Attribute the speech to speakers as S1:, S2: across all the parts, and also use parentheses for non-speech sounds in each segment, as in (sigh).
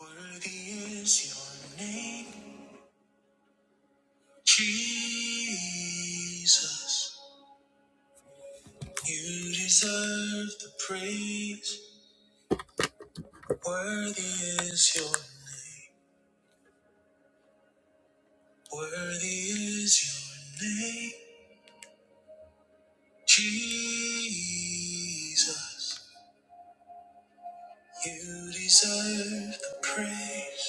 S1: Worthy is your name, Jesus. You deserve the praise. Worthy is your name. Worthy is your name, Jesus. You deserve the praise.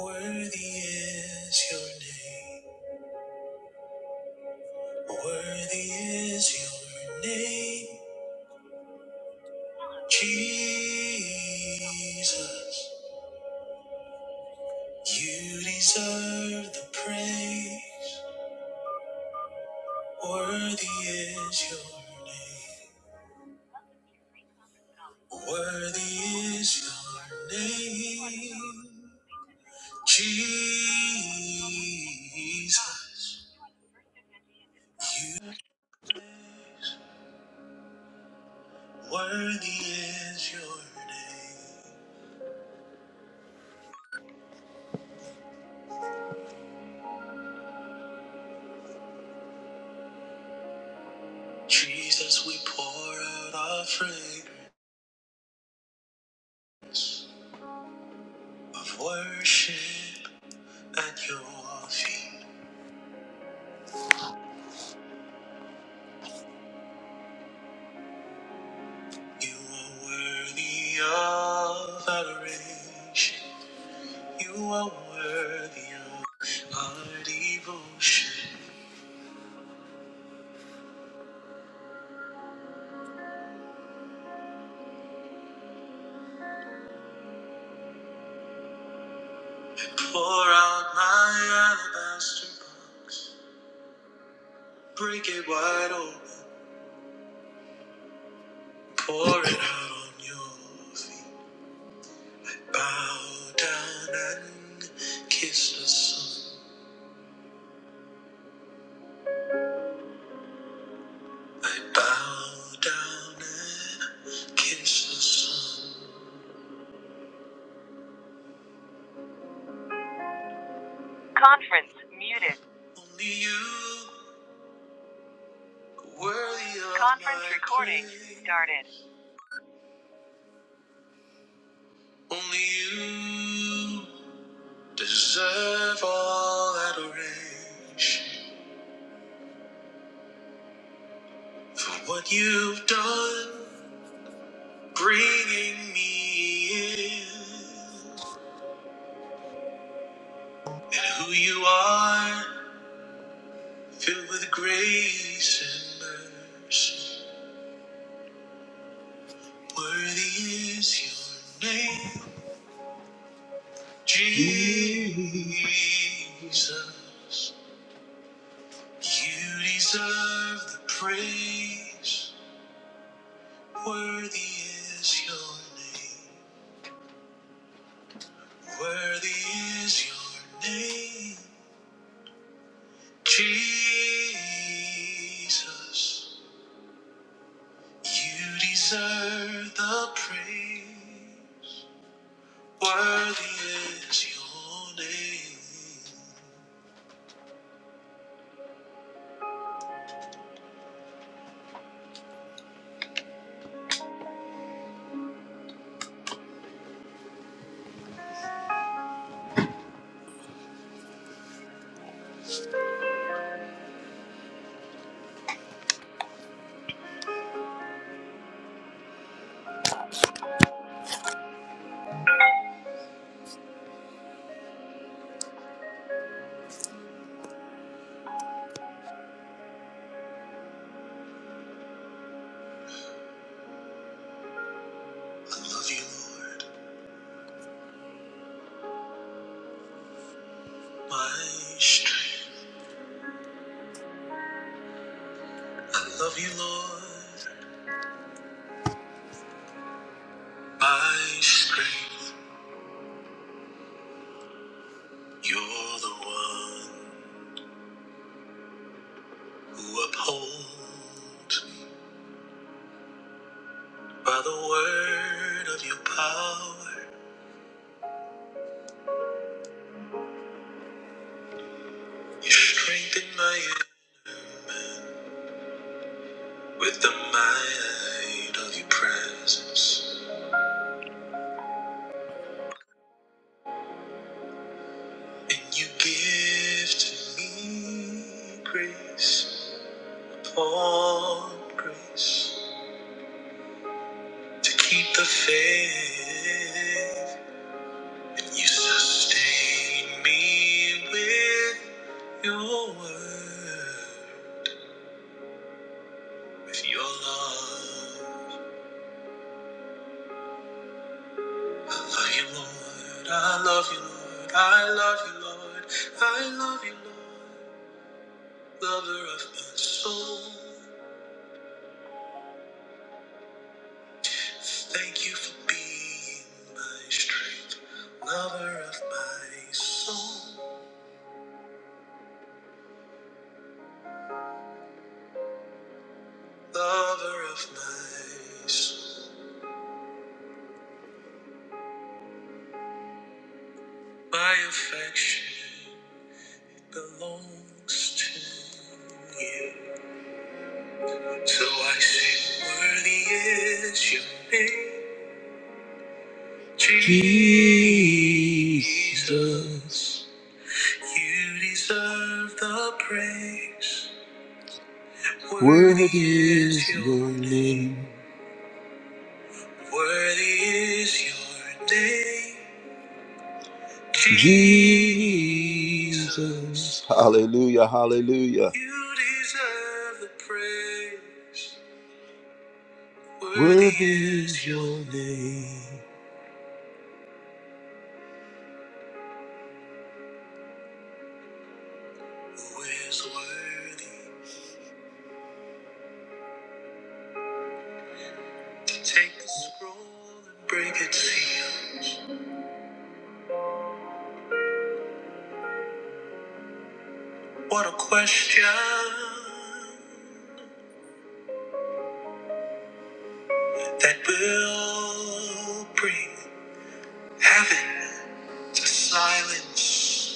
S1: Worthy is your name. Worthy is your name, Jesus. You deserve the praise. Worthy is your name. Worthy is your name. Jesus. You worthy is your name. Jesus, we pour out our fragrance of worship at your feet. You are worthy of adoration. You are worthy of our devotion. Pour out my alabaster box. Break it wide open. Pour it out on your feet. Bow down and kiss the sun. I bow down and kiss the sun. Only you are worthy of only you deserve all adoration. For what you've done, bringing me in, and who you are, filled with grace and mercy. Worthy is your name, Jesus. You deserve the praise. Worthy is your name. Worthy is your name. Jesus, you deserve the praise. Worthy is your name. I love you, Lord, my strength. I love you, Lord, my strength. You're the one who upholds me by the word of your power. You strengthen my With the might of your presence, and you give to me grace upon grace to keep the faith, and you sustain me with your word, with your love. I love you, Lord. I love you, Lord. I love you, Lord. I love you, Lord. Lover of my soul. Thank you for being my strength, lover of my soul, lover of my soul. My affection belongs to you. So I sing, worthy is your name, Jesus. You deserve the praise. Worthy is your name. Worthy is your name, Jesus. Hallelujah, hallelujah. You deserve the praise. Worthy is your name. Who is worthy? Take the scroll and break its seals. What a question that will bring heaven to silence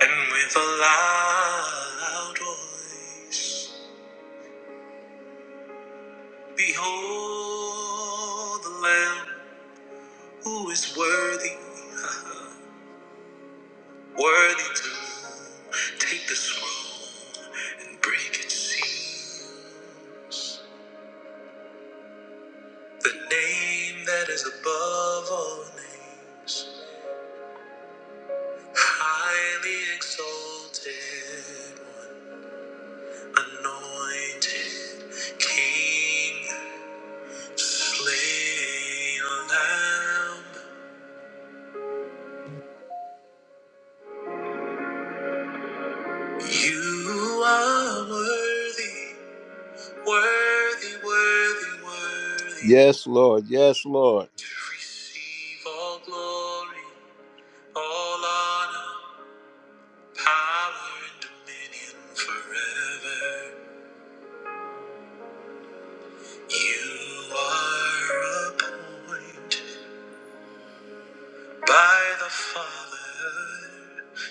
S1: And with a loud voice, Behold the Lamb who is worthy, (laughs) worthy to take the scroll and break its seals. The name that is above all names, highly exalted, one, anointed King. Play your lamb. You are worthy, worthy, worthy, worthy. Yes, Lord. Yes, Lord. To receive all glory, all honor, power, and dominion forever. You are appointed by the Father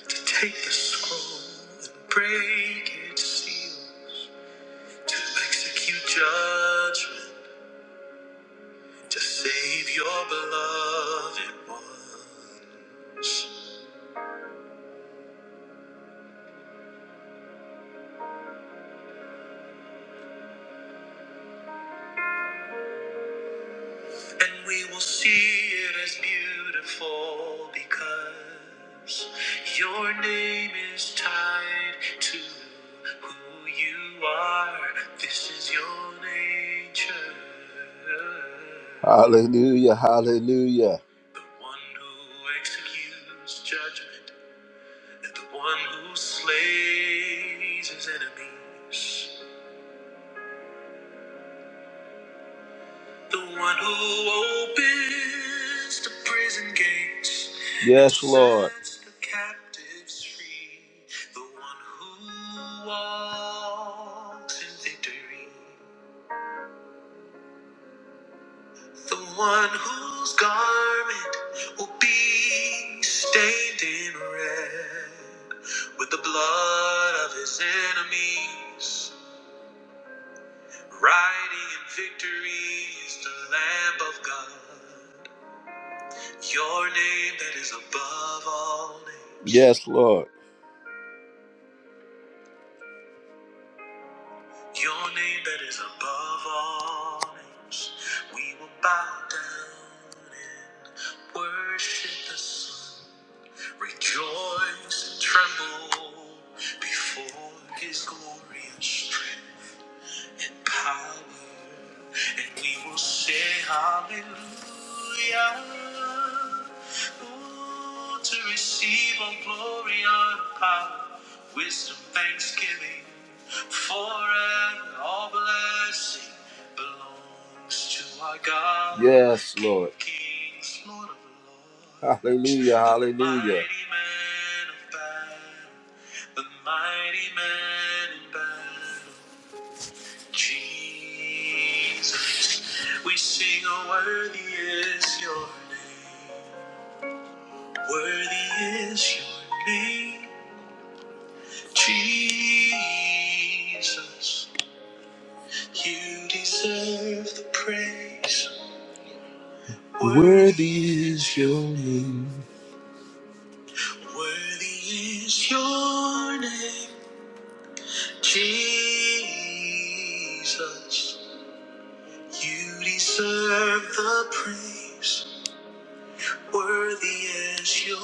S1: to take the scroll and break its seal. to execute judgment to save your beloved one. And we will see it as beautiful because your name is tied to who you are. This is your nature. Hallelujah, hallelujah. The one who executes judgment that the one who slays his enemies, the one who opens the prison gates, yes, and Lord, sets the captives free, the one who walks in victory, the one whose garment will be stained in red with the blood of his enemies. Riding in victory is the Lamb of God. Your name that is above all names. Yes, Lord. Your name that is above all names. We will bow down and worship the Son. Rejoice and tremble before his glorious strength. and power, and we will say hallelujah. Ooh, to receive all glory, honor, power, wisdom, thanksgiving, forever, all blessing belongs to our God. Yes, Lord. King of Kings, Lord of lords. Hallelujah, hallelujah. Mighty man of battle, the mighty man in battle. Jesus, we sing, oh, worthy is your name. Worthy is your name. Jesus, you deserve the praise. Worthy is your name. Worthy is your name, Jesus. You deserve the praise. Worthy is your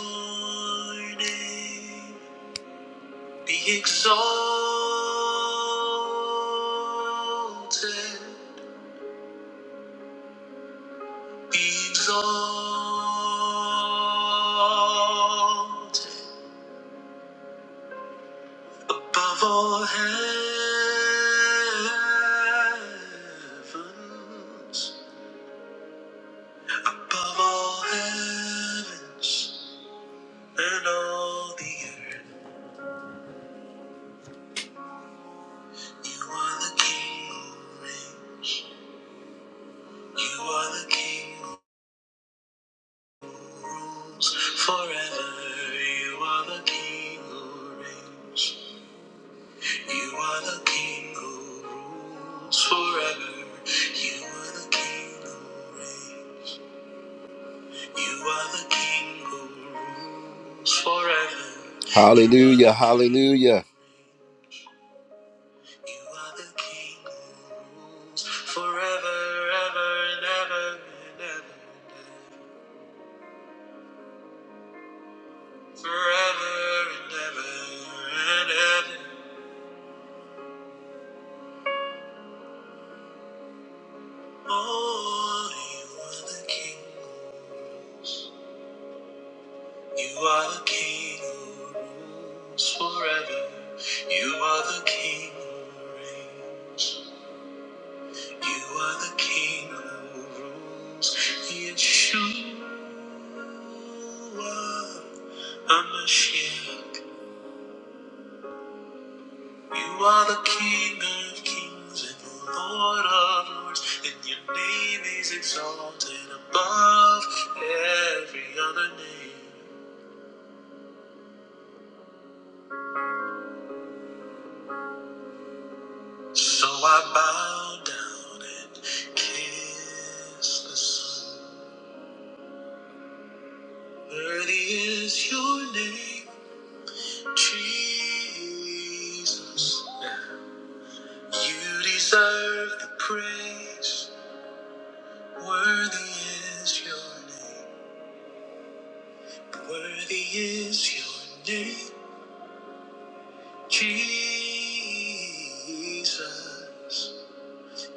S1: name. Be exalted. Be exalted. Above all heavens. Above all heavens. And all the earth. You are the King who reigns. You are the King who rules forever. You are the King who reigns. You are the King who rules forever. You are the King who reigns. You are the King who rules forever. Hallelujah, hallelujah. You are the King who rules forever, ever and ever and ever. Forever and ever and ever. Lord, you are the King. who rules. You are the King who rules forever. You are the King who reigns. You are the King who rules. Yeshua, Hamashiach. You are the King of kings and the Lord of lords, and your name is exalted above every other name. So I bow down and kiss the sun. Worthy is your name, Jesus. You deserve the praise. Worthy is your name. Worthy is your name, Jesus.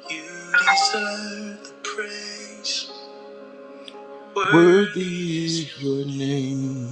S1: You deserve the praise. Worthy is your name.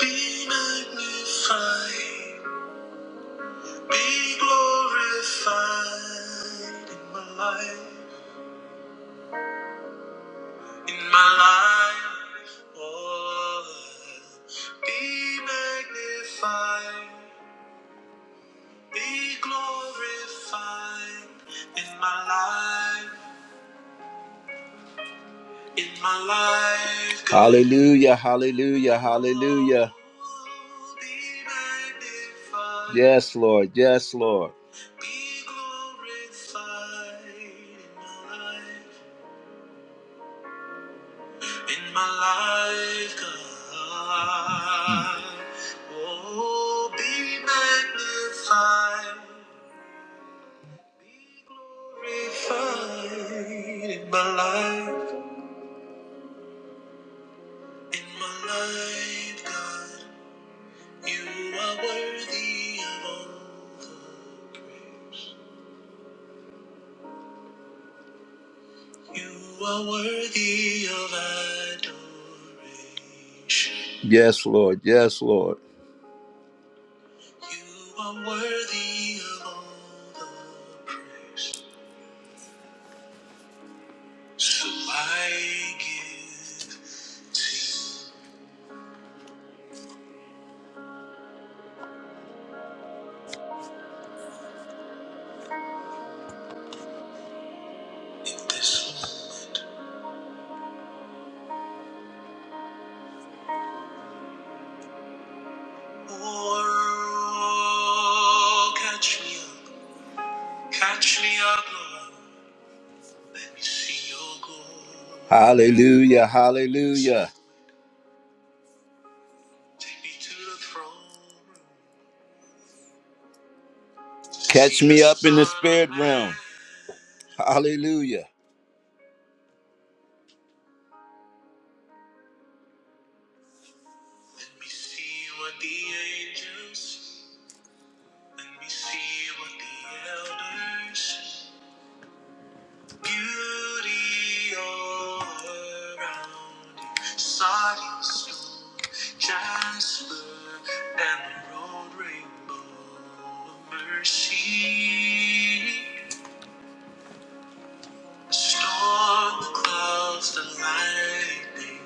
S1: Be magnified, be glorified in my life, in my life. Oh, be magnified, be glorified in my life. In my life, hallelujah, hallelujah, hallelujah. Yes, Lord, yes, Lord. Be glorified in my life, in my life, God. Oh, be magnified, glorified in my life, in my life, God. You are worthy of all the praise. You are worthy of adoration. Yes, Lord. Yes, Lord. You are worthy of all the praise. So I give to you in this moment. Oh, catch me up. Catch me up, Lord. Hallelujah, hallelujah. Catch me up in the spirit realm. Hallelujah. Storm clouds, the lightning,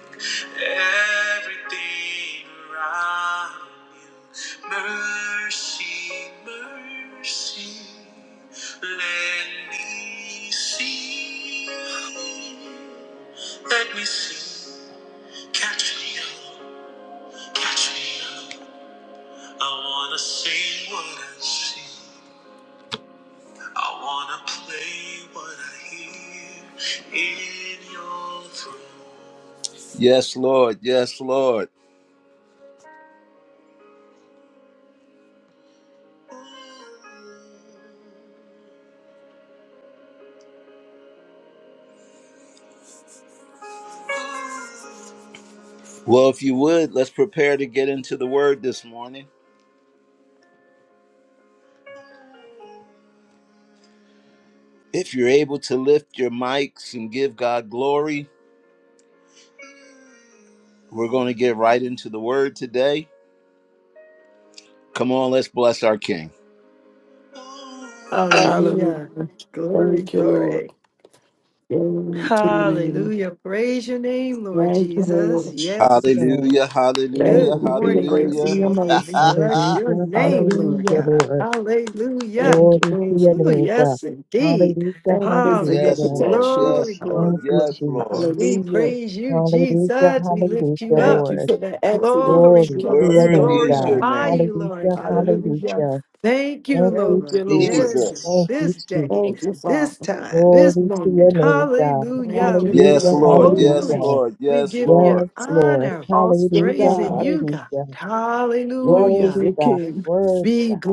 S1: everything around you. Mercy, mercy, let me see. Let me see. Catch me up, catch me up. I wanna sing what I see. I wanna play what I hear in your throne. Yes, Lord. Yes, Lord. Well, if you would, let's prepare to get into the word this morning. If you're able to lift your mics and give God glory, we're going to get right into the word today. Come on, let's bless our King.
S2: Hallelujah.
S3: Hallelujah.
S2: Glory,
S3: Thank you,
S2: glory.
S3: Lord. Glory to your name.
S2: Hallelujah. Praise your name, Lord
S3: Thank you,
S2: Jesus.
S3: Lord.
S2: Yes.
S4: Yes,
S1: Hallelujah,
S2: Good
S3: Thank
S1: hallelujah,
S4: glory,
S3: you for your
S2: morning. Good
S3: grace
S1: hallelujah.
S3: and
S2: morning.
S3: your
S2: We
S3: mercy.
S2: bless
S1: (laughs)
S2: your
S4: hallelujah,
S2: name, Lord
S4: hallelujah,
S3: Hallelujah.
S2: God.
S4: Lord.
S2: Hallelujah.
S3: Thank
S4: Glory
S3: you,
S4: to
S3: Lord.
S4: your
S2: Oh,
S4: name, God.
S2: yes, indeed.
S4: Hallelujah,
S3: Thank you for your
S2: Hallelujah.
S1: yes,
S4: hallelujah.
S1: Lord.
S3: protection,
S2: Glory,
S1: Yes,
S3: God.
S1: Lord.
S2: glory,
S4: Thank you,
S2: glory.
S1: Yes, Lord.
S2: We
S4: Jesus.
S3: Hallelujah.
S2: praise you,
S4: Hallelujah,
S2: Jesus. We
S4: hallelujah,
S2: lift you
S3: Thank
S2: up.
S3: you
S4: Lord.
S3: for the accident that
S2: Glory,
S3: you
S4: Glory to
S3: kept
S2: glory.
S3: us
S4: your
S2: We
S4: name,
S1: Worthy
S3: from,
S1: is your
S3: God.
S4: God.
S2: glorify
S1: name,
S2: you, Lord
S4: Hallelujah,
S2: God.
S3: Hallelujah.
S4: hallelujah.
S2: Thank you,
S4: Thank you,
S3: Thank
S2: Lord.
S3: you, Lord.
S2: There you
S4: Jesus.
S2: go.
S1: Jesus.
S4: Thank you,
S2: This day,
S3: Thank
S4: Jesus.
S3: you, Father.
S2: this time, this
S4: Glory to
S2: moment.
S4: your name, God.
S2: Hallelujah.
S3: Thank you,
S2: We give
S1: Yes,
S3: Lord.
S4: Hallelujah,
S2: you
S1: Lord. Yes,
S3: Hallelujah.
S2: glory.
S4: hallelujah.
S1: Lord.
S2: We
S1: Yes,
S2: give you
S1: Lord.
S4: Yes, Lord.
S2: honor.
S3: Awesome
S4: Hallelujah,
S2: Praising
S3: God.
S2: you, God.
S4: hallelujah. Worthy
S2: Hallelujah.
S3: Wonderful
S4: God,
S3: King.
S4: worthy
S2: Be
S4: God.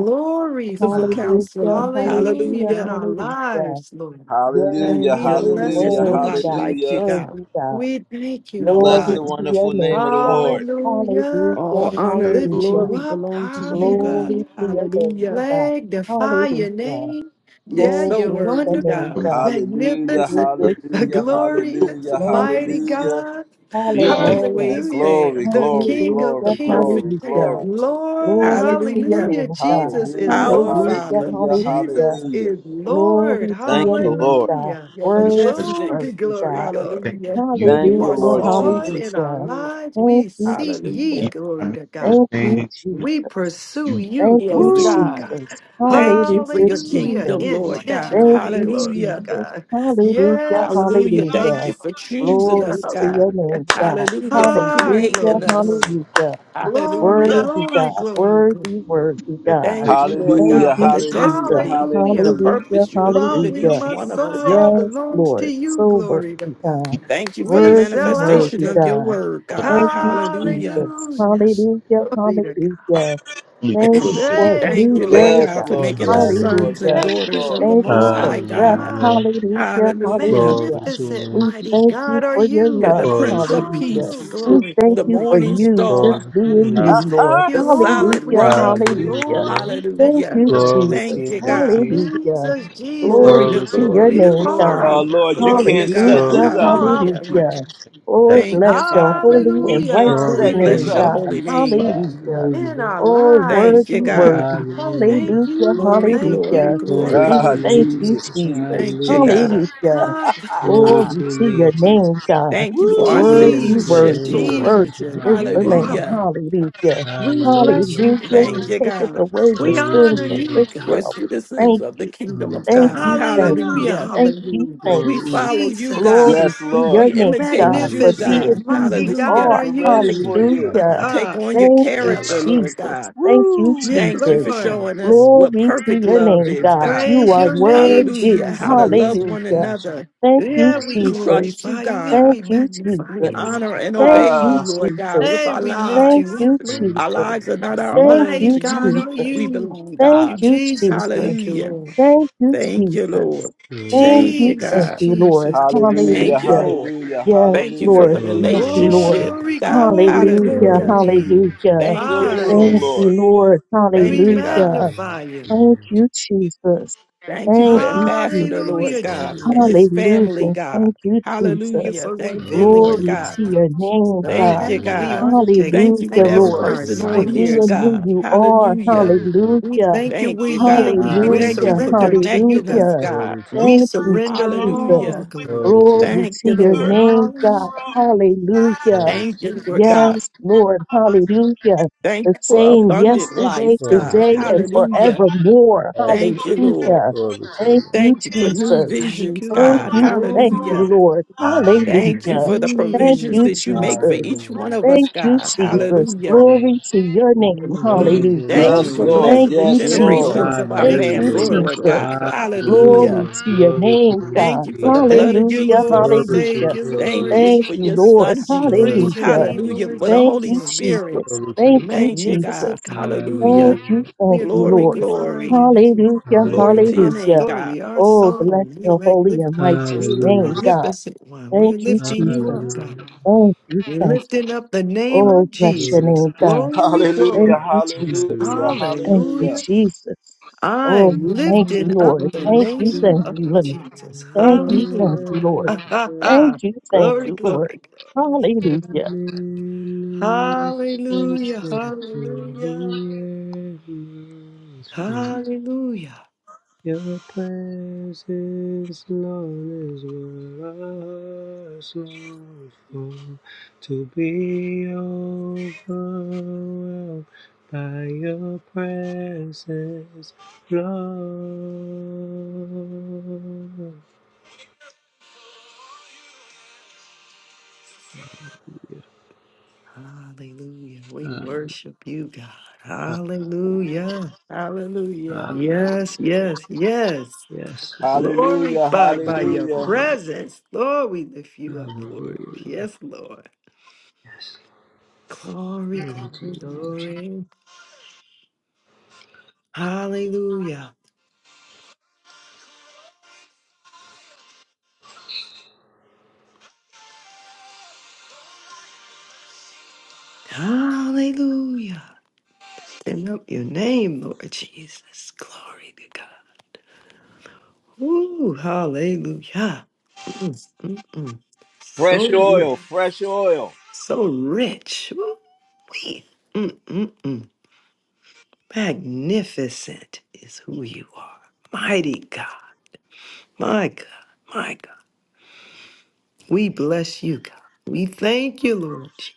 S3: Wonderful
S4: Hallelujah,
S3: Counselor.
S2: Hallelujah.
S4: hallelujah,
S2: In
S3: Hallelujah.
S2: our
S4: hallelujah.
S2: lives, Lord.
S4: Yes,
S1: Hallelujah.
S3: Thank
S2: We
S3: you,
S4: Lord,
S3: Lord.
S2: bless
S3: There's
S1: Hallelujah.
S2: you,
S4: worthy
S3: nobody
S2: Jesus.
S4: God,
S3: like you,
S1: Hallelujah.
S3: God.
S4: worthy God.
S2: We thank you, God.
S1: Bless
S4: Glory
S1: the
S5: Daddy.
S3: Nobody.
S4: to your
S1: wonderful
S4: name,
S1: name of the
S4: God.
S1: Lord.
S2: Hallelujah.
S4: Hallelujah,
S3: All honor and
S2: Lift
S4: hallelujah.
S2: you
S3: glory
S2: up.
S3: belong to you, God.
S2: Hallelujah.
S4: Glory to your name,
S3: Hallelujah.
S4: God.
S2: Magnify your
S4: Hallelujah.
S2: name.
S3: You're
S2: Yeah,
S4: Oh,
S3: so
S2: you're
S4: bless your
S3: worthy,
S4: name,
S2: wonderful,
S3: God.
S4: God.
S1: Hallelujah.
S2: magnificent,
S4: Hallelujah,
S2: (laughs)
S1: Hallelujah.
S4: Jesus.
S2: glorious,
S1: Hallelujah.
S4: Thank you,
S2: mighty
S1: Hallelujah.
S2: God.
S4: Jesus.
S3: You're
S5: Thank you
S4: Hallelujah,
S3: always
S2: Hallelujah.
S1: Glory,
S3: there,
S2: The
S1: glory,
S2: King of
S3: the
S4: hallelujah,
S1: glory, glory,
S2: Kings.
S3: perfect
S4: hallelujah.
S1: glory.
S3: parent.
S2: Lord,
S4: Glory to your
S3: Hallelujah.
S2: hallelujah.
S4: name, God.
S2: Jesus is
S1: Hallelujah.
S3: Our
S2: Lord.
S4: Hallelujah,
S3: Father,
S1: Hallelujah.
S4: hallelujah.
S2: Jesus
S1: Hallelujah.
S2: is Lord.
S4: Glory to
S1: Thank
S4: your
S1: you,
S4: name,
S1: Lord.
S4: God.
S2: Hallelujah.
S3: you're
S5: for in your
S4: Worthy,
S5: presence.
S3: majestic.
S2: Glory,
S4: worthy,
S2: glory,
S4: God.
S5: Thank
S2: glory.
S3: Hallelujah.
S5: you. You,
S1: Thank
S3: You
S1: you,
S2: You
S3: are
S4: Hallelujah,
S2: are
S1: Lord
S2: Lord
S3: sovereign,
S1: Jesus.
S2: in our
S4: hallelujah.
S3: Lord.
S2: lives.
S4: Thank
S2: We
S4: you,
S2: seek ye,
S4: Jesus.
S5: even
S3: Hallelujah.
S5: our
S2: glory to God.
S4: Thank you,
S5: misunderstanding,
S2: We
S4: Jesus.
S2: pursue
S5: you
S2: you,
S4: Thank
S3: Yes,
S4: you,
S2: glory
S5: get to
S2: to
S3: God.
S1: Woo!
S2: God.
S4: Jesus.
S3: Thank
S4: Hallelujah,
S3: you for your
S2: Hallelujah.
S4: Jesus.
S3: kingdom, Lord
S5: lighten
S3: God.
S4: Thank
S2: Intentionally,
S4: you,
S2: glory to
S3: Hallelujah.
S4: Jesus.
S2: God.
S4: Hallelujah,
S2: Yes.
S3: Hallelujah.
S2: indeed.
S5: up.
S3: Thank
S4: hallelujah.
S3: you for
S5: You
S3: choosing
S2: Hallelujah.
S4: Glory
S3: us,
S4: to
S3: God.
S4: your
S2: Hallelujah.
S4: name, God.
S3: Hallelujah. For
S2: Ah,
S4: Hallelujah,
S3: creating
S2: glory,
S3: us.
S2: glory.
S4: hallelujah.
S2: Glory,
S4: Worthy
S3: Hallelujah.
S2: glory,
S4: God,
S2: glory, glory.
S4: worthy, worthy God.
S3: Thank you,
S5: manifestation
S3: Lord
S4: Thank
S1: Hallelujah,
S3: God, for
S4: you,
S3: the
S1: hallelujah,
S4: Jesus.
S3: destiny, the
S2: Hallelujah.
S1: hallelujah.
S4: Hallelujah,
S3: purpose you have
S2: My
S3: given
S2: will,
S4: hallelujah.
S3: each
S2: my
S3: one of
S5: that
S3: us,
S2: soul, all
S3: God.
S4: Yes,
S2: belongs to
S4: Lord.
S2: you,
S4: So
S2: glory to
S4: worthy,
S2: God.
S4: God.
S3: Thank you for the
S2: We
S5: that-
S4: Worthy,
S2: sell out
S3: manifestation
S4: worthy,
S3: of
S2: today.
S3: your
S4: God.
S3: word,
S5: that
S3: God.
S4: Thank you,
S3: Hallelujah.
S4: Jesus.
S2: Hallelujah.
S4: Hallelujah,
S2: Glory to God.
S5: are
S4: hallelujah.
S5: fully
S4: Thank
S5: pure
S4: you
S5: because we
S4: for a
S3: (clears throat)
S2: Hey,
S3: Thank
S4: new
S3: you,
S5: like
S4: day,
S2: glory.
S3: Lord
S1: Yes,
S3: God,
S4: God.
S3: for
S1: Lord,
S3: making us
S1: yes,
S6: Hallelujah.
S1: Lord,
S3: sons
S4: Hallelujah.
S3: and
S1: yes,
S2: Thank
S3: daughters
S2: you.
S3: of
S1: Lord.
S2: Be
S3: the
S1: (laughs)
S4: Thank you
S3: Most
S4: for
S3: High
S4: breath.
S3: God.
S2: glorified.
S6: Hallelujah.
S4: Hallelujah.
S3: Hallelujah.
S6: Glory
S4: Hallelujah.
S6: to your
S2: Magnificent,
S6: name,
S4: We
S2: mighty
S4: thank
S6: Jesus.
S4: you
S2: God are
S4: for your
S2: you.
S3: You're the
S4: love.
S6: Glory
S3: Prince
S6: to
S3: of
S6: your name,
S4: Hallelujah.
S2: Oh,
S3: Peace,
S6: Jesus.
S5: to
S4: We
S2: glory,
S4: thank
S3: the
S4: you
S2: glory,
S4: for
S3: morning
S2: glory.
S4: you
S3: star,
S4: just
S6: Glory to your
S4: being
S6: name.
S5: have
S2: We
S4: you,
S1: Ha,
S2: thank
S4: Lord.
S1: ha.
S2: you,
S3: the solid
S2: Lord. We
S4: Hallelujah.
S3: rock.
S2: thank you,
S6: Hallelujah,
S4: Hallelujah.
S2: Lord. We
S6: Lord.
S2: thank
S4: Thank
S3: Hallelujah.
S2: you,
S4: you,
S2: Lord.
S6: Glory to
S3: Thank
S6: your
S4: Jesus.
S3: you,
S6: name,
S3: God.
S6: Jesus.
S4: Hallelujah.
S2: Jesus, Jesus,
S3: Glory
S4: Glory
S3: to
S6: Glory to
S4: to
S6: your
S4: your
S3: glory
S6: name.
S3: to
S2: you
S4: name,
S2: are
S4: God.
S2: our
S1: oh,
S3: glory.
S2: God.
S1: Lord, you
S3: Glory to
S1: can't set
S3: God.
S4: Hallelujah.
S6: Glory
S1: this
S2: You
S6: to
S1: up.
S6: your
S2: are our
S6: name,
S3: Hallelujah.
S6: Jesus.
S4: Hallelujah.
S2: fortune.
S5: that
S4: Oh,
S5: I
S3: Thank you,
S4: bless your
S3: Father.
S4: holy
S1: We
S4: and
S2: Hallelujah,
S1: can't
S4: righteous
S6: Glory
S3: We
S1: set
S6: to your
S1: this
S4: name,
S3: bless
S2: hallelujah.
S1: up.
S3: your
S6: name,
S4: God.
S3: holy
S6: Jesus.
S3: name.
S5: like
S4: Hallelujah.
S6: Hallelujah,
S2: In our
S6: Lord.
S4: Oh, worthy,
S2: lives,
S3: Thank you,
S5: the
S2: glory,
S3: God.
S4: worthy.
S2: God.
S6: Hallelujah, Lord.
S4: Hallelujah.
S2: Thank you,
S3: Glory,
S2: thank
S3: glory,
S4: Hallelujah.
S2: you,
S6: Glory
S2: thank
S4: We.
S6: to
S3: glory.
S6: your
S1: Ah,
S2: you.
S6: name,
S4: Thank you,
S1: Jesus,
S6: Jesus.
S4: Jesus.
S1: Jesus,
S3: Thank you,
S6: Hallelujah, Lord.
S3: God.
S1: Jesus.
S4: Hallelujah.
S1: (laughs)
S2: God,
S1: Ha,
S6: Glory
S1: ha.
S6: to
S4: Glory
S6: your
S4: to
S6: name,
S4: your
S6: Jesus.
S4: name, God.
S3: Thank you
S5: Lord.
S3: for our
S1: Woo!
S6: Glory
S4: Worthy,
S6: to your
S2: Jesus,
S3: citizenship,
S6: name,
S4: worthy,
S3: Lord.
S6: Jesus.
S4: worthy
S2: Jesus,
S4: is the
S2: you
S6: Hallelujah,
S2: are
S4: Lamb.
S6: Lord.
S3: Hallelujah.
S2: one.
S4: Hallelujah.
S2: We bless you.
S6: Hallelujah, Lord.
S2: God.
S4: Hallelujah. He
S3: Thank
S6: Glory
S3: you,
S4: taketh
S3: God.
S4: away the
S2: We
S6: Glory to
S4: sins
S2: honor
S4: of
S6: your name,
S2: you,
S4: this
S2: God.
S3: We're
S4: world.
S6: Jesus.
S4: We
S3: citizens
S4: thank
S3: of the
S4: you.
S3: kingdom
S6: Glory
S3: of
S6: to your
S4: Thank
S6: name.
S3: God.
S4: you.
S6: Jesus.
S4: Thank you.
S2: Hallelujah,
S3: Hallelujah.
S4: Thank you.
S2: hallelujah.
S4: Thank
S3: We
S6: Glory.
S4: you.
S3: follow you, God.
S2: Jesus,
S4: Glory
S1: Yes,
S4: to your
S1: Lord.
S3: We
S4: name, God,
S3: imitate
S6: Glory
S4: for
S3: you,
S6: to your name,
S4: being
S3: God.
S2: magnificent,
S6: Jesus.
S4: who
S2: mighty
S4: you
S2: God
S3: Hallelujah.
S2: are
S4: are.
S1: We're ready
S2: you.
S6: Truth
S1: for
S6: is my
S1: you.
S4: Hallelujah.
S6: portion.
S3: Take
S2: Ah,
S3: on your
S4: Thank you,
S2: yeah,
S6: Glory
S3: character,
S6: to your
S2: Lord.
S3: Lord
S4: Jesus.
S6: name.
S3: God.
S4: Thank you,
S1: Woo!
S2: Yeah,
S3: Thank you
S4: Jesus.
S3: for
S2: Lord.
S3: showing us
S6: Hallelujah.
S3: what
S4: Glory to
S3: perfect
S4: your
S3: love
S6: This
S4: name,
S3: is,
S6: word is
S4: God.
S6: our
S3: God.
S4: You
S2: Praise
S4: are
S2: your
S6: portion.
S2: name,
S4: worthy.
S3: Hallelujah. How
S6: This
S3: to
S6: word
S2: Jesus.
S6: is
S3: love
S6: our
S3: one
S4: Hallelujah.
S6: portion.
S3: another.
S4: Thank you,
S2: Yeah,
S6: Glory
S2: we
S3: We
S6: to
S4: Jesus.
S3: trust you,
S2: glorify you. Yeah,
S3: God.
S4: Thank
S2: we
S4: you,
S2: magnify
S3: We
S6: Glory
S4: Jesus.
S2: you.
S6: to
S3: honor and
S4: Thank
S3: obey
S4: you,
S3: you,
S1: Ah,
S3: Lord God,
S4: Jesus.
S3: with
S2: Hey,
S3: our
S2: we lift
S4: Thank
S2: you
S3: lives.
S2: up,
S4: you,
S2: Lord.
S6: Glory
S3: Our
S6: to your
S4: Jesus.
S3: lives
S6: name,
S3: are not
S6: Jesus.
S3: our
S4: Thank
S3: own.
S2: Mighty
S4: you,
S3: To
S2: God
S3: you
S2: are
S4: Jesus.
S3: we
S2: you.
S3: belong,
S2: Thank
S4: Thank
S2: you,
S3: God.
S4: you, Jesus.
S2: Jesus. Thank you,
S3: Hallelujah.
S2: Lord.
S4: Thank you,
S3: Thank
S4: Jesus.
S3: you, Lord.
S6: Glory
S4: Thank
S6: to
S3: Thank
S4: you,
S3: you,
S2: Jesus,
S4: thank
S3: God.
S4: you, Lord.
S2: Jesus, Je-
S1: hallelujah,
S3: Thank you,
S4: Hallelujah.
S3: Lord.
S1: hallelujah,
S4: Yes,
S3: Thank you for
S1: hallelujah.
S4: Lord.
S3: the
S6: Glory
S4: Thank
S6: to your
S4: you,
S6: name,
S4: Lord.
S6: Jesus.
S3: relationship,
S2: glory,
S3: God.
S2: glory,
S4: Hallelujah.
S6: Glory
S3: Hallelujah.
S6: to your
S2: glory.
S6: name,
S4: Hallelujah.
S6: Jesus.
S3: Thank
S6: I
S1: Fill
S3: you,
S1: the room,
S3: Lord.
S4: Thank
S6: receive
S4: you,
S2: Rise.
S1: Lord.
S4: Lord.
S2: We
S3: Thank you,
S6: everything. Glory
S3: God.
S4: Hallelujah.
S6: to your name,
S2: magnify you.
S4: Thank
S6: Jesus.
S4: you, Jesus.
S3: Thank you for
S4: Thank
S6: Glory.
S4: you,
S3: Ambassador, Lord
S4: Jesus.
S2: Hallelujah,
S3: God,
S6: Glory to
S3: and
S6: your
S2: Jesus.
S6: name.
S3: his
S2: Thank
S3: family,
S4: Hallelujah.
S3: God.
S4: Thank you,
S2: you
S4: Jesus.
S3: Hallelujah.
S2: for
S3: Thank you,
S6: Glory
S2: revealing
S6: to your
S2: to
S3: Lord
S4: Glory
S6: name.
S2: us
S3: God.
S4: to
S2: God,
S4: your name,
S2: the
S3: Thank
S4: God.
S3: you,
S2: path
S6: Hallelujah,
S2: we
S3: God.
S2: are
S6: Lord.
S2: to take. We
S3: Thank you for
S4: Hallelujah,
S2: thank you
S3: every
S2: for
S6: Glory
S4: Lord,
S2: our
S6: to your
S3: person
S4: for
S3: on
S6: name,
S4: being
S6: Jesus.
S2: assignments
S3: here,
S2: this
S4: who
S3: God.
S2: morning.
S4: you are.
S3: Hallelujah.
S6: Glory to you.
S2: We
S4: Hallelujah.
S2: thank you.
S3: Thank
S2: We're
S3: you, God.
S2: yielding.
S3: We
S2: We
S3: thank you
S4: Hallelujah.
S3: for
S6: Hallelujah.
S2: surrender to you,
S3: connecting
S2: God.
S3: us,
S4: Hallelujah.
S3: God.
S6: Glory to
S2: We
S6: you.
S4: Thank you,
S2: surrender
S4: Jesus.
S2: all
S3: Hallelujah.
S2: glory.
S6: Glory to you.
S4: Glory
S3: Thank
S4: to
S3: you,
S4: your
S3: Lord.
S4: name, God.
S2: Hallelujah.
S6: Glory
S4: Hallelujah.
S3: Thank
S6: to
S3: you,
S6: you.
S3: Lord God.
S4: Yes, Lord. Hallelujah.
S3: Thank
S4: The
S3: you for
S4: same
S3: abundant
S4: yesterday,
S3: life,
S6: Glory
S3: God.
S6: to
S4: today,
S6: you.
S4: and
S3: Hallelujah.
S4: forevermore.
S6: Yes,
S3: Thank
S6: Lord.
S3: you, Lord.
S4: Hallelujah.
S6: Glory to
S4: Thank
S6: you.
S4: you,
S3: Thank you for new
S4: Jesus.
S2: Thank
S3: visions,
S2: you,
S6: Glory
S4: Thank
S3: God.
S6: to you.
S4: you.
S2: Lord.
S4: Thank you,
S3: Hallelujah.
S4: Lord.
S3: Thank you
S6: Hallelujah.
S4: Hallelujah.
S3: for the
S4: Thank
S2: Mm.
S3: provisions
S4: you,
S3: that you make for
S4: Jesus.
S3: each
S6: Hallelujah.
S3: one of us,
S4: Thank you,
S3: God.
S6: Glory
S4: Jesus.
S6: to your
S3: Hallelujah.
S6: name.
S4: Glory to your name.
S6: Glory
S2: hmm
S6: to your
S4: Hallelujah.
S3: Thank
S6: name,
S3: you
S1: Yes,
S3: for
S6: Jesus.
S1: Lord.
S2: Hallelujah.
S4: Thank
S3: blessing the
S4: you,
S1: Yes,
S2: Yeah,
S1: Lord.
S3: generations
S2: Lord.
S4: Jesus.
S3: of our
S4: Thank
S2: Thank
S6: Hallelujah,
S2: you
S4: you,
S3: family,
S6: Lord.
S2: for it,
S3: Lord
S4: Jesus.
S2: Lord
S3: God.
S2: God.
S6: Hallelujah,
S4: Glory
S3: Hallelujah.
S6: Lord.
S4: to your
S6: Glory to
S4: name,
S6: your name,
S3: Thank
S4: God.
S3: you for the
S6: Jesus.
S3: blood
S2: Thank
S3: of
S2: you,
S4: Hallelujah.
S2: Lord.
S3: Jesus.
S6: Glory to your
S2: Thank
S4: Hallelujah.
S2: you,
S6: name,
S3: Thank
S6: Jesus.
S2: Lord
S3: you
S4: Thank
S3: for
S4: you,
S3: your
S2: Jesus.
S4: Lord.
S3: son,
S6: Glory
S3: Jesus.
S2: Praise
S6: to
S2: your
S4: Hallelujah.
S6: your
S2: name,
S6: name,
S3: Hallelujah.
S2: Lord
S6: Jesus.
S3: For the
S4: Thank
S3: Holy
S4: you,
S2: Jesus.
S3: Spirit.
S4: Jesus.
S6: Glory to
S4: Thank
S6: you.
S4: you,
S3: Thank you,
S4: Jesus.
S3: God.
S2: Magnificent God.
S4: Thank
S3: Hallelujah.
S6: Hallelujah.
S4: you,
S2: We
S4: thank
S2: are
S4: you,
S3: Glory,
S4: Lord.
S2: glorifying
S3: glory.
S2: your name.
S4: Hallelujah,
S3: Glory
S6: Hallelujah.
S3: to
S2: Our
S3: your name,
S4: hallelujah.
S3: God.
S2: story, our
S4: Oh, bless
S2: song. We
S4: your holy
S2: magnify
S4: and righteous
S2: you, the
S6: Hallelujah.
S4: name, God.
S2: magnificent one. We're
S4: Thank you,
S2: lifting
S4: Jesus.
S2: you up, God.
S6: Hallelujah.
S4: Thank you,
S2: We're
S4: thank you.
S2: lifting up the name
S4: Oh,
S2: of
S4: bless your
S2: Jesus.
S6: Hallelujah.
S4: name, God.
S2: Glory,
S1: Hallelujah,
S4: Thank
S2: glory.
S4: you, Jesus.
S1: hallelujah,
S4: Thank you,
S2: Hallelujah.
S1: hallelujah.
S4: Jesus. Oh,
S2: I'm
S4: thank
S6: Hallelujah.
S4: you,
S2: lifting
S4: Lord.
S2: up the
S6: Holy
S4: Thank
S6: Spirit,
S4: you,
S2: name
S4: thank
S6: welcome
S2: of
S4: you, Lord.
S2: Jesus.
S4: Thank you, thank
S2: Hallelujah.
S4: you, Lord.
S2: (laughs)
S4: Thank you, thank
S2: glory,
S4: you, Lord.
S2: glory.
S6: in
S4: Hallelujah,
S6: this place
S2: Hallelujah.
S6: and to
S2: Hallelujah.
S6: the atmosphere.
S2: Hallelujah.
S6: Your presence, Lord, is what I long for. To be overwhelmed by your presence, Lord.
S2: Hallelujah. We
S6: Um,
S2: worship you, God. Hallelujah.
S3: Hallelujah.
S6: hallelujah.
S2: Yes, yes, yes.
S6: Yes,
S1: Hallelujah,
S2: Glorified by your
S1: hallelujah.
S2: presence. Lord, we lift you up for
S6: hallelujah,
S2: it.
S6: Lord.
S2: Yes, Lord.
S6: Yes,
S2: Glory,
S6: glory to
S2: glory,
S6: you, Lord Jesus.
S2: glory. Hallelujah. Hallelujah. Send up your name, Lord Jesus. Glory to God. Ooh, hallelujah. Mm, mm, mm. So,
S1: Fresh oil, fresh oil.
S2: so rich. Ooh-wee. Mm, mm, mm. Magnificent is who you are. Mighty God. My God. My God. We bless you, God. We thank you, Lord. Jesus.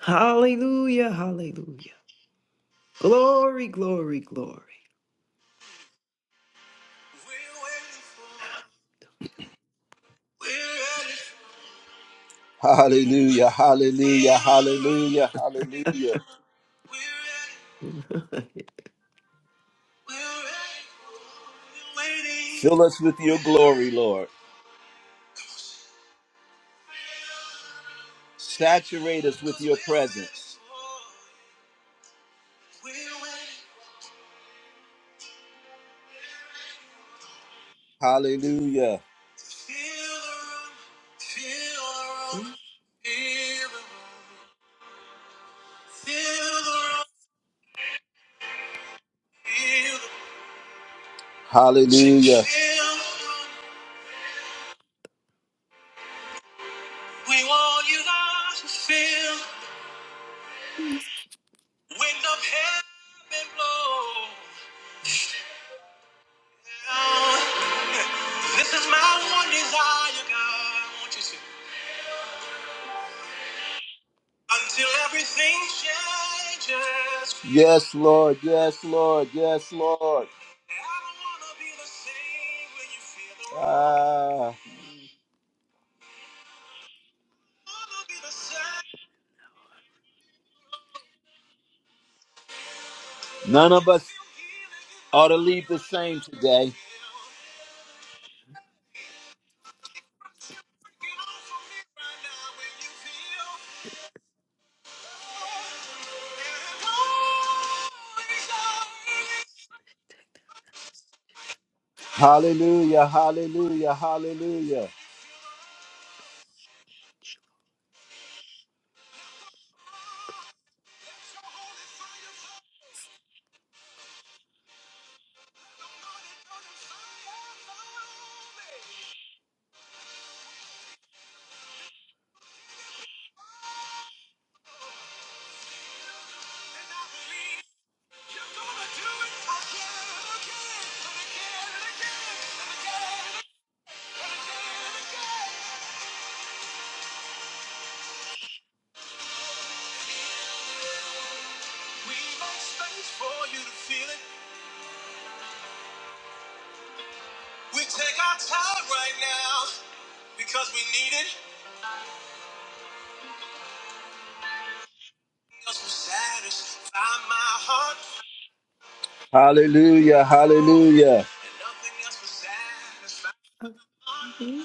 S2: Hallelujah. Hallelujah. Glory, glory,
S1: Hallelujah, hallelujah, hallelujah, hallelujah. Fill us with your glory, Lord. Saturate us with your presence. Hallelujah.
S2: glory.
S1: Hallelujah. We want you, God, to feel the wind of heaven blow (laughs) down. This is my one desire, God. I want you to until everything changes. Yes, Lord. Yes, Lord. Yes, Lord. I don't wanna be the same when you feel the Ah. None of us ought to leave the same today. Hallelujah, hallelujah, hallelujah. We make space for you to feel it. We take our time right now because we need it. Because we're satisfied. My heart Hallelujah. Hallelujah.
S2: (laughs)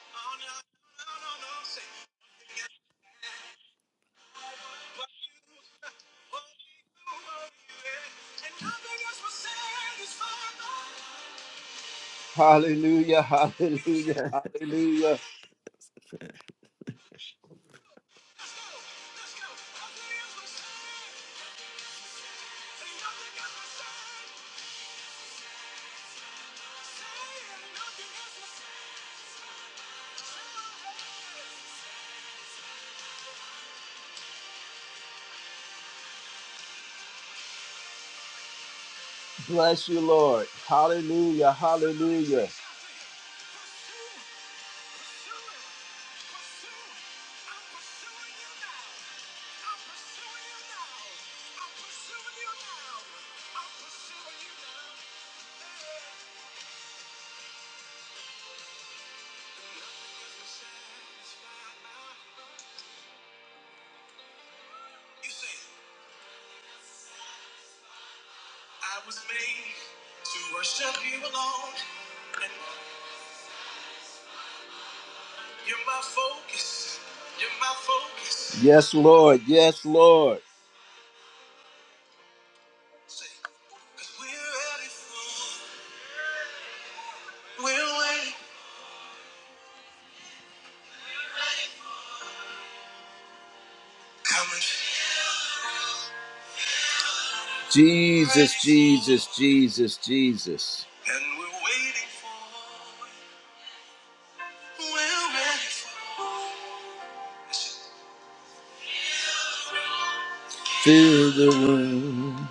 S1: Oh, no, no, no, no, no. Oh, oh, yeah. Hallelujah. Hallelujah. Hallelujah. Bless you, Lord. Hallelujah. Hallelujah. Yes, Lord. Yes, Lord. Jesus, Jesus, Jesus, Jesus. And we're waiting for, we're ready for. Fill the room.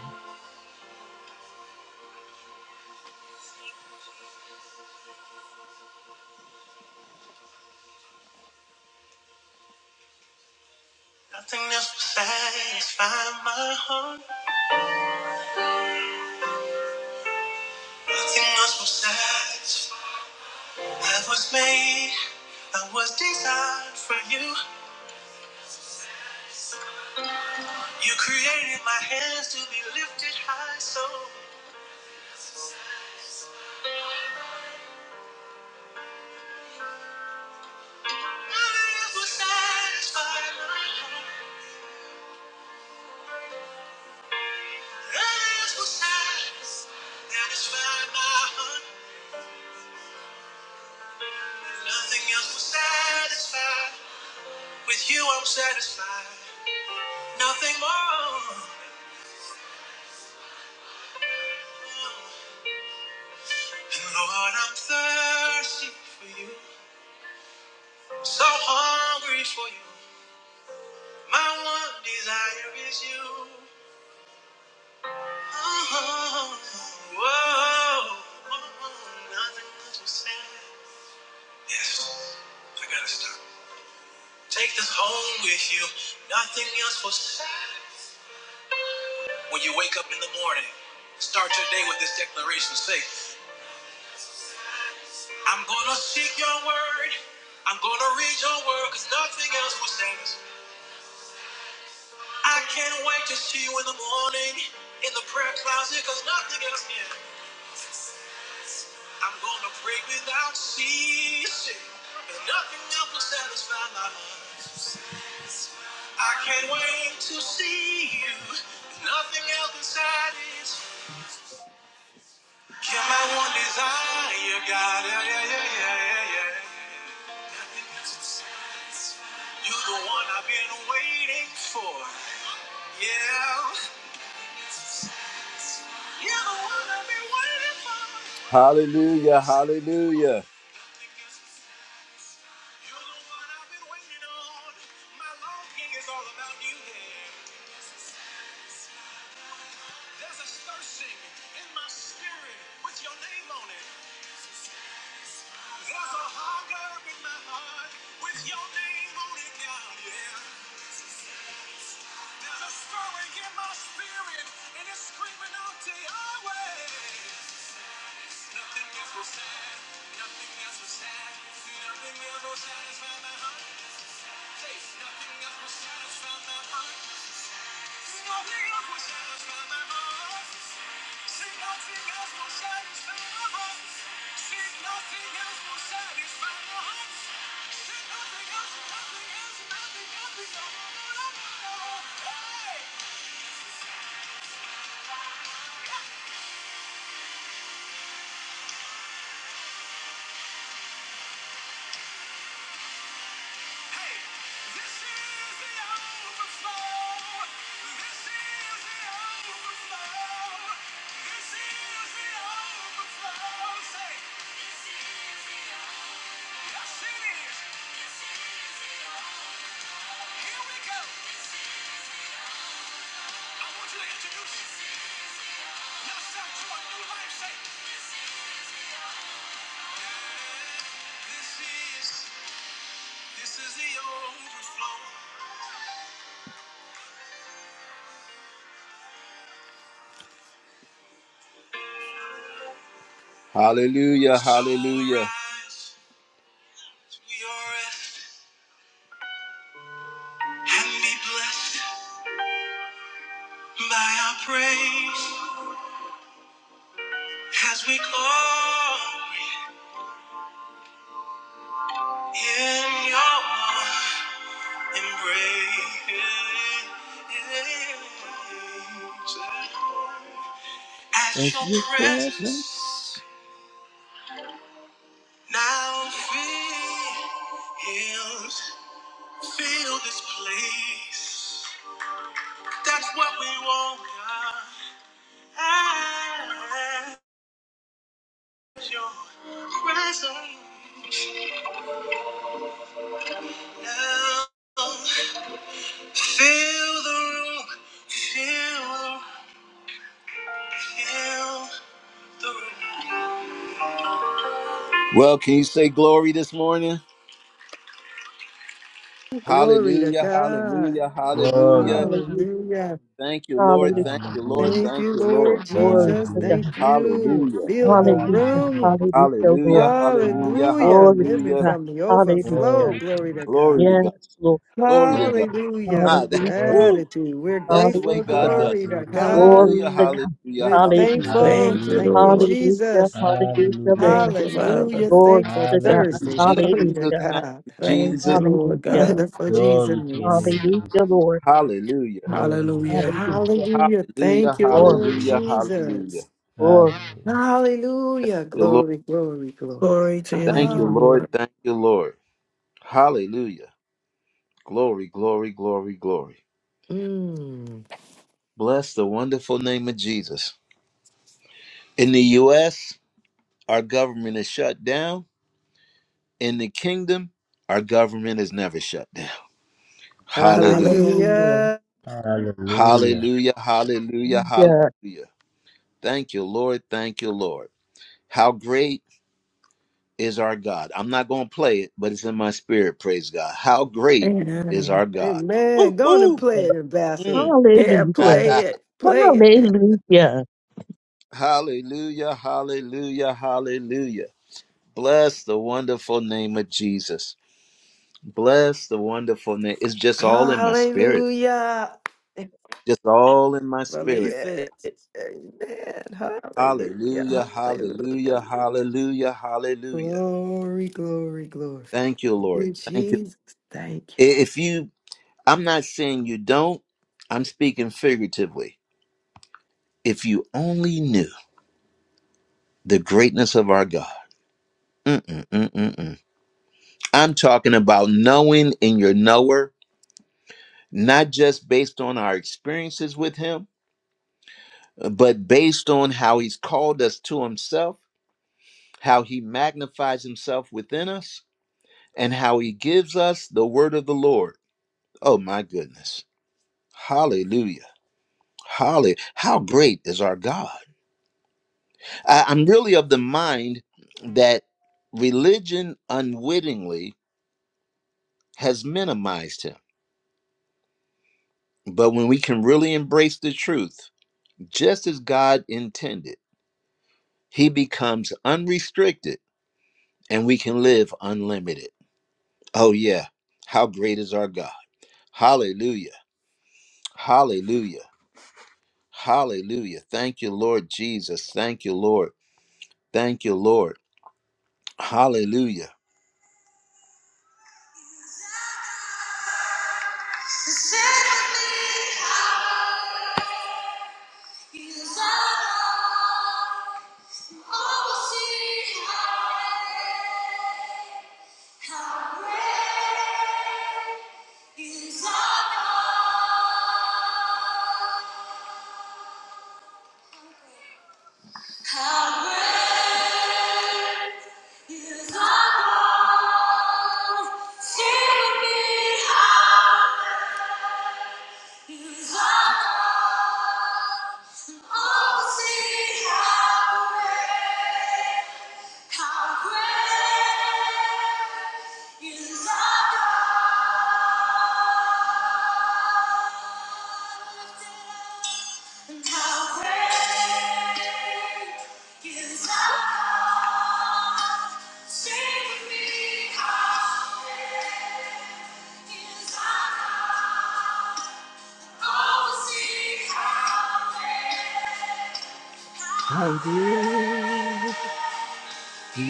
S1: Nothing else will satisfy my heart. Nothing else will satisfy. I was made, I was designed for you. You created my hands to be lifted high, so. With you I'm satisfied, nothing more. And Lord, I'm thirsty for you, so hungry for you. My one desire is you. Oh, whoa, oh, nothing else will satisfy. Yes, I gotta stop. Take this home with you. Nothing else will save. When you wake up in the morning, start your day with this declaration. Say, I'm gonna seek your word. I'm gonna read your word, cause nothing else will save us. I can't wait to see you in the morning in the prayer closet, cause nothing else can. I'm gonna pray without ceasing, and nothing else will satisfy my heart. I can't wait to see you. Nothing else can satisfy. You're my one desire, God. Yeah, yeah, yeah, yeah, yeah, yeah. Nothing else will satisfy. You're the one I've been waiting for. Yeah. You're the one I've been waiting for. Hallelujah, hallelujah. Nothing else will satisfy. You're the one I've been waiting on. My longing is all about you, yeah. There's a searching in my spirit with your name on it. There's a hunger in my heart with your name on it now, yeah. There's a stirring in my spirit and it's screaming out to Yahweh. Nothing else will sad, nothing else will sad, nothing else will satisfy my heart. Nothing else will satisfy my heart. Nothing else will satisfy my heart. nothing else will satisfy my heart. nothing else will satisfy my heart. Introduce yourself to a new life. Say, this is. This is the overflow. Hallelujah, hallelujah. Rise, we are and be blessed by our praise as we call in your embrace. As your presence now fills, fill this place. That's what we want, God. As your presence, now. Fill the room, fill, fill the room. Well, can you say glory this morning?
S2: Glory to
S1: Hallelujah,
S2: God.
S1: hallelujah,
S6: Glory.
S1: hallelujah.
S4: hallelujah,
S2: Hallelujah.
S1: Thank you, Lord.
S4: hallelujah.
S1: Thank you, Lord.
S2: Thank
S6: Hallelujah.
S1: Thank
S2: you,
S1: you, Lord.
S2: Lord
S4: Glory
S2: Jesus.
S4: to
S6: Hallelujah.
S4: God.
S2: Thank you.
S1: Hallelujah,
S2: Fill the
S4: Hallelujah.
S2: room.
S6: Hallelujah.
S4: Hallelujah,
S1: hallelujah,
S4: Lord.
S1: hallelujah,
S6: Hallelujah.
S2: Hallelujah.
S4: Glory to
S2: Living
S1: hallelujah.
S4: God.
S2: from the overflow.
S4: Hallelujah.
S6: Glory
S2: Glory
S6: to
S2: to
S1: Glory
S2: God.
S1: to God.
S4: Yes, Lord.
S1: Glory to
S6: God.
S1: God.
S2: Hallelujah.
S1: Ah, that,
S4: Hallelujah.
S6: Glory.
S1: woo.
S2: Gratitude. We're
S1: That's the way
S2: grateful.
S1: God
S4: Hallelujah.
S1: does
S2: Glory
S1: it.
S2: to
S6: Hallelujah.
S2: God.
S4: Glory
S1: Hallelujah,
S4: to
S3: Hallelujah.
S4: God.
S1: hallelujah,
S2: We're
S4: Hallelujah.
S1: hallelujah.
S2: thankful.
S3: Thank you,
S6: Hallelujah.
S2: Thank you,
S1: Mm,
S3: Lord.
S4: Hallelujah.
S2: Jesus.
S4: Hallelujah,
S6: Hallelujah.
S4: Lord.
S3: Thank you, Father.
S2: Hallelujah.
S4: Glory
S2: Thankful
S4: to
S1: Thank
S4: God.
S1: you,
S2: Thursday. (laughs)
S6: Hallelujah.
S2: Glory
S4: Hallelujah.
S2: to
S1: Jesus. Thank
S2: God.
S1: you,
S2: (laughs)
S3: Thank you,
S1: Jesus.
S3: Lord
S1: Thank you,
S4: Hallelujah.
S3: God.
S2: Wonderful
S1: Jesus.
S6: Glory to your name,
S2: Jesus.
S6: Jesus.
S4: Hallelujah, Lord.
S1: Hallelujah,
S6: Glory.
S3: Hallelujah.
S6: Hallelujah.
S4: Hallelujah.
S2: Hallelujah.
S1: hallelujah,
S2: Thank you,
S4: Lord.
S2: Lord
S1: hallelujah, hallelujah.
S2: Jesus.
S6: Hallelujah.
S4: Glory.
S6: Hallelujah.
S2: Hallelujah.
S1: Thank you, Lord.
S2: Glory, glory, glory.
S3: Glory to your
S1: Thank you,
S3: name,
S2: Ah,
S1: Lord.
S3: Lord.
S1: Thank you, Lord. Hallelujah. Glory, glory, glory, glory.
S2: mm.
S1: Bless the wonderful name of Jesus. In the U.S., our government is shut down. In the kingdom, our government is never shut down. Hallelujah.
S3: Hallelujah.
S2: Hallelujah.
S6: Hallelujah.
S1: Hallelujah, hallelujah,
S4: Yeah.
S1: hallelujah. Thank you, Lord. Thank you, Lord. How great is our God? I'm not going to play it, but it's in my spirit. Praise God. How great is
S3: Amen.
S1: our God?
S2: Amen. Go on and
S1: Woo-hoo.
S2: play it,
S1: Mm.
S2: ambassador.
S3: Yeah,
S4: Hallelujah.
S3: play
S4: Hallelujah.
S1: (laughs)
S3: it. Play it.
S4: Hallelujah.
S1: hallelujah, hallelujah, hallelujah. Bless the wonderful name of Jesus. Bless the wonderful name. It's just all in my spirit.
S2: Hallelujah.
S1: Just all in my spirit.
S3: Release it.
S2: Yes. Amen. Hallelujah.
S1: Hallelujah,
S2: Hallelujah.
S1: hallelujah, hallelujah, hallelujah.
S2: Glory, glory, glory.
S1: Thank you,
S2: Thank
S1: Lord.
S2: you,
S1: Thank you.
S2: Jesus. Thank you.
S1: I- If you, I'm not saying you don't, I'm speaking figuratively. If you only knew the greatness of our God, mm-mm, mm-mm. mm. I'm talking about knowing in your knower, not just based on our experiences with Him, but based on how He's called us to Himself, how He magnifies Himself within us, and how He gives us the word of the Lord. Oh, my goodness. Hallelujah. Hallelujah. How great is our God? I, I'm really of the mind that religion unwittingly has minimized him. But when we can really embrace the truth, just as God intended, he becomes unrestricted and we can live unlimited. Oh, yeah. How great is our God! Hallelujah. Hallelujah. Hallelujah. Thank you, Lord Jesus. Thank you, Lord. Thank you, Lord. Hallelujah. Oh, see how great. How great is our God, how great is our God. Sing with me, how great is our God. Oh, sing how great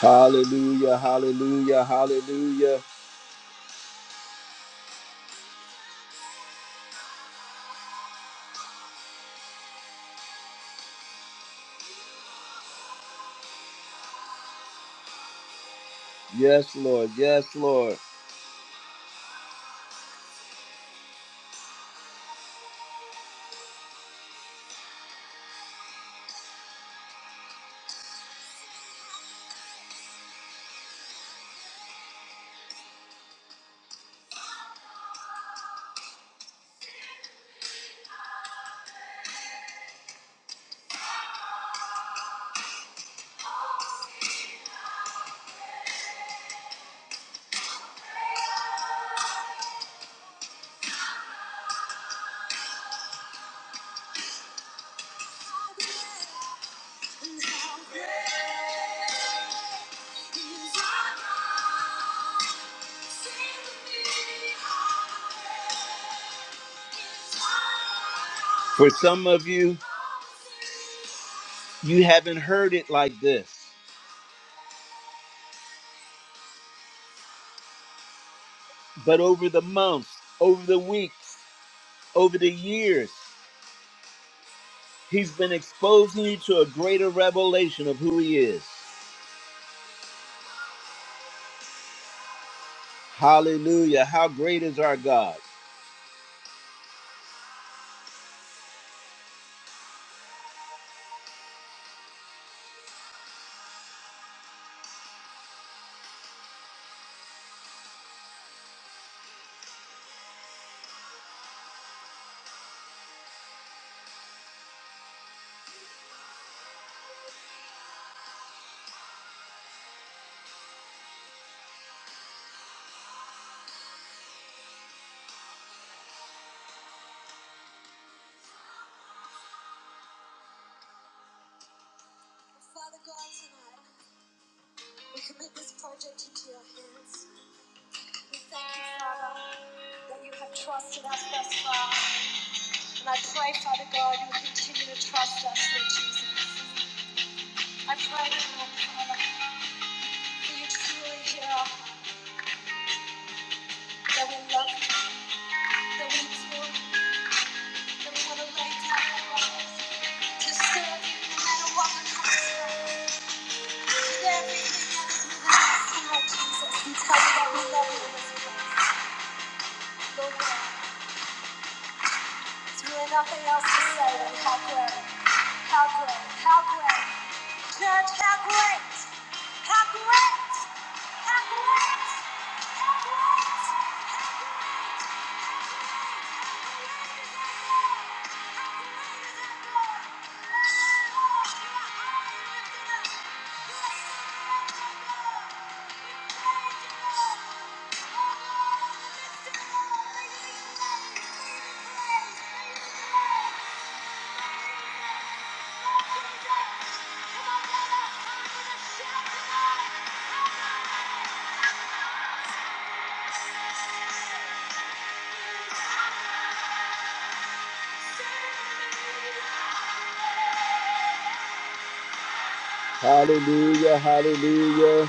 S1: Hallelujah, hallelujah, hallelujah. Yes, Lord, yes, Lord. For some of you, you haven't heard it like this, but over the months, over the weeks, over the years, He's been exposing you to a greater revelation of who He is. Hallelujah. How great is our God! We thank you, Father, that you have trusted us thus far. And I pray, Father God, you will continue to trust us, Lord Jesus. I pray, Lord Father, that you truly hear our heart, that we love you, that we adore you, that we want to lay down our lives to serve you no matter what the cost. is. With everything that is within us, Lord Jesus, we tell you that we love you in this place. Lord God. There's really nothing else to say than how great, how great, how great. Church, how great, how great, how great, how great, how great is our God. How great is God. Lord, you so great, so amazing. Come on, let us come with a shout tonight. How great is God. Hallelujah, hallelujah.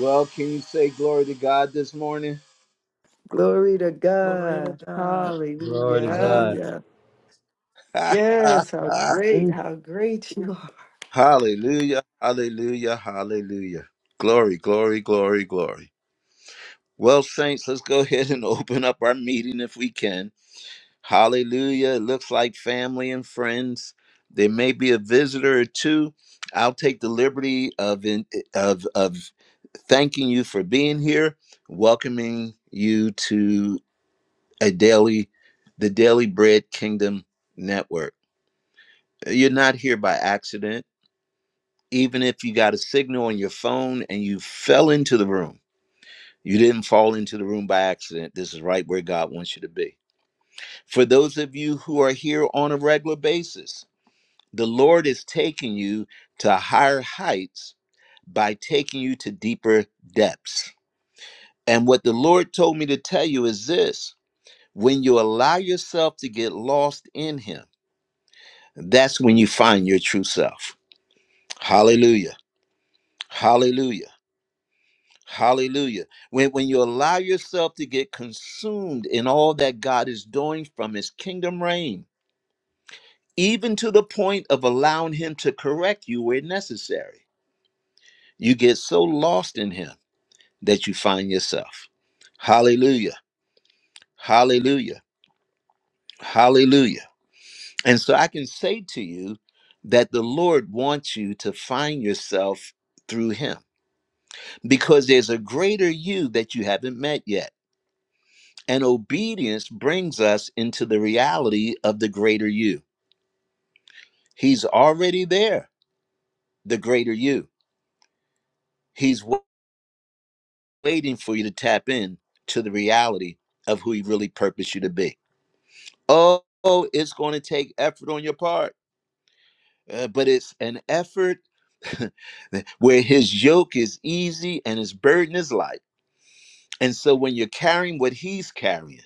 S1: Well, can you say glory to God this morning?
S2: Lord. Glory to
S3: Glory to
S2: God.
S3: God.
S6: Glory to
S2: Hallelujah.
S6: God.
S3: Hallelujah.
S2: Yes, how
S1: (laughs)
S2: great, how great you are.
S1: hallelujah, hallelujah, hallelujah. Glory, glory, glory, glory. Well, saints, let's go (laughs) ahead and open up our meeting if we can. Hallelujah. It looks like family and friends. There may be a visitor or two. I'll take the liberty of in, of of thanking you for being here, welcoming you to. a daily the daily bread kingdom network you're not here by accident even if you got a signal on your phone and you fell into the room you didn't fall into the room by accident this is right where god wants you to be for those of you who are here on a regular basis the lord is taking you to higher heights by taking you to deeper depths and what the lord told me to tell you is this when you allow yourself to get lost in him That's when you find your true self. Hallelujah. Hallelujah. Hallelujah. When, when you allow yourself to get consumed in all that God is doing from his kingdom reign, even to the point of allowing him to correct you where necessary, you get so lost in him that you find yourself. Hallelujah. Hallelujah. Hallelujah. And so I can say to you that the Lord wants you to find yourself through him. because there's a greater you that you haven't met yet. And obedience brings us into the reality of the greater you. He's already there, the greater you. He's wa- waiting for you to tap in to the reality of who he really purposed you to be. Oh, oh, it's going to take effort on your part, uh, but it's an effort (laughs) where his yoke is easy and his burden is light. And so when you're carrying what he's carrying,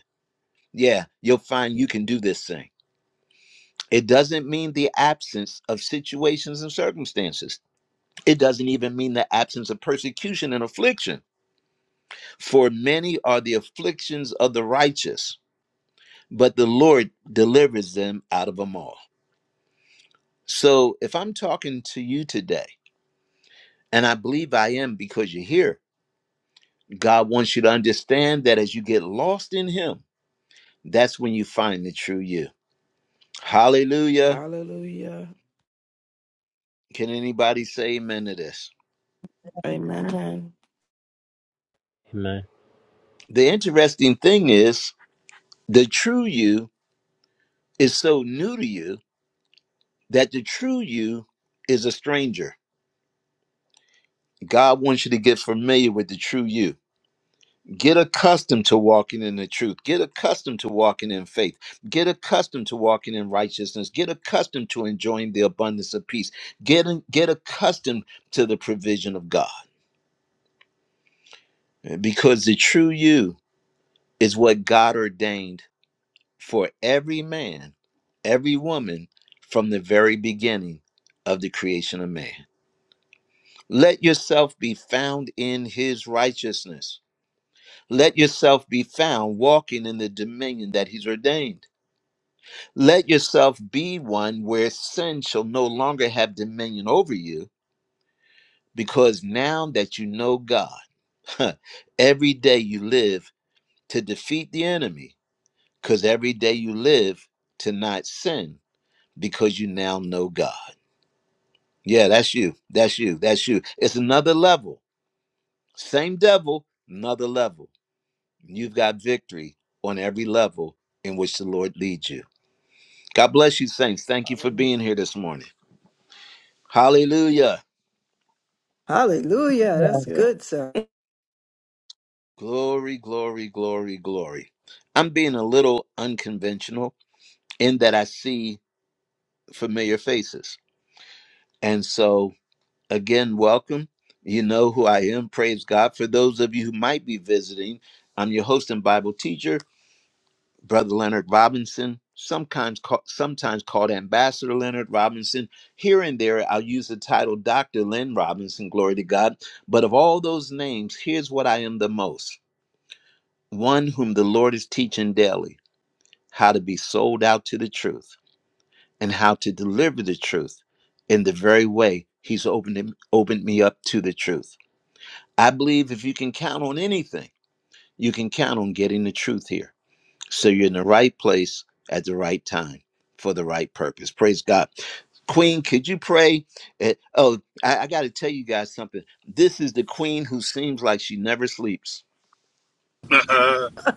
S1: yeah, you'll find you can do this thing It doesn't mean the absence of situations and circumstances. It doesn't even mean the absence of persecution and affliction. For many are the afflictions of the righteous, but the Lord delivers them out of them all. So if I'm talking to you today, and I believe I am because you're here, God wants you to understand that as you get lost in Him, that's when you find the true you. Hallelujah.
S3: Hallelujah.
S1: Can anybody say amen to this?
S3: Amen.
S6: Amen.
S1: The interesting thing is the true you is so new to you that the true you is a stranger. God wants you to get familiar with the true you. Get accustomed to walking in the truth. Get accustomed to walking in faith. Get accustomed to walking in righteousness. Get accustomed to enjoying the abundance of peace. Get, get accustomed to the provision of God because the true you is what God ordained for every man, every woman from the very beginning of the creation of man. Let yourself be found in his righteousness. Let yourself be found walking in the dominion that he's ordained. Let yourself be one where sin shall no longer have dominion over you, because now that you know God, (laughs) every day you live to defeat the enemy, because every day you live to not sin, because you now know God. Yeah, that's you. That's you. That's you. It's another level. Same devil, another level You've got victory on every level in which the Lord leads you. God bless you, saints. Thank you for
S7: Hallelujah.
S1: being here this morning. Hallelujah.
S2: Hallelujah. That's
S3: Yeah.
S2: good, sir.
S1: Glory, glory, glory, glory. I'm being a little unconventional in that I see familiar faces. And so, again, welcome. You know who I am. Praise God. For those of you who might be visiting, I'm your host and Bible teacher, Brother Leonard Robinson, sometimes called, sometimes called Ambassador Leonard Robinson. Here and there, I'll use the title Dr. Len Robinson, glory to God. But of all those names, here's what I am the most one whom the Lord is teaching daily how to be sold out to the truth and how to deliver the truth in the very way He's opened, him, opened me up to the truth. I believe if you can count on anything, you can count on getting the truth here. So you're in the right place at the right time for the right purpose. Praise God. Queen, could you pray? Eh, oh, I, I got to tell you guys something. This is the queen who seems like she never sleeps.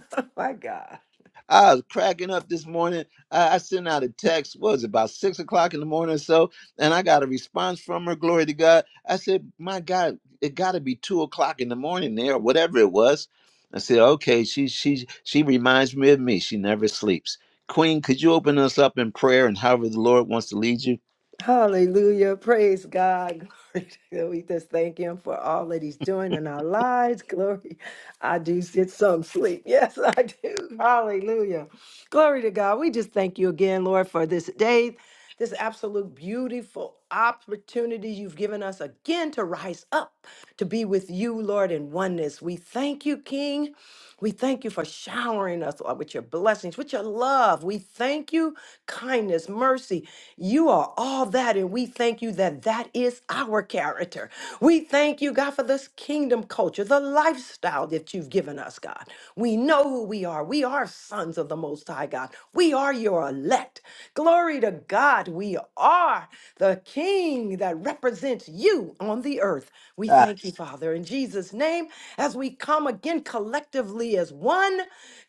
S2: (laughs) My God.
S1: I was cracking up this morning. I, I sent out a text, what was it, about six o'clock in the morning or so, and I got a response from her. Glory to God. I said, My God, it gotta be two o'clock in the morning there, or whatever it was. I said, Okay, she she she reminds me of me. She never sleeps. Queen, could you open us up in prayer and however the Lord wants to lead you?
S2: Hallelujah. Praise God. (laughs) Glory to God. We just thank Him for all that He's doing in our lives. Glory. I do get some sleep. (laughs) Yes, I do. Hallelujah. Glory to God. We just thank you again, Lord, for this day, this absolute beautiful opportunity you've given us again to rise up, to be with you, Lord, in oneness. We thank you, King. We thank you for showering us Lord, with your blessings, with your love. We thank you, kindness, mercy. You are all that, and we thank you that that is our character. We thank you, God, for this kingdom culture, the lifestyle that you've given us, God. We know who we are. We are sons of the Most High God. We are your elect. Glory to God. We are the King that represents you on the earth earth. We thank you, Father, in Jesus' name, as we come again collectively as one.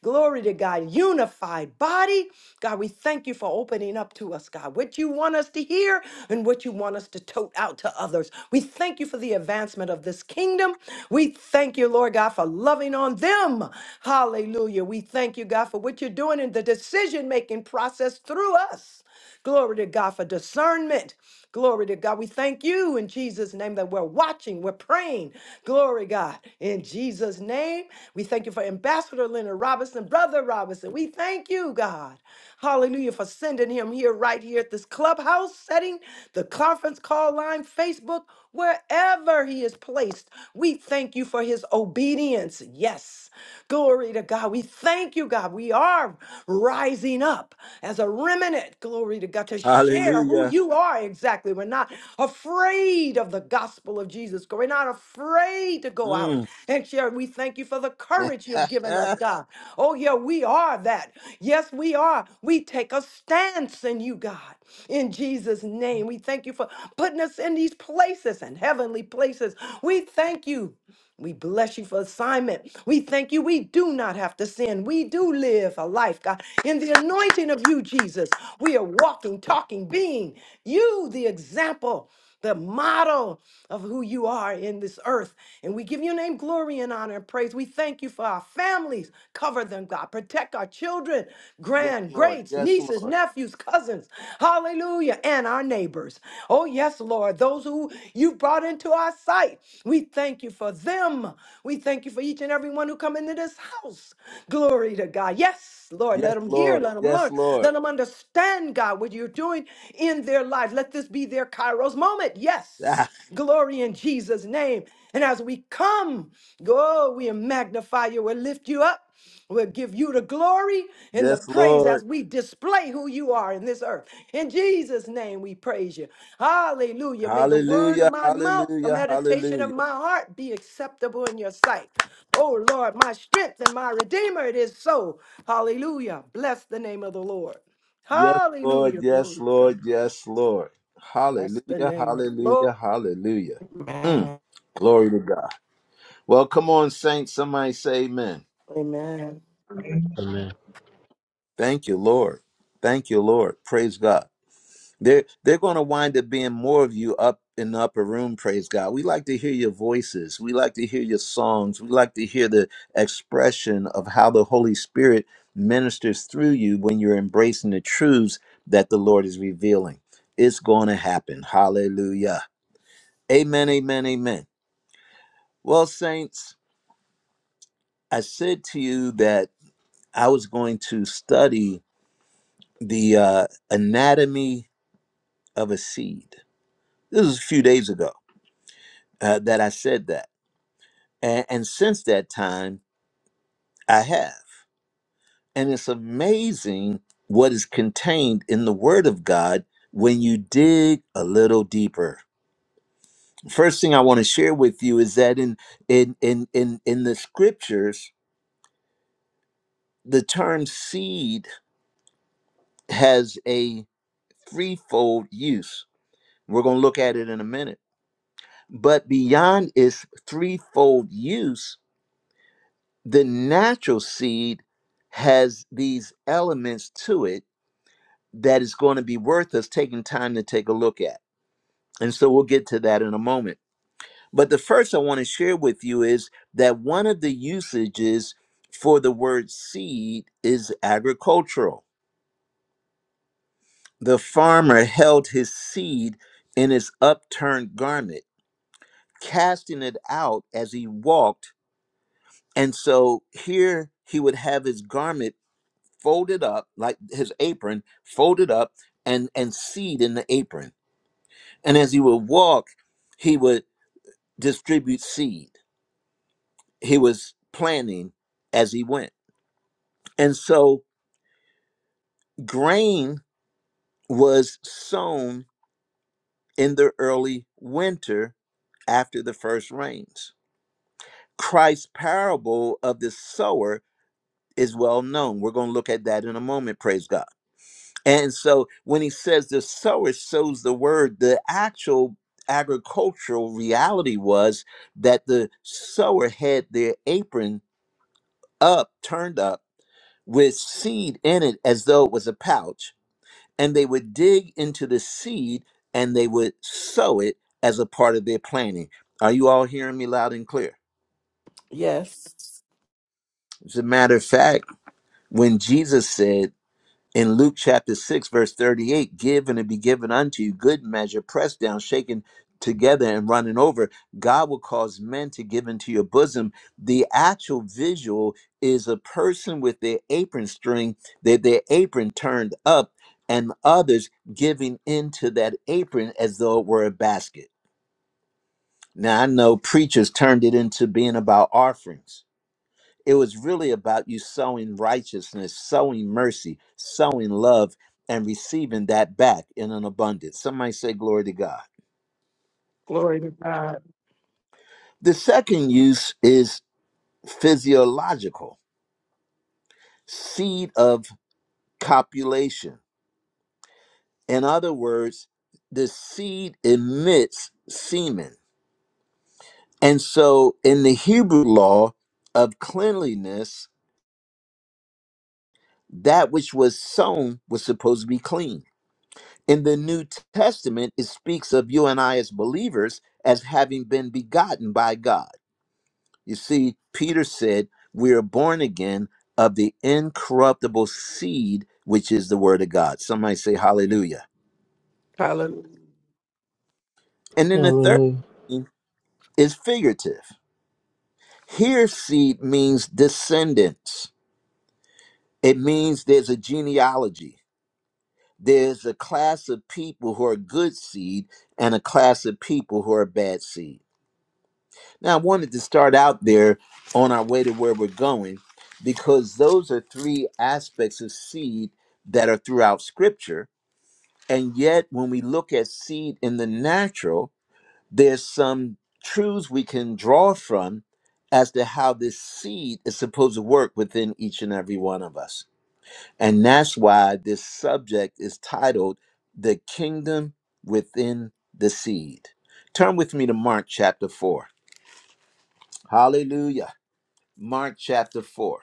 S2: Glory to God, unified body. God, we thank you for opening up to us, God, what you want us to hear and what you want us to tote out to others. We thank you for the advancement of this kingdom. We thank you, Lord God, for loving on them. Hallelujah. We thank you, God, for what you're doing in the decision making process through us. Glory to God for discernment. Glory to God. We thank you in Jesus' name that we're watching, we're praying. Glory, God. In Jesus' name, we thank you for Ambassador Leonard Robinson, Brother Robinson. We thank you, God. Hallelujah, for sending him here, right here at this clubhouse setting, the conference call line, Facebook, wherever he is placed. We thank you for his obedience. Yes. Glory to God. We thank Thank you, God. We are rising up as a remnant, glory to God, to share who
S1: Hallelujah.
S2: you are exactly. We're not afraid of the gospel of Jesus. We're not afraid to go out
S1: Mm.
S2: and share. We thank you for the courage you've
S1: (laughs)
S2: given us,
S1: yes,
S2: God. Oh, yeah, we are that. Yes, we are. We take a stance in you, God, in Jesus' name. We thank you for putting us in these places and heavenly places. We thank you. We bless you for assignment. We thank you. We do not have to sin. We do live a life, God, in the anointing of you, Jesus. We are walking, talking, being you, the example, the model of who you are in this earth. And we give your name glory and honor and praise. We thank you for our families. Cover them, God. Protect our children, grand,
S1: Lord.
S2: great parents,
S1: Yes,
S2: nieces,
S1: Lord.
S2: nephews, cousins, hallelujah, and our neighbors. Oh, yes, Lord, those who you brought into our sight, we thank you for them. We thank you for each and every one who come into this house. Glory to God. Yes, Lord,
S1: Yes,
S2: let them hear,
S1: Lord.
S2: let them
S1: Yes,
S2: learn, let
S1: Lord.
S2: them understand, God, what you're doing in their life. Let this be their Kairos moment. Yes, glory in Jesus' name. And as we come, go, we magnify you, we lift you up. We'll give you the glory and the praise as we display who you are in this earth. In Jesus' name, we praise you. Hallelujah. May the word of
S1: Hallelujah.
S2: my mouth, the
S1: Hallelujah.
S2: meditation
S1: Hallelujah.
S2: of my heart be acceptable in your sight. Oh, Lord, my strength and my redeemer, it is so. Hallelujah. Bless the name of the Lord.
S1: Yes, Lord.
S2: Hallelujah. Glory
S1: Yes,
S2: to God.
S1: Lord. Yes, Lord.
S2: Bless the
S1: Hallelujah.
S2: name of the Lord.
S1: Hallelujah. Hallelujah. Mm,
S3: Amen.
S1: glory to God. Well, come on, saints. Somebody say amen.
S3: Amen.
S7: Amen
S6: Amen.
S1: Thank you, Lord. Thank you, Lord. Praise God. They're they're going to wind up being more of you up in the upper room. Praise God. We like to hear your voices. We like to hear your songs. We like to hear the expression of how the Holy Spirit ministers through you when you're embracing the truths that the Lord is revealing. It's going to happen. Hallelujah. Amen. Amen. Amen. Well, saints, I said to you that I was going to study the uh, anatomy of a seed. This was a few days ago uh, that I said that And, and since that time, I have. And it's amazing what is contained in the Word of God when you dig a little deeper. First thing I want to share with you is that in in in in, in the scriptures, the term seed has a threefold use. We're going to look at it in a minute. But beyond its threefold use, the natural seed has these elements to it that is going to be worth us taking time to take a look at. And so we'll get to that in a moment. But the first I want to share with you is that one of the usages for the word seed is agricultural. The farmer held his seed in his upturned garment, casting it out as he walked. And so here he would have his garment folded up, like his apron folded up, and, and seed in the apron. And as he would walk, he would distribute seed. He was planting as he went. And so grain was sown in the early winter after the first rains. Christ's parable of the sower is well known. We're going to look at that in a moment, praise God. And so when he says the sower sows the word, the actual agricultural reality was that the sower had their apron up, turned up, with seed in it as though it was a pouch. And they would dig into the seed and they would sow it as a part of their planting. Are you all hearing me loud and clear?
S3: Yes.
S1: As a matter of fact, when Jesus said, in Luke chapter 6, verse 38, give and it be given unto you, good measure, pressed down, shaken together, and running over. God will cause men to give into your bosom. The actual visual is a person with their apron string, their, their apron turned up, and others giving into that apron as though it were a basket. Now, I know preachers turned it into being about offerings it was really about you sowing righteousness, sowing mercy, sowing love, and receiving that back in an abundance. Somebody say, Glory to God.
S3: Glory to God.
S1: The second use is physiological seed of copulation. In other words, the seed emits semen. And so in the Hebrew law of cleanliness, that which was sown was supposed to be clean in the New Testament, it speaks of you and I as believers as having been begotten by God. You see, Peter said, We are born again of the incorruptible seed, which is the word of God. Somebody say hallelujah.
S3: Hallelujah.
S1: And then the third
S6: Hallelujah.
S1: thing is figurative. Here, seed means descendants, it means there's a genealogy. There's a class of people who are good seed and a class of people who are bad seed Now, I wanted to start out there on our way to where we're going because those are three aspects of seed that are throughout scripture. And yet, when we look at seed in the natural, there's some truths we can draw from as to how this seed is supposed to work within each and every one of us. And that's why this subject is titled The Kingdom Within the Seed. Turn with me to Mark chapter 4. Hallelujah. Mark chapter 4.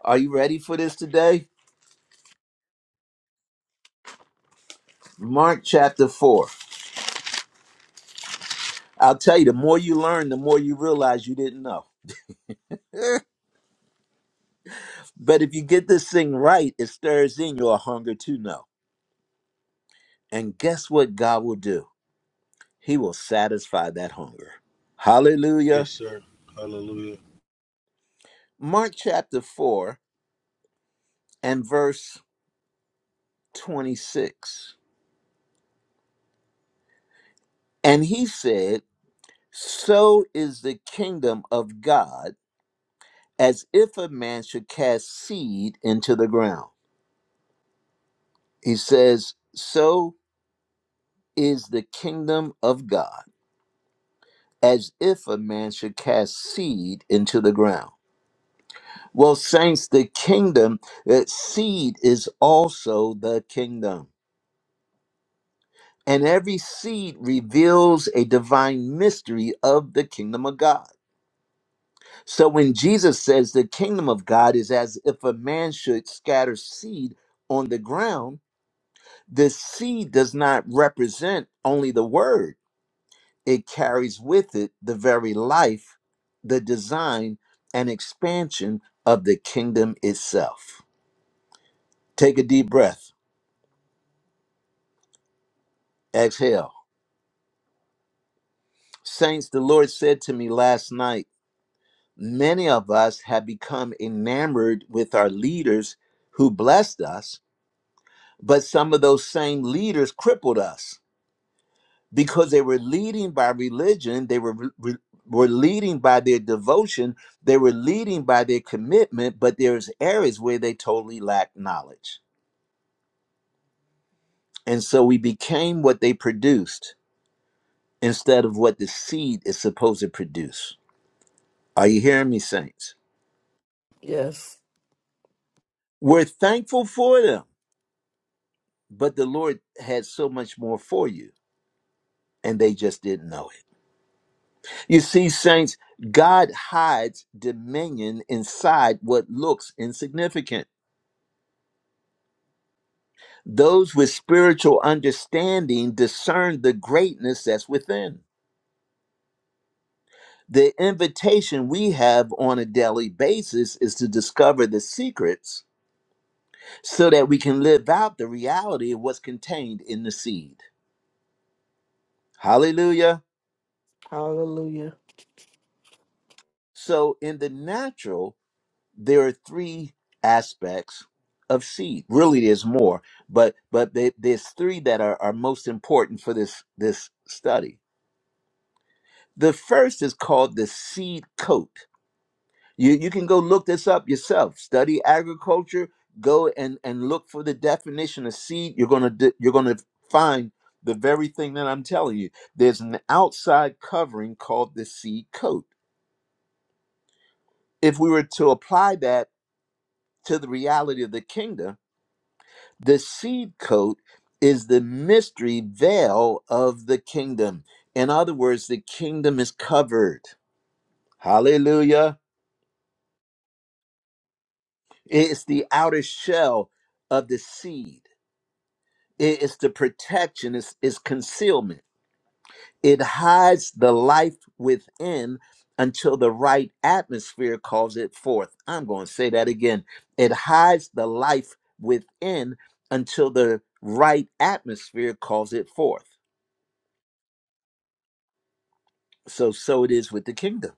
S1: Are you ready for this today? Mark chapter 4. I'll tell you, the more you learn, the more you realize you didn't know. But if you get this thing right, it stirs in your hunger to know. And guess what God will do? He will satisfy that hunger.
S5: Yes,
S1: Hallelujah.
S5: sir. Hallelujah.
S1: Mark chapter 4 and verse 26. And he said, So is the kingdom of God as if a man should cast seed into the ground. He says, So is the kingdom of God, as if a man should cast seed into the ground. Well, saints, the kingdom, that seed is also the kingdom. And every seed reveals a divine mystery of the kingdom of God. So when Jesus says the kingdom of God is as if a man should scatter seed on the ground, the seed does not represent only the word it carries with it the very life, the design, and expansion of the kingdom itself. Take a deep breath, exhale. Saints, the Lord said to me last night many of us have become enamored with our leaders who blessed us, but some of those same leaders crippled us. because they were leading by religion they were re- were leading by their devotion they were leading by their commitment but there's areas where they totally lacked knowledge and so we became what they produced instead of what the seed is supposed to produce are you hearing me saints
S3: Yes.
S1: we're thankful for them but the lord had so much more for you and they just didn't know it you see saints god hides dominion inside what looks insignificant Those with spiritual understanding discern the greatness that's within. The invitation we have on a daily basis is to discover the secrets so that we can live out the reality of what's contained in the seed. Hallelujah.
S3: Hallelujah.
S1: So, in the natural, there are three aspects of seed. Really, there's more, but but there- there's three that are, are most important for this this study. The first is called the seed coat You you can go look this up yourself. Study agriculture. Go and and look for the definition of seed. You're gonna di- you're gonna find the very thing that I'm telling you. There's an outside covering called the seed coat. If we were to apply that to the reality of the kingdom, the seed coat is the mystery veil of the kingdom. In other words, the kingdom is covered. Hallelujah. It's the outer shell of the seed it's the protection, it's, it's concealment. It hides the life within until the right atmosphere calls it forth. I'm going to say that again. It hides the life within until the right atmosphere calls it forth. So, so it is with the kingdom.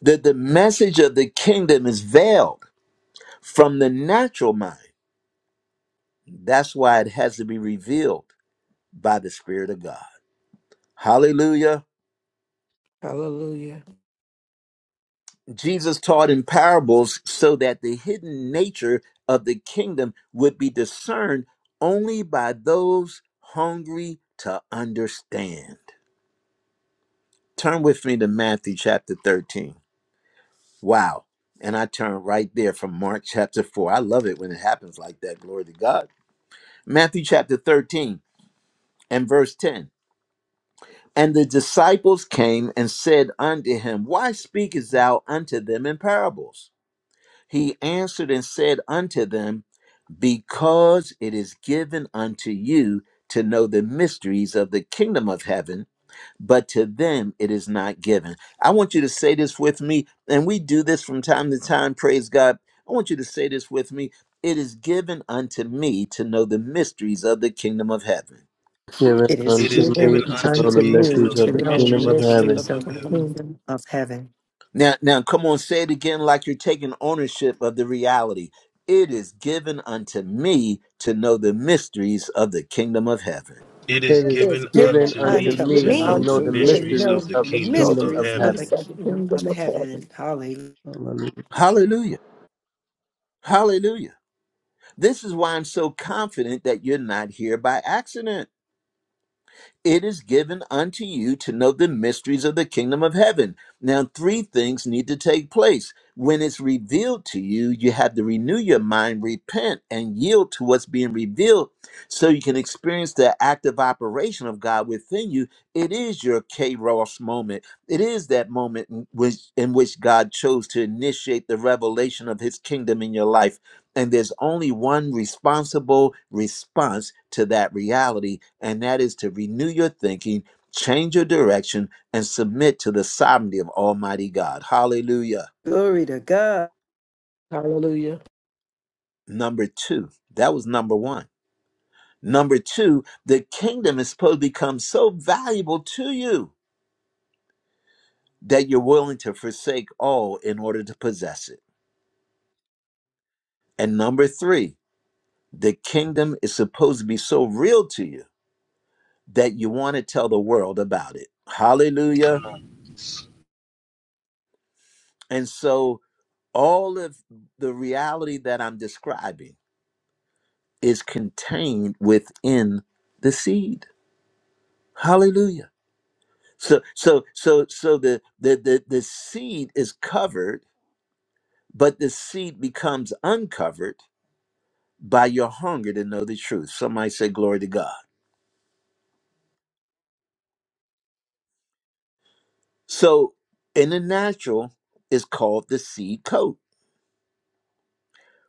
S1: The, the message of the kingdom is veiled from the natural mind. That's why it has to be revealed by the Spirit of God. Hallelujah.
S3: Hallelujah.
S1: Jesus taught in parables so that the hidden nature of the kingdom would be discerned only by those hungry to understand. Turn with me to Matthew chapter 13. Wow. And I turn right there from Mark chapter 4. I love it when it happens like that. Glory to God. Matthew chapter 13 and verse 10. And the disciples came and said unto him, Why speakest thou unto them in parables? He answered and said unto them, because it is given unto you to know the mysteries of the kingdom of heaven, but to them it is not given. I want you to say this with me, and we do this from time to time, praise God. I want you to say this with me. It is given unto me to know the mysteries of the kingdom of heaven.
S6: Given
S2: It is
S5: It
S6: unto
S5: is
S6: me
S5: given
S6: to
S2: given
S3: It's
S5: unto
S6: know the
S2: unto
S3: written
S5: me
S6: mysteries
S3: in
S5: to
S3: the
S2: me
S5: know
S3: book
S5: the
S6: of
S3: of
S2: to
S6: the
S2: know
S3: the
S6: kingdom
S2: the
S5: mysteries
S3: Lord,
S5: of
S6: of
S5: the
S6: heaven.
S2: mysteries
S5: kingdom
S2: of
S5: of
S2: the
S3: of the
S5: heaven.
S3: Lord.
S2: kingdom of heaven.
S1: Now, now come on, say it again like you're taking ownership of the reality. It is given unto me to know the mysteries of the kingdom of heaven.
S5: It is
S6: It is
S2: is
S5: given
S6: given
S2: given
S5: unto
S3: It
S6: unto
S3: is
S2: unto
S5: me to
S6: me
S3: given
S6: to
S5: know
S2: me
S6: know
S5: the
S3: unto
S6: the
S2: to
S3: me.
S5: mysteries of
S6: mysteries
S2: know
S5: the
S2: the
S6: of the
S5: kingdom
S3: Lord, of
S6: kingdom
S3: the
S5: of
S6: of
S2: mysteries of
S5: heaven.
S2: the
S3: increase
S6: heaven.
S3: the
S2: kingdom of
S3: kingdom of
S2: heaven.
S3: heaven.
S2: Hallelujah.
S6: Hallelujah.
S1: Hallelujah. Hallelujah. This is why I'm so confident that you're not here by accident. It is given unto you to know the mysteries of the kingdom of heaven. Now, three things need to take place. When it's revealed to you, you have to renew your mind, repent, and yield to what's being revealed so you can experience the active operation of God within you. It is your K. moment. It is that moment in which, in which God chose to initiate the revelation of his kingdom in your life and there's only one responsible response to that reality, and that is to renew your thinking, change your direction, and submit to the sovereignty of Almighty God. Hallelujah.
S2: Glory to God.
S3: Hallelujah.
S1: Number two, that was number one. Number two, the kingdom is supposed to become so valuable to you that you're willing to forsake all in order to possess it. And number three, the kingdom is supposed to be so real to you that you want to tell the world about it. Hallelujah.
S5: Come on.
S1: And so all of the reality that I'm describing is contained within the seed. Hallelujah. So so so so the the the, the seed is covered, but the seed becomes uncovered by your hunger to know the truth. Somebody say glory to God. So in the natural is called the seed coat.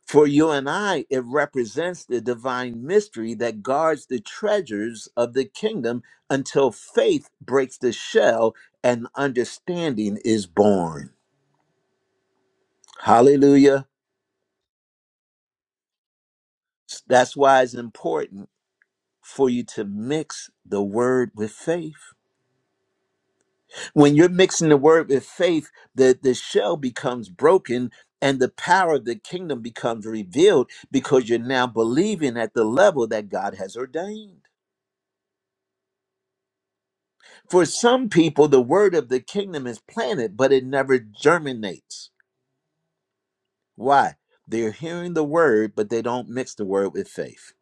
S1: For you and I, it represents the divine mystery that guards the treasures of the kingdom until faith breaks the shell and understanding is born. Hallelujah. That's why it's important for you to mix the word with faith. When you're mixing the word with faith, the, the shell becomes broken and the power of the kingdom becomes revealed because you're now believing at the level that God has ordained. For some people, the word of the kingdom is planted, but it never germinates. Why? They're hearing the word, but they don't mix the word with faith.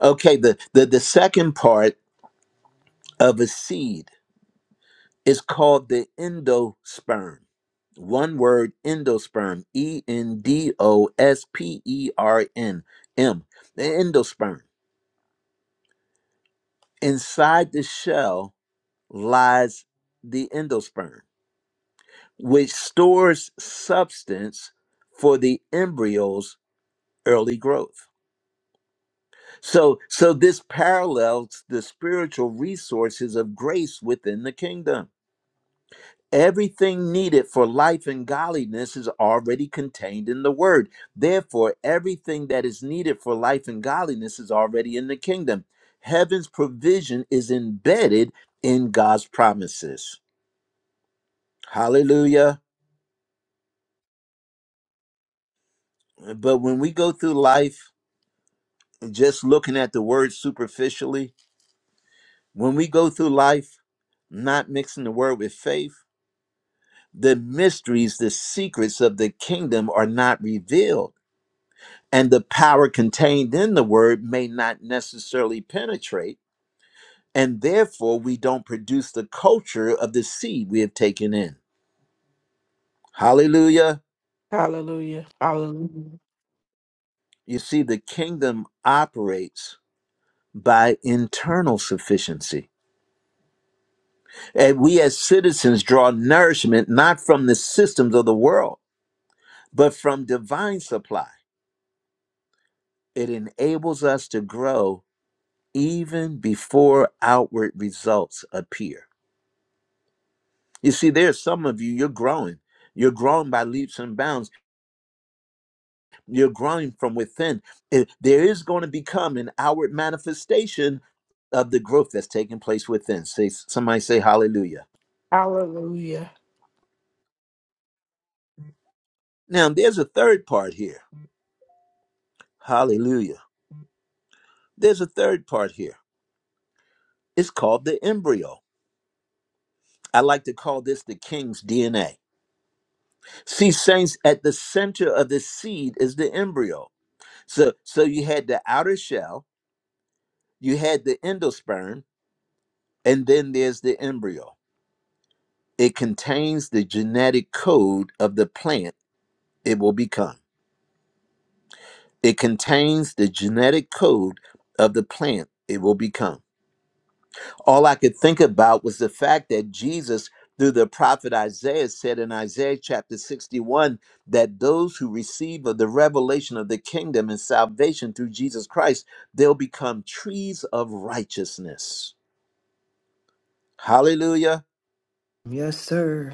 S1: Okay, the, the, the second part of a seed is called the endosperm. One word, endosperm, E N D O S P E R N M, the endosperm. Inside the shell lies the endosperm. which stores substance for the embryo's early growth. So so this parallels the spiritual resources of grace within the kingdom. Everything needed for life and godliness is already contained in the word. Therefore, everything that is needed for life and godliness is already in the kingdom. Heaven's provision is embedded in God's promises. Hallelujah. But when we go through life just looking at the word superficially, when we go through life not mixing the word with faith, the mysteries, the secrets of the kingdom are not revealed. And the power contained in the word may not necessarily penetrate. And therefore, we don't produce the culture of the seed we have taken in. Hallelujah.
S3: Hallelujah. Hallelujah.
S1: You see, the kingdom operates by internal sufficiency. And we as citizens draw nourishment not from the systems of the world, but from divine supply. It enables us to grow even before outward results appear. You see, there's some of you, you're growing. You're growing by leaps and bounds. You're growing from within. It- there is going to become an outward manifestation of the growth that's taking place within. Say, somebody say hallelujah.
S3: Hallelujah.
S1: Now, there's a third part here. Hallelujah. There's a third part here It's called the embryo. I like to call this the king's DNA. See, saints, at the center of the seed is the embryo. So, so you had the outer shell, you had the endosperm, and then there's the embryo. It contains the genetic code of the plant it will become. It contains the genetic code of the plant it will become. all I could think about was the fact that Jesus, through the prophet Isaiah, said in Isaiah chapter 61 that those who receive of the revelation of the kingdom and salvation through Jesus Christ, they'll become trees of righteousness. Hallelujah.
S2: Yes, sir.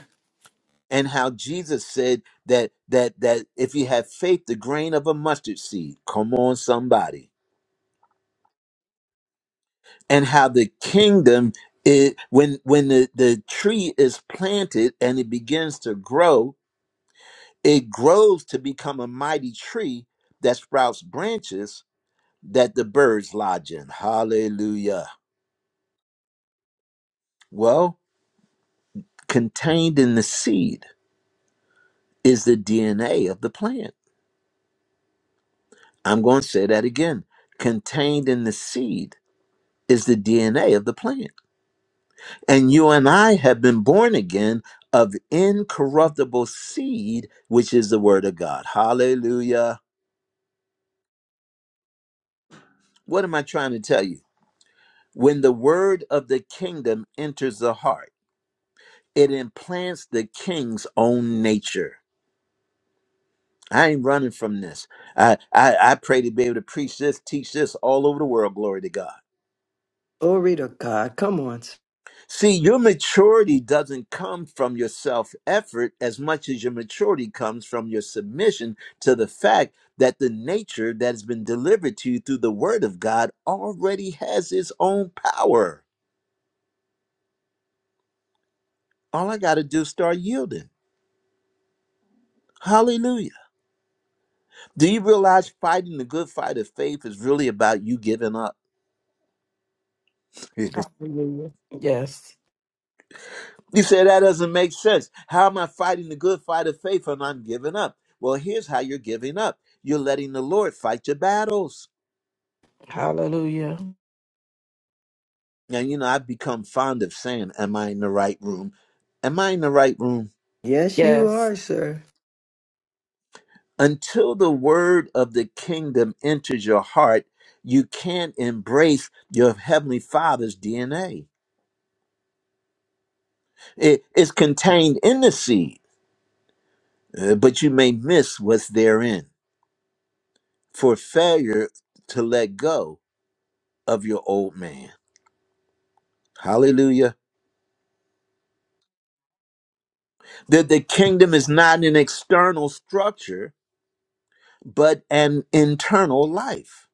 S1: And how Jesus said that that that if you have faith, the grain of a mustard seed, come on, somebody. And how the kingdom it when when the, the tree is planted and it begins to grow It grows to become a mighty tree that sprouts branches that the birds lodge in. Hallelujah. Well, contained in the seed is the DNA of the plant. I'm going to say that again. Contained in the seed is the DNA of the plant. And you and I have been born again of incorruptible seed, which is the word of God. Hallelujah. What am I trying to tell you? When the word of the kingdom enters the heart, it implants the king's own nature. I ain't running from this. I, I I pray to be able to preach this, teach this all over the world. Glory to God.
S2: Glory to God. Come on. sir.
S1: See, your maturity doesn't come from your self effort as much as your maturity comes from your submission to the fact that the nature that has been delivered to you through the Word of God already has its own power. All I got to do is start yielding. Hallelujah. Do you realize fighting the good fight of faith is really about you giving up? (laughs)
S3: Hallelujah. Yes.
S1: You say that doesn't make sense. How am I fighting the good fight of faith and I'm giving up? Well, here's how you're giving up. You're letting the Lord fight your battles.
S3: Hallelujah.
S1: And you know, I've become fond of saying, Am I in the right room? Am I in the right room?
S2: Yes, you
S3: Yes.
S2: are, sir.
S1: Until the word of the kingdom enters your heart, you can't embrace your heavenly father's DNA. It- it's contained in the seed, uh, but you may miss what's therein for failure to let go of your old man. Hallelujah. That the kingdom is not an external structure, but an internal life.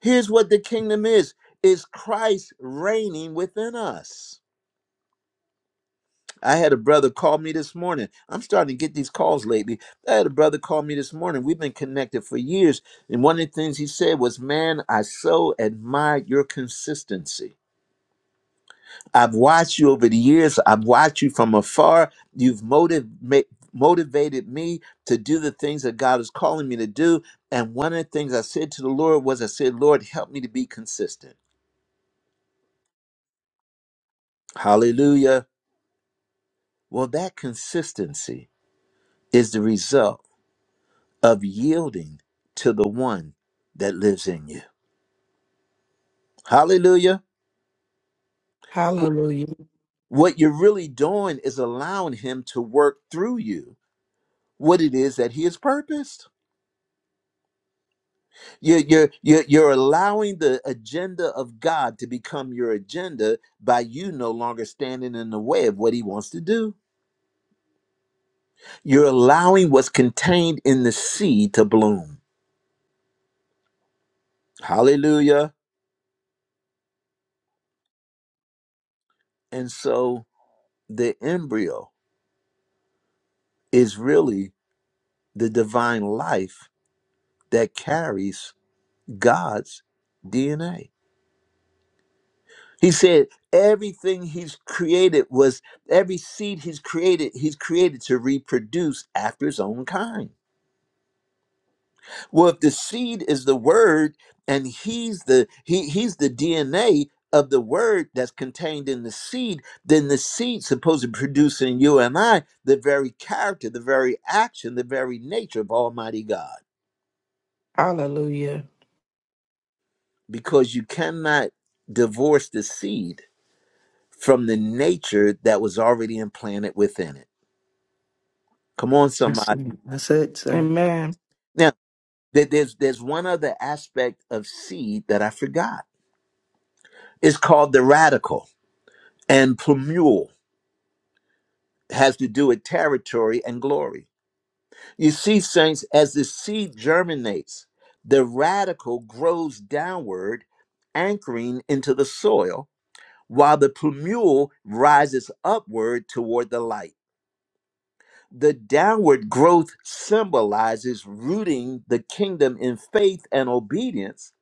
S1: Here's what the kingdom is is Christ reigning within us. I had a brother call me this morning. I'm starting to get these calls lately. I had a brother call me this morning. We've been connected for years. And one of the things he said was, Man, I so admire your consistency. I've watched you over the years. I've watched you from afar. You've motiv- ma- motivated me to do the things that God is calling me to do. And one of the things I said to the Lord was, I said, Lord, help me to be consistent. Hallelujah. Well, that consistency is the result of yielding to the one that lives in you. Hallelujah. Wh-
S3: Hallelujah.
S1: What you're really doing is allowing him to work through you what it is that he has purposed. You're, you're, you're, you're allowing the agenda of God to become your agenda by you no longer standing in the way of what he wants to do. You're allowing what's contained in the seed to bloom. Hallelujah. And so the embryo is really the divine life that carries God's DNA. He said, everything he's created was every seed he's created, he's created to reproduce after his own kind. Well, if the seed is the word and he's the he he's the DNA of the word that's contained in the seed, then the seed supposed to produce in you and I the very character, the very action, the very nature of Almighty God.
S3: Hallelujah.
S1: Because you cannot divorce the seed from the nature that was already implanted within it. Come on,
S2: Yes,
S1: somebody.
S2: sir. That's it, sir.
S3: Amen.
S1: Now, there- there's there's one other aspect of seed that I forgot. It's called the radical and plumule. has to do with territory and glory. You see, saints, as the seed germinates, the radical grows downward, anchoring into the soil, while the plumule rises upward toward the light. The downward growth symbolizes rooting the kingdom in faith and obedience,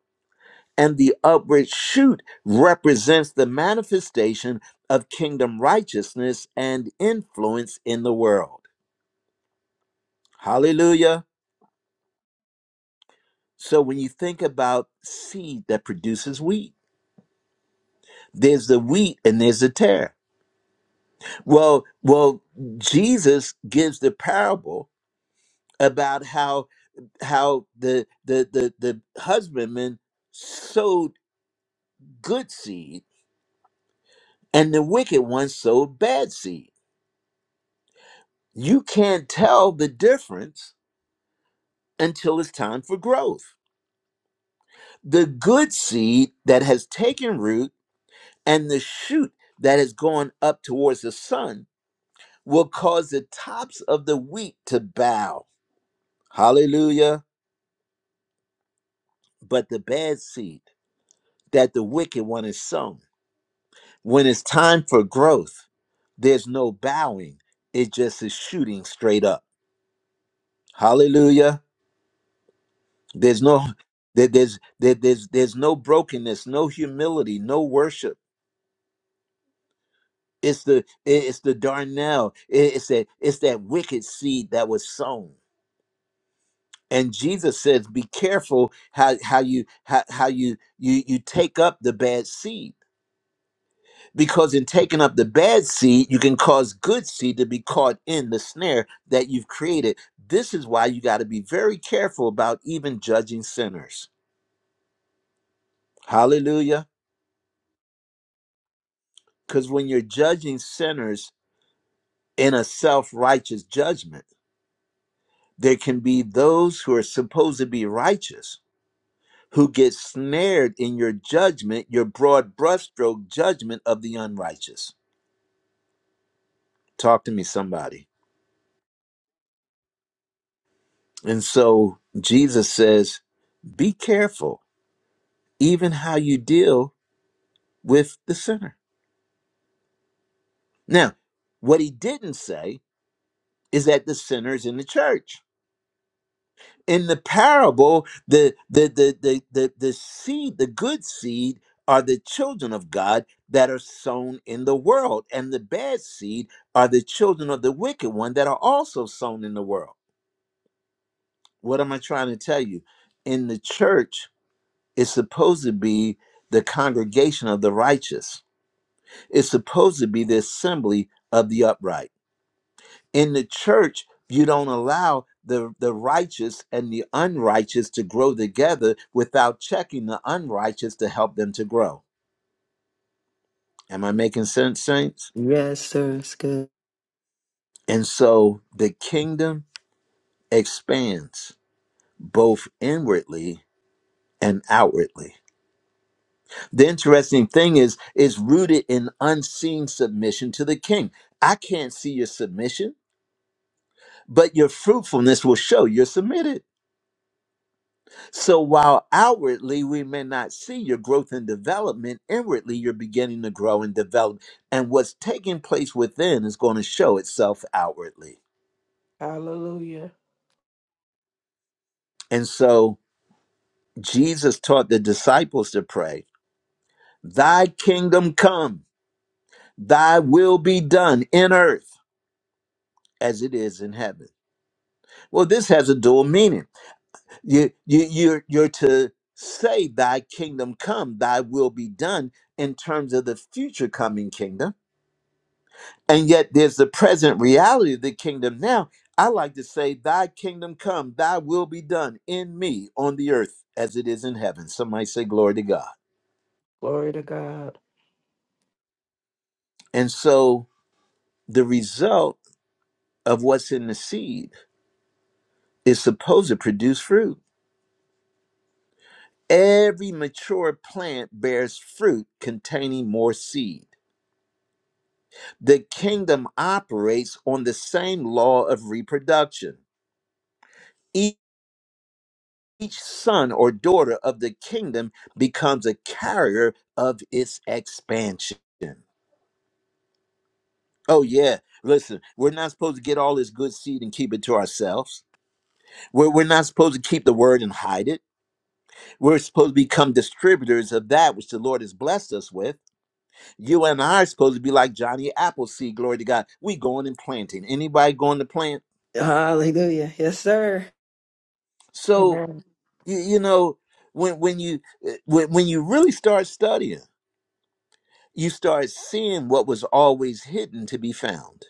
S1: and the upward shoot represents the manifestation of kingdom righteousness and influence in the world. Hallelujah. So when you think about seed that produces wheat, there's the wheat and there's the tare. Well, well, Jesus gives the parable about how how the the the, the husbandman sowed good seed and the wicked one sowed bad seed. You can't tell the difference until it's time for growth. The good seed that has taken root and the shoot that has gone up towards the sun will cause the tops of the wheat to bow. Hallelujah. But the bad seed that the wicked one is sown, when it's time for growth, there's no bowing. It just is shooting straight up. Hallelujah. There's no there, there's there, there's there's no brokenness, no humility, no worship. It's the it's the darnell. It's that it's that wicked seed that was sown. and jesus says be careful how, how you how, how you you you take up the bad seed because in taking up the bad seed you can cause good seed to be caught in the snare that you've created this is why you got to be very careful about even judging sinners hallelujah because when you're judging sinners in a self-righteous judgment there can be those who are supposed to be righteous who get snared in your judgment, your broad brushstroke judgment of the unrighteous. Talk to me, somebody. And so Jesus says, be careful, even how you deal with the sinner. Now, what he didn't say is that the sinner is in the church. in the parable the the the the the, the seed the good seed are the children of God that are sown in the world, and the bad seed are the children of the wicked one that are also sown in the world. What am I trying to tell you? In the church, it's supposed to be the congregation of the righteous, it's supposed to be the assembly of the upright. in the church you don't allow the the righteous and the unrighteous to grow together without checking the unrighteous to help them to grow am i making sense saints
S2: Yes, sir. It's good.
S1: and so the kingdom expands both inwardly and outwardly the interesting thing is is rooted in unseen submission to the king i can't see your submission but your fruitfulness will show you're submitted So while outwardly we may not see your growth and development, inwardly you're beginning to grow and develop. And what's taking place within is going to show itself outwardly.
S3: Hallelujah.
S1: And so Jesus taught the disciples to pray, Thy kingdom come, thy will be done in earth as it is in heaven. Well, this has a dual meaning. You, you, you're, you're to say, Thy kingdom come, thy will be done in terms of the future coming kingdom And yet there's the present reality of the kingdom now. I like to say, Thy kingdom come, thy will be done in me on the earth as it is in heaven. Somebody say, Glory to God.
S3: Glory to God.
S1: And so the result of what's in the seed is supposed to produce fruit. Every mature plant bears fruit containing more seed. The kingdom operates on the same law of reproduction each son or daughter of the kingdom becomes a carrier of its expansion. Oh, yeah. Listen, we're not supposed to get all this good seed and keep it to ourselves. We're, we're not supposed to keep the word and hide it. We're supposed to become distributors of that which the Lord has blessed us with. You and I are supposed to be like Johnny Appleseed, glory to God. We going and planting. Anybody going to plant?
S2: Hallelujah. Yes, sir.
S1: So,
S3: Amen.
S1: you, you know, when, when you uh, when, when you really start studying, you start seeing what was always hidden to be found.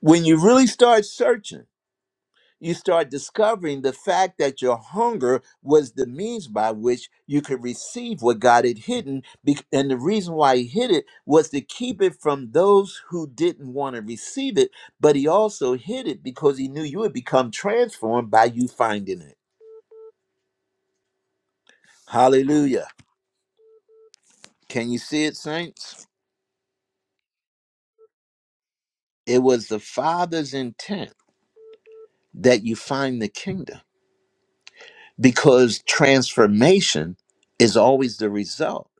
S1: When you really start searching, you start discovering the fact that your hunger was the means by which you could receive what God had hidden. bec- And the reason why He hid it was to keep it from those who didn't want to receive it, but He also hid it because He knew you would become transformed by you finding it. Hallelujah. Can you see it, saints? It was the Father's intent that you find the kingdom because transformation is always the result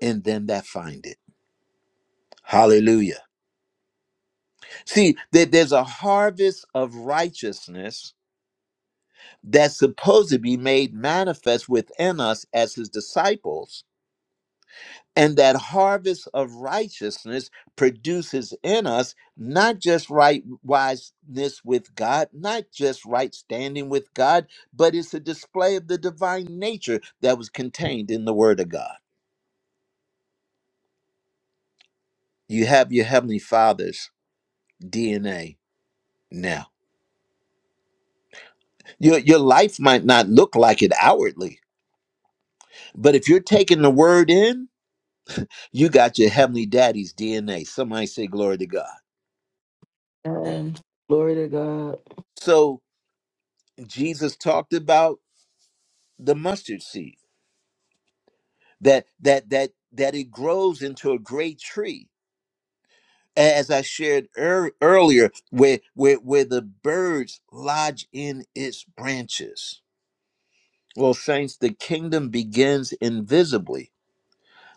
S1: in them that find it. Hallelujah. See, that there's a harvest of righteousness that's supposed to be made manifest within us as his disciples. And that harvest of righteousness produces in us not just right wiseness with God, not just right standing with God, but it's a display of the divine nature that was contained in the Word of God. You have your Heavenly Father's DNA now. Your, your life might not look like it outwardly, but if you're taking the word in, you got your Heavenly Daddy's DNA. Somebody say, Glory to God.
S3: And glory to God.
S1: So Jesus talked about the mustard seed that that that that it grows into a great tree as i shared ear earlier where where where the birds lodge in its branches well saints the kingdom begins invisibly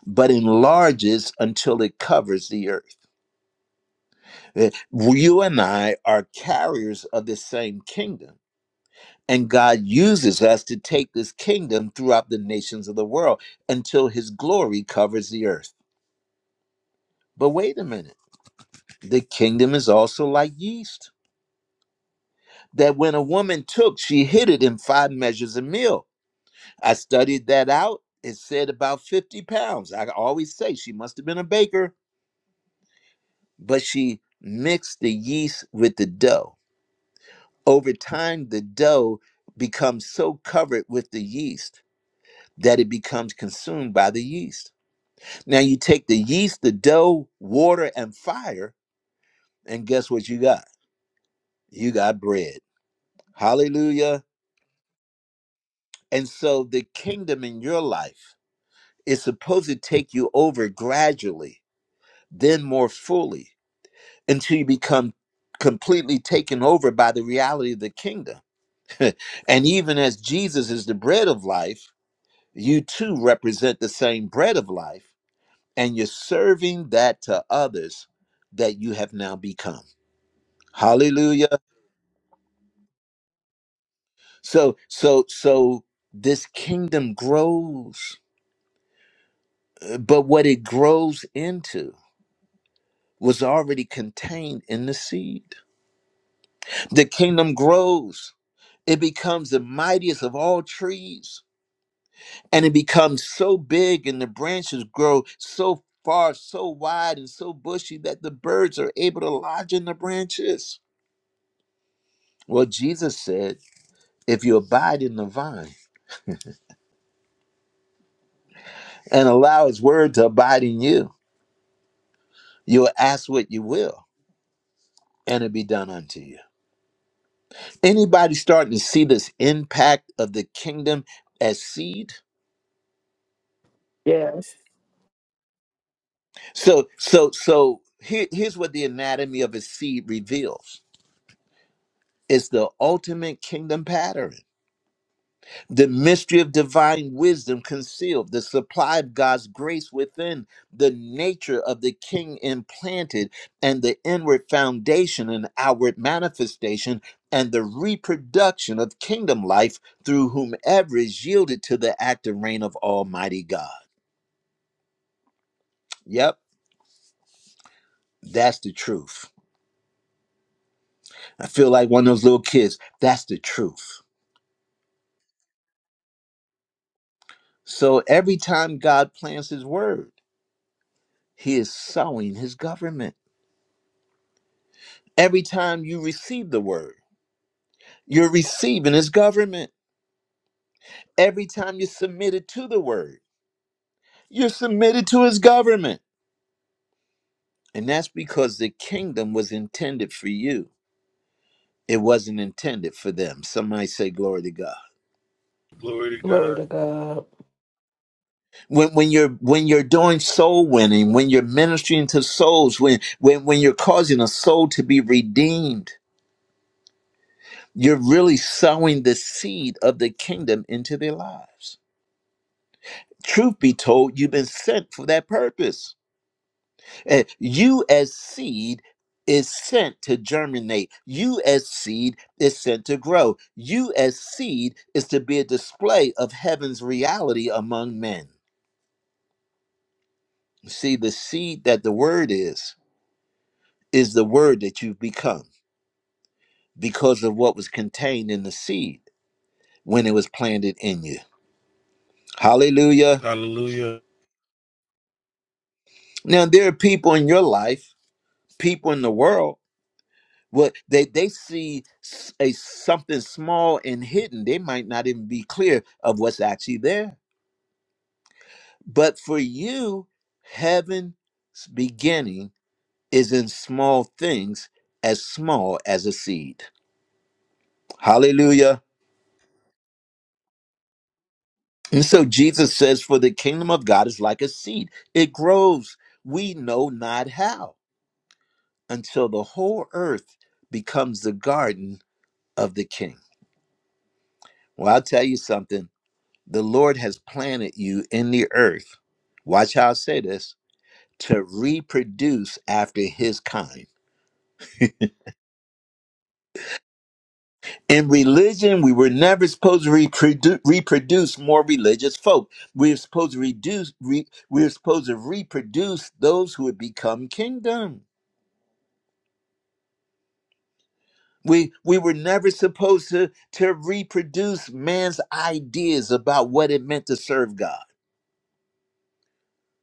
S1: but enlarges until it covers the earth. Eh, You and I are carriers of the same kingdom. And God uses us to take this kingdom throughout the nations of the world until his glory covers the earth. But wait a minute, the kingdom is also like yeast that when a woman took, she hid it in five measures of meal. I studied that out. It said about 50 pounds. I always say she must have been a baker, but she mixed the yeast with the dough Over time, the dough becomes so covered with the yeast that it becomes consumed by the yeast. Now, you take the yeast, the dough, water, and fire, and guess what you got? You got bread. Hallelujah. And so, the kingdom in your life is supposed to take you over gradually, then more fully, until you become completely taken over by the reality of the kingdom. (laughs) and even as Jesus is the bread of life, You too represent the same bread of life, and you're serving that to others that you have now become. Hallelujah. So, so, so this kingdom grows, uh, but what it grows into was already contained in the seed. The kingdom grows, it becomes the mightiest of all trees and it becomes so big and the branches grow so far so wide and so bushy that the birds are able to lodge in the branches well jesus said if you abide in the vine and allow his word to abide in you you'll ask what you will and it'll be done unto you anybody starting to see this impact of the kingdom as seed
S3: Yes.
S1: so so so here, here's what the anatomy of a seed reveals it's the ultimate kingdom pattern the mystery of divine wisdom concealed, the supply of God's grace within, the nature of the king implanted, and the inward foundation and outward manifestation, and the reproduction of kingdom life through whomever is yielded to the active reign of Almighty God. Yep, that's the truth. I feel like one of those little kids. That's the truth. So every time God plants his word, he is sowing his government. Every time you receive the word, you're receiving his government. Every time you're submitted to the word, you're submitted to his government. And that's because the kingdom was intended for you. It wasn't intended for them. Somebody say glory to God.
S5: Glory to
S3: Glory
S5: God.
S3: to God.
S1: When when you're when you're doing soul winning, when you're ministering to souls, when when when you're causing a soul to be redeemed, you're really sowing the seed of the kingdom into their lives. Truth be told, you've been sent for that purpose. And you as seed is sent to germinate. You as seed is sent to grow. You as seed is to be a display of heaven's reality among men. See, the seed that the word is, is the word that you've become because of what was contained in the seed when it was planted in you. Hallelujah.
S5: Hallelujah.
S1: Now, there are people in your life, people in the world What they they see s- a something small and hidden. They might not even be clear of what's actually there. But for you, heaven's beginning is in small things, as small as a seed. Hallelujah. And so Jesus says, For the kingdom of God is like a seed, it grows, we know not how, until the whole earth becomes the garden of the king. Well, I'll tell you something The Lord has planted you in the earth. Watch how I say this to reproduce after his kind. In religion, we were never supposed to reproduce, reproduce more religious folk. We were supposed to reduce, re, we were supposed to reproduce those who would become kingdom. We we were never supposed to to reproduce man's ideas about what it meant to serve God.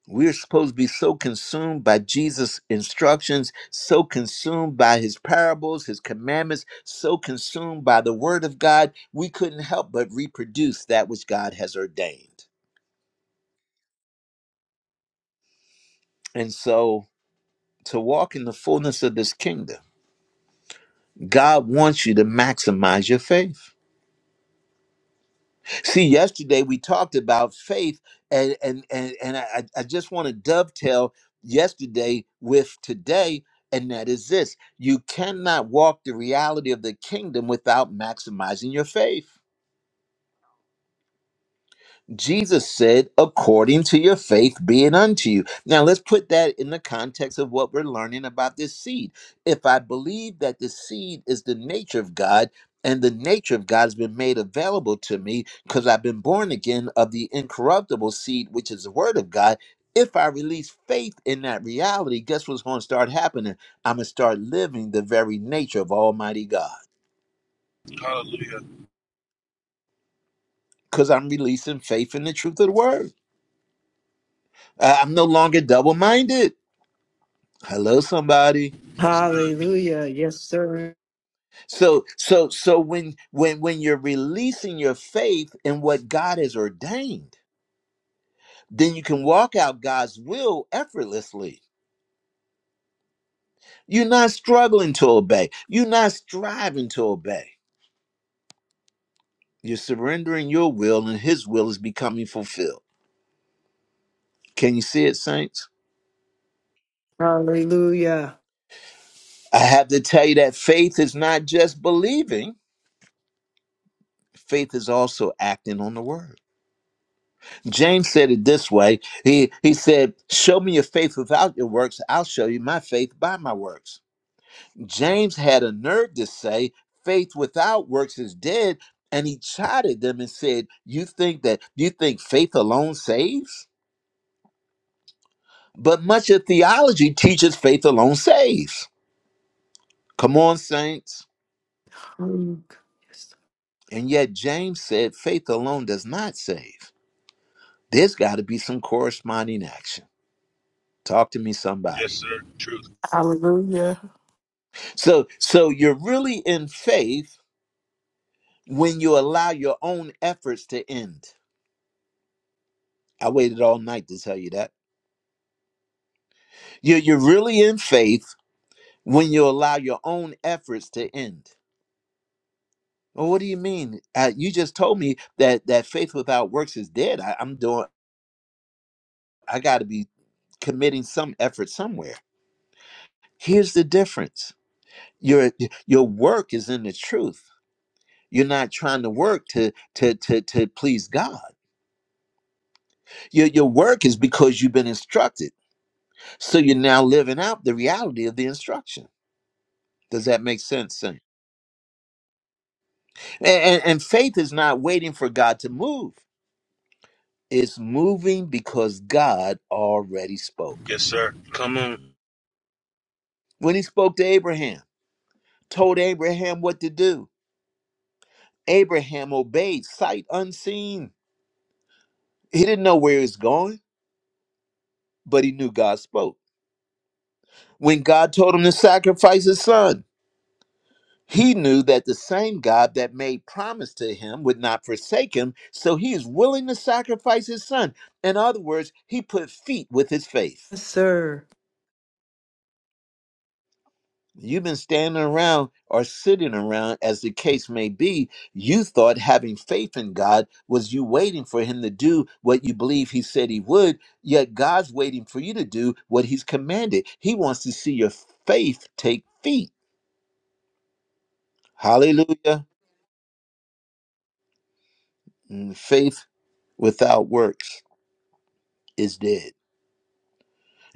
S1: We are supposed to be so consumed by Jesus' instructions, so consumed by his parables, his commandments, so consumed by the word of God, we couldn't help but reproduce that which God has ordained. And so, to walk in the fullness of this kingdom, God wants you to maximize your faith. See, yesterday we talked about faith, and and and, and I, I I just want to dovetail yesterday with today, and that is this: you cannot walk the reality of the kingdom without maximizing your faith. Jesus said, according to your faith be it unto you. Now let's put that in the context of what we're learning about this seed. If I believe that the seed is the nature of God, and the nature of God has been made available to me because I've been born again of the incorruptible seed, which is the word of God. If I release faith in that reality, guess what's going to start happening? I'm going to start living the very nature of Almighty God
S5: Hallelujah.
S1: because I'm releasing faith in the truth of the word. I- I'm no longer double minded. Hello, somebody.
S5: Yes, good.
S2: Hallelujah. Yes, sir.
S1: So, so, so when, when, when you're releasing your faith in what God has ordained, then you can walk out God's will effortlessly. You're not struggling to obey. You're not striving to obey. You're surrendering your will and his will is becoming fulfilled. Can you see it, saints?
S2: Hallelujah.
S1: I have to tell you that faith is not just believing. Faith is also acting on the word. James said it this way. He he said, "Show me your faith without your works. I'll show you my faith by my works." James had a nerve to say, "Faith without works is dead," and he chided them and said, "You think that you think faith alone saves? But much of theology teaches faith alone saves. Come on, saints."
S2: Hallelujah.
S1: And yet James said, "Faith alone does not save. There's got to be some corresponding action." Talk to me,
S5: Yes,
S1: somebody.
S5: sir. Truth.
S3: Hallelujah.
S1: So so you're really in faith when you allow your own efforts to end. I waited all night to tell you that. You're you're really in faith when you allow your own efforts to end. Well, what do you mean? Uh, you just told me that that faith without works is dead. I, I'm doing. I got to be committing some effort somewhere. Here's the difference. Your your work is in the truth. You're not trying to work to to to to please God. Your your work is because you've been instructed. So you're now living out the reality of the instruction. Does that make sense? Saint? And, and, and faith is not waiting for God to move, it's moving because God already spoke.
S5: Yes, sir. Come on.
S1: When he spoke to Abraham, told Abraham what to do, Abraham obeyed sight unseen. He didn't know where he was going, but he knew God spoke. When God told him to sacrifice his son, He knew that the same God that made promise to him would not forsake him, so he is willing to sacrifice his son. In other words, he put feet with his faith.
S2: Yes, sir.
S1: You've been standing around or sitting around, as the case may be. You thought having faith in God was you waiting for him to do what you believe he said he would, yet God's waiting for you to do what he's commanded. He wants to see your faith take feet. Hallelujah. Mm, Faith without works is dead.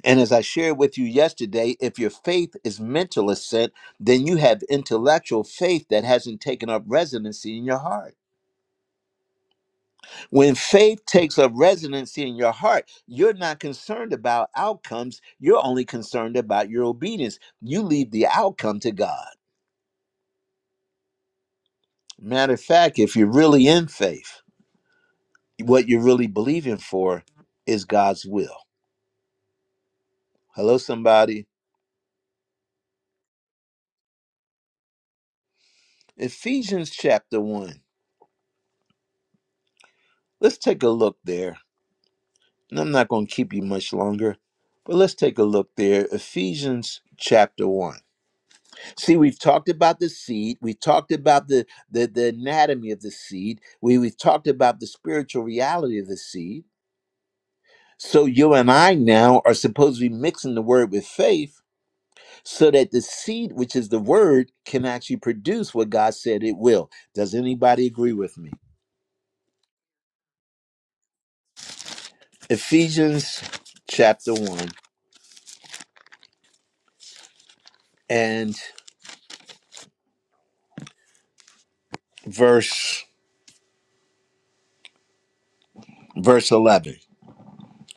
S1: And as I shared with you yesterday, if your faith is mental assent, then you have intellectual faith that hasn't taken up residency in your heart. When faith takes up residency in your heart, you're not concerned about outcomes. You're only concerned about your obedience. You leave the outcome to God. Matter of fact, if you're really in faith, what you're really believing for is God's will. Hello, somebody. Ephesians chapter 1. Let's take a look there And I'm not going to keep you much longer, but let's take a look there. Ephesians chapter 1. See, we've talked about the seed. We've talked about the, the, the anatomy of the seed. We, we've talked about the spiritual reality of the seed. So you and I now are supposed to be mixing the word with faith so that the seed, which is the word, can actually produce what God said it will. Does anybody agree with me? Ephesians chapter 1 and verse verse 11.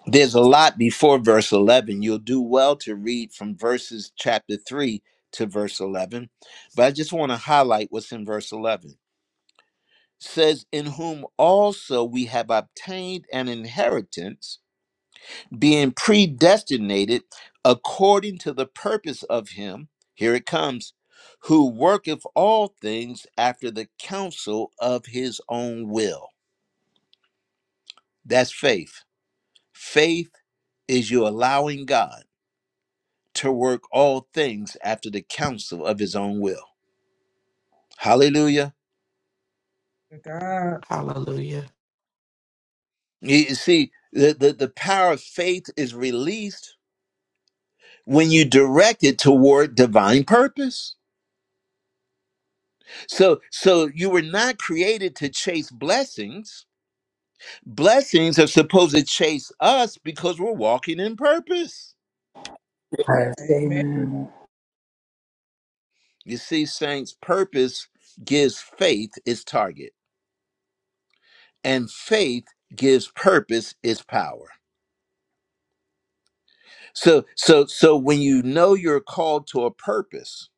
S1: There's a lot before verse 11. You'll do well to read from verses chapter 3 to verse 11. But I just want to highlight what's in verse 11. says, In whom also we have obtained an inheritance, being predestinated according to the purpose of him. Here it comes, who worketh all things after the counsel of his own will. That's faith. Faith is you allowing God to work all things after the counsel of his own will. Hallelujah.
S7: to God.
S3: Hallelujah.
S1: You see, the, the, the power of faith is released when you direct it toward divine purpose. So so you were not created to chase blessings. Blessings are supposed to chase us because we're walking in purpose.
S8: Christ.
S7: Amen.
S8: Amen.
S1: You see, saints, purpose gives faith its target, and faith gives purpose its power. So so so when you know you're called to a purpose,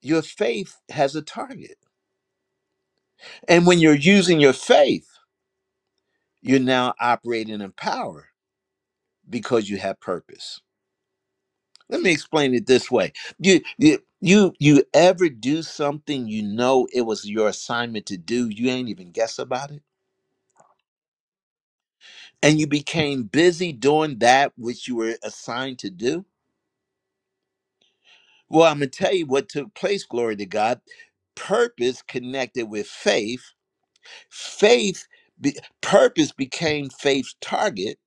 S1: your faith has a target. And when you're using your faith, you're now operating in power because you have purpose. Let me explain it this way. You you you you ever do something you know it was your assignment to do, you ain't even guess about it. And you became busy doing that which you were assigned to do. Well, I'm gonna tell you what took place, glory to God. Purpose connected with faith faith be, purpose became faith's target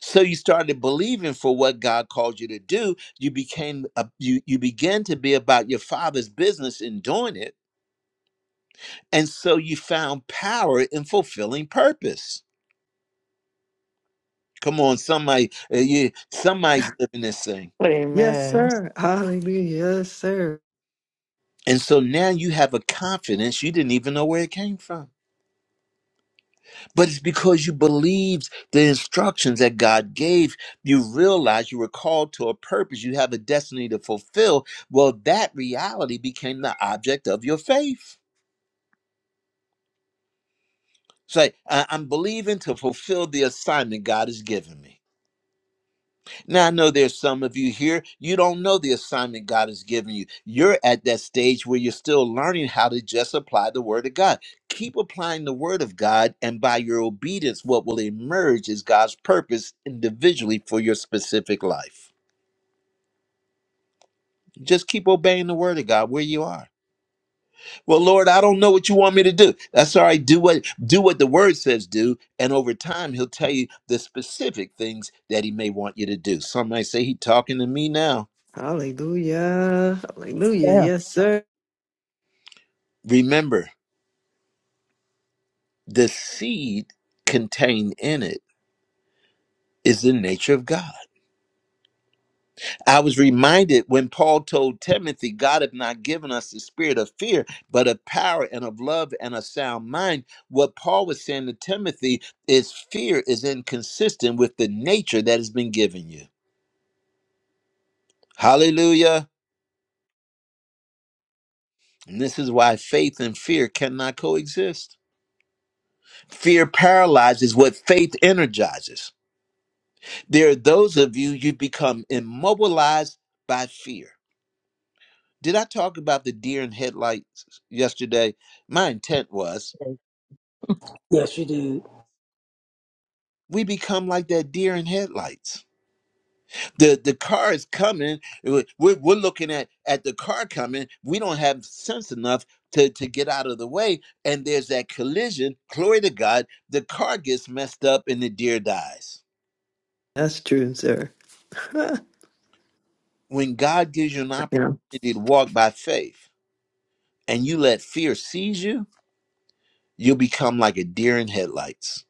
S1: so you started believing for what god called you to do you became a, you you began to be about your father's business in doing it and so you found power in fulfilling purpose come on somebody uh, you, somebody's living this thing
S2: Yes,
S3: Amen.
S2: sir. Hallelujah. Yes, sir.
S1: and so now you have a confidence you didn't even know where it came from But it's because you believed the instructions that God gave. You realized you were called to a purpose. You have a destiny to fulfill. Well, that reality became the object of your faith. It's like, I- I'm believing to fulfill the assignment God has given me. Now, I know there's some of you here, you don't know the assignment God has given you. You're at that stage where you're still learning how to just apply the Word of God. Keep applying the Word of God, and by your obedience, what will emerge is God's purpose individually for your specific life. Just keep obeying the word of God where you are. Well, Lord, I don't know what you want me to do. That's all right. Do what do what the word says do, and over time he'll tell you the specific things that he may want you to do. Some might say he talking to me now.
S2: Hallelujah. Hallelujah. Yes, sir.
S1: Remember, the seed contained in it is the nature of God. I was reminded when Paul told Timothy, God hath not given us the spirit of fear, but of power and of love and a sound mind. What Paul was saying to Timothy is fear is inconsistent with the nature that has been given you. Hallelujah. And this is why faith and fear cannot coexist. Fear paralyzes what faith energizes. There are those of you, you become immobilized by fear Did I talk about the deer in headlights yesterday? My intent was
S4: Thank
S8: Yes, you did.
S1: we become like that deer in headlights. The the car is coming. We're, we're looking at at the car coming. We don't have sense enough to to get out of the way, and there's that collision. Glory to God. The car gets messed up, and the deer dies.
S2: That's true, sir. (laughs)
S1: When God gives you an
S2: yeah,
S1: opportunity to walk by faith, and you let fear seize you, you'll become like a deer in headlights.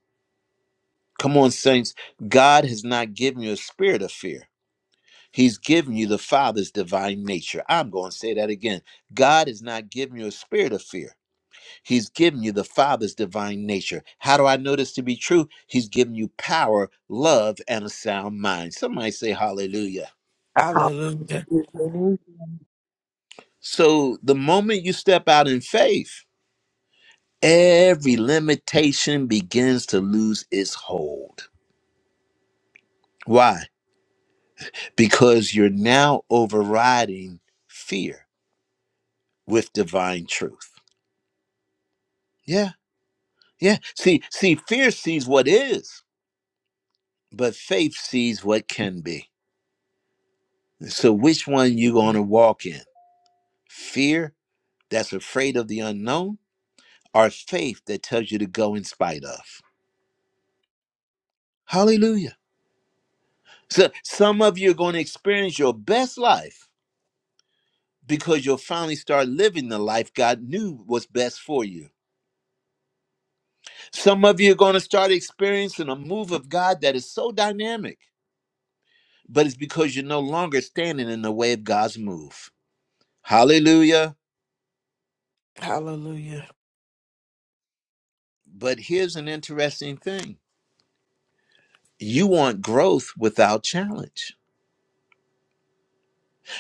S1: Come on, saints. God has not given you a spirit of fear. He's given you the Father's divine nature. I'm going to say that again. God has not given you a spirit of fear. He's given you the Father's divine nature. How do I know this to be true? He's given you power, love, and a sound mind. Somebody say hallelujah.
S3: Hallelujah.
S8: Hallelujah.
S4: you.
S1: So the moment you step out in faith, every limitation begins to lose its hold. Why? Because you're now overriding fear with divine truth. Yeah, yeah. See, see, fear sees what is, but faith sees what can be. So which one you gonna walk in? Fear that's afraid of the unknown, or faith that tells you to go in spite of? Hallelujah. So some of you are gonna experience your best life because you'll finally start living the life God knew was best for you. Some of you are gonna start experiencing a move of God that is so dynamic but it's because you're no longer standing in the way of God's move. Hallelujah.
S3: Hallelujah.
S1: But here's an interesting thing you want growth without challenge.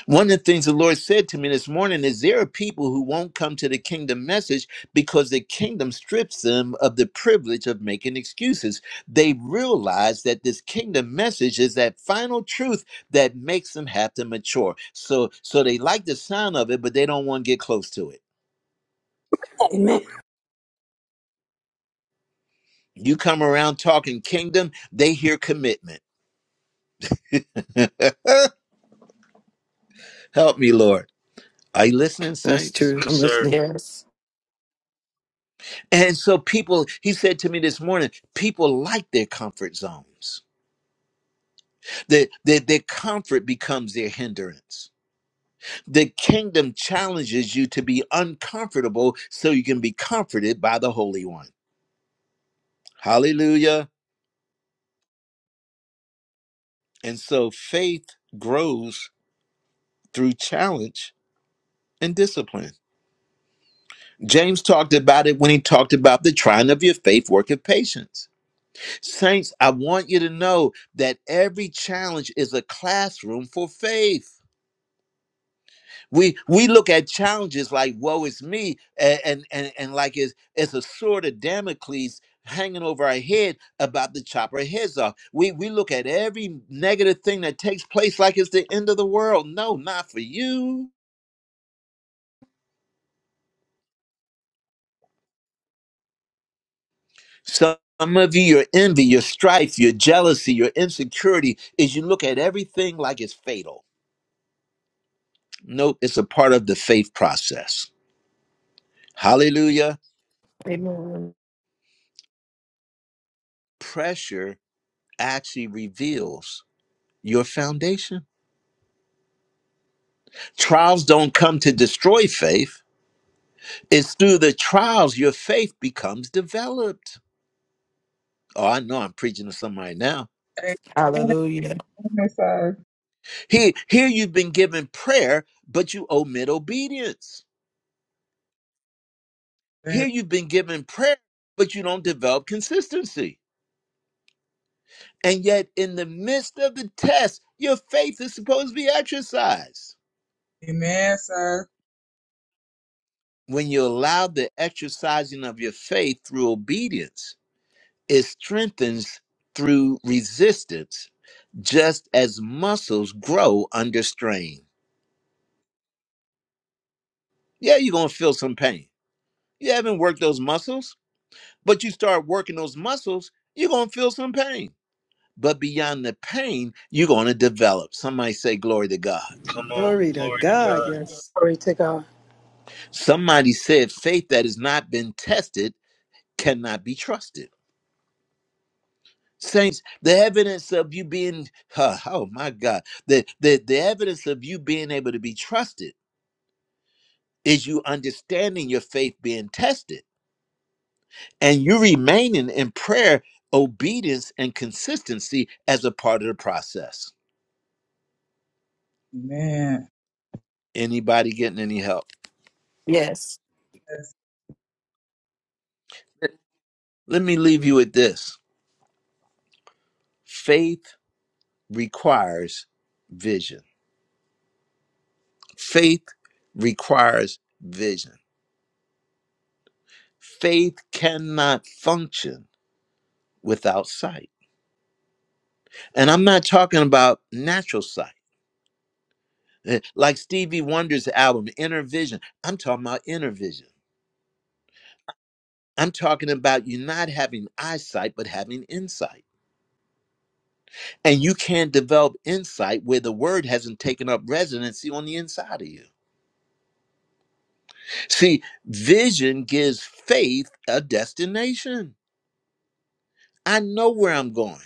S1: One of the things the Lord said to me this morning is there are people who won't come to the kingdom message because the kingdom strips them of the privilege of making excuses. They realize that this kingdom message is that final truth that makes them have to mature. So so they like the sound of it but they don't want to get close to it.
S8: Amen.
S1: You come around talking kingdom, they hear commitment. (laughs) Help me, Lord. Are you listening,
S2: that's
S1: saints?
S2: true.
S5: Yes,
S2: I'm
S5: sir.
S2: listening.
S3: Yes.
S1: And so people, he said to me this morning, people like their comfort zones. Their, their, their comfort becomes their hindrance. The kingdom challenges you to be uncomfortable so you can be comforted by the Holy One. Hallelujah. And so faith grows through challenge and discipline. James talked about it when he talked about the trying of your faith worketh patience. Saints, I want you to know that every challenge is a classroom for faith. We we look at challenges like woe is me and and and, and like it's it's a sword of Damocles hanging over our head about to chop our heads off. We we look at every negative thing that takes place like it's the end of the world. No, not for you. Some of you, your envy, your strife, your jealousy, your insecurity is you look at everything like it's fatal. Nope, it's a part of the faith process. Hallelujah.
S3: Amen.
S1: Pressure actually reveals your foundation. Trials don't come to destroy faith, it's through the trials your faith becomes developed. Oh, I know I'm preaching to somebody now.
S7: Amen.
S3: Hallelujah.
S7: Amen, sir.
S1: Here, here you've been given prayer, but you omit obedience.
S7: Yes.
S1: Here you've been given prayer, but you don't develop consistency. And yet, in the midst of the test, your faith is supposed to be exercised.
S7: Amen, sir.
S1: When you allow the exercising of your faith through obedience, it strengthens through resistance, just as muscles grow under strain. Yeah, you're going to feel some pain. You haven't worked those muscles, but you start working those muscles, you're going to feel some pain. but beyond the pain, you're going to develop. Somebody say, Glory to God.
S5: Come on.
S2: Glory to
S5: Glory to
S2: God.
S5: God.
S2: Yes.
S8: Glory to God.
S1: Somebody said, Faith that has not been tested cannot be trusted. Saints, the evidence of you being, (laughs) huh, oh my God, the, the, the evidence of you being able to be trusted is you understanding your faith being tested and you remaining in prayer, obedience, and consistency as a part of the process.
S7: Amen.
S1: Anybody getting any help?
S3: Yes.
S7: That's
S1: Let me leave you with this faith requires vision. Faith requires vision. Faith cannot function without sight. And I'm not talking about natural sight, Eh, like Stevie Wonder's album, Inner Vision. I'm talking about inner vision. I'm talking about you not having eyesight, but having insight. And you can't develop insight where the word hasn't taken up residency on the inside of you. See, vision gives faith a destination. I know where I'm going.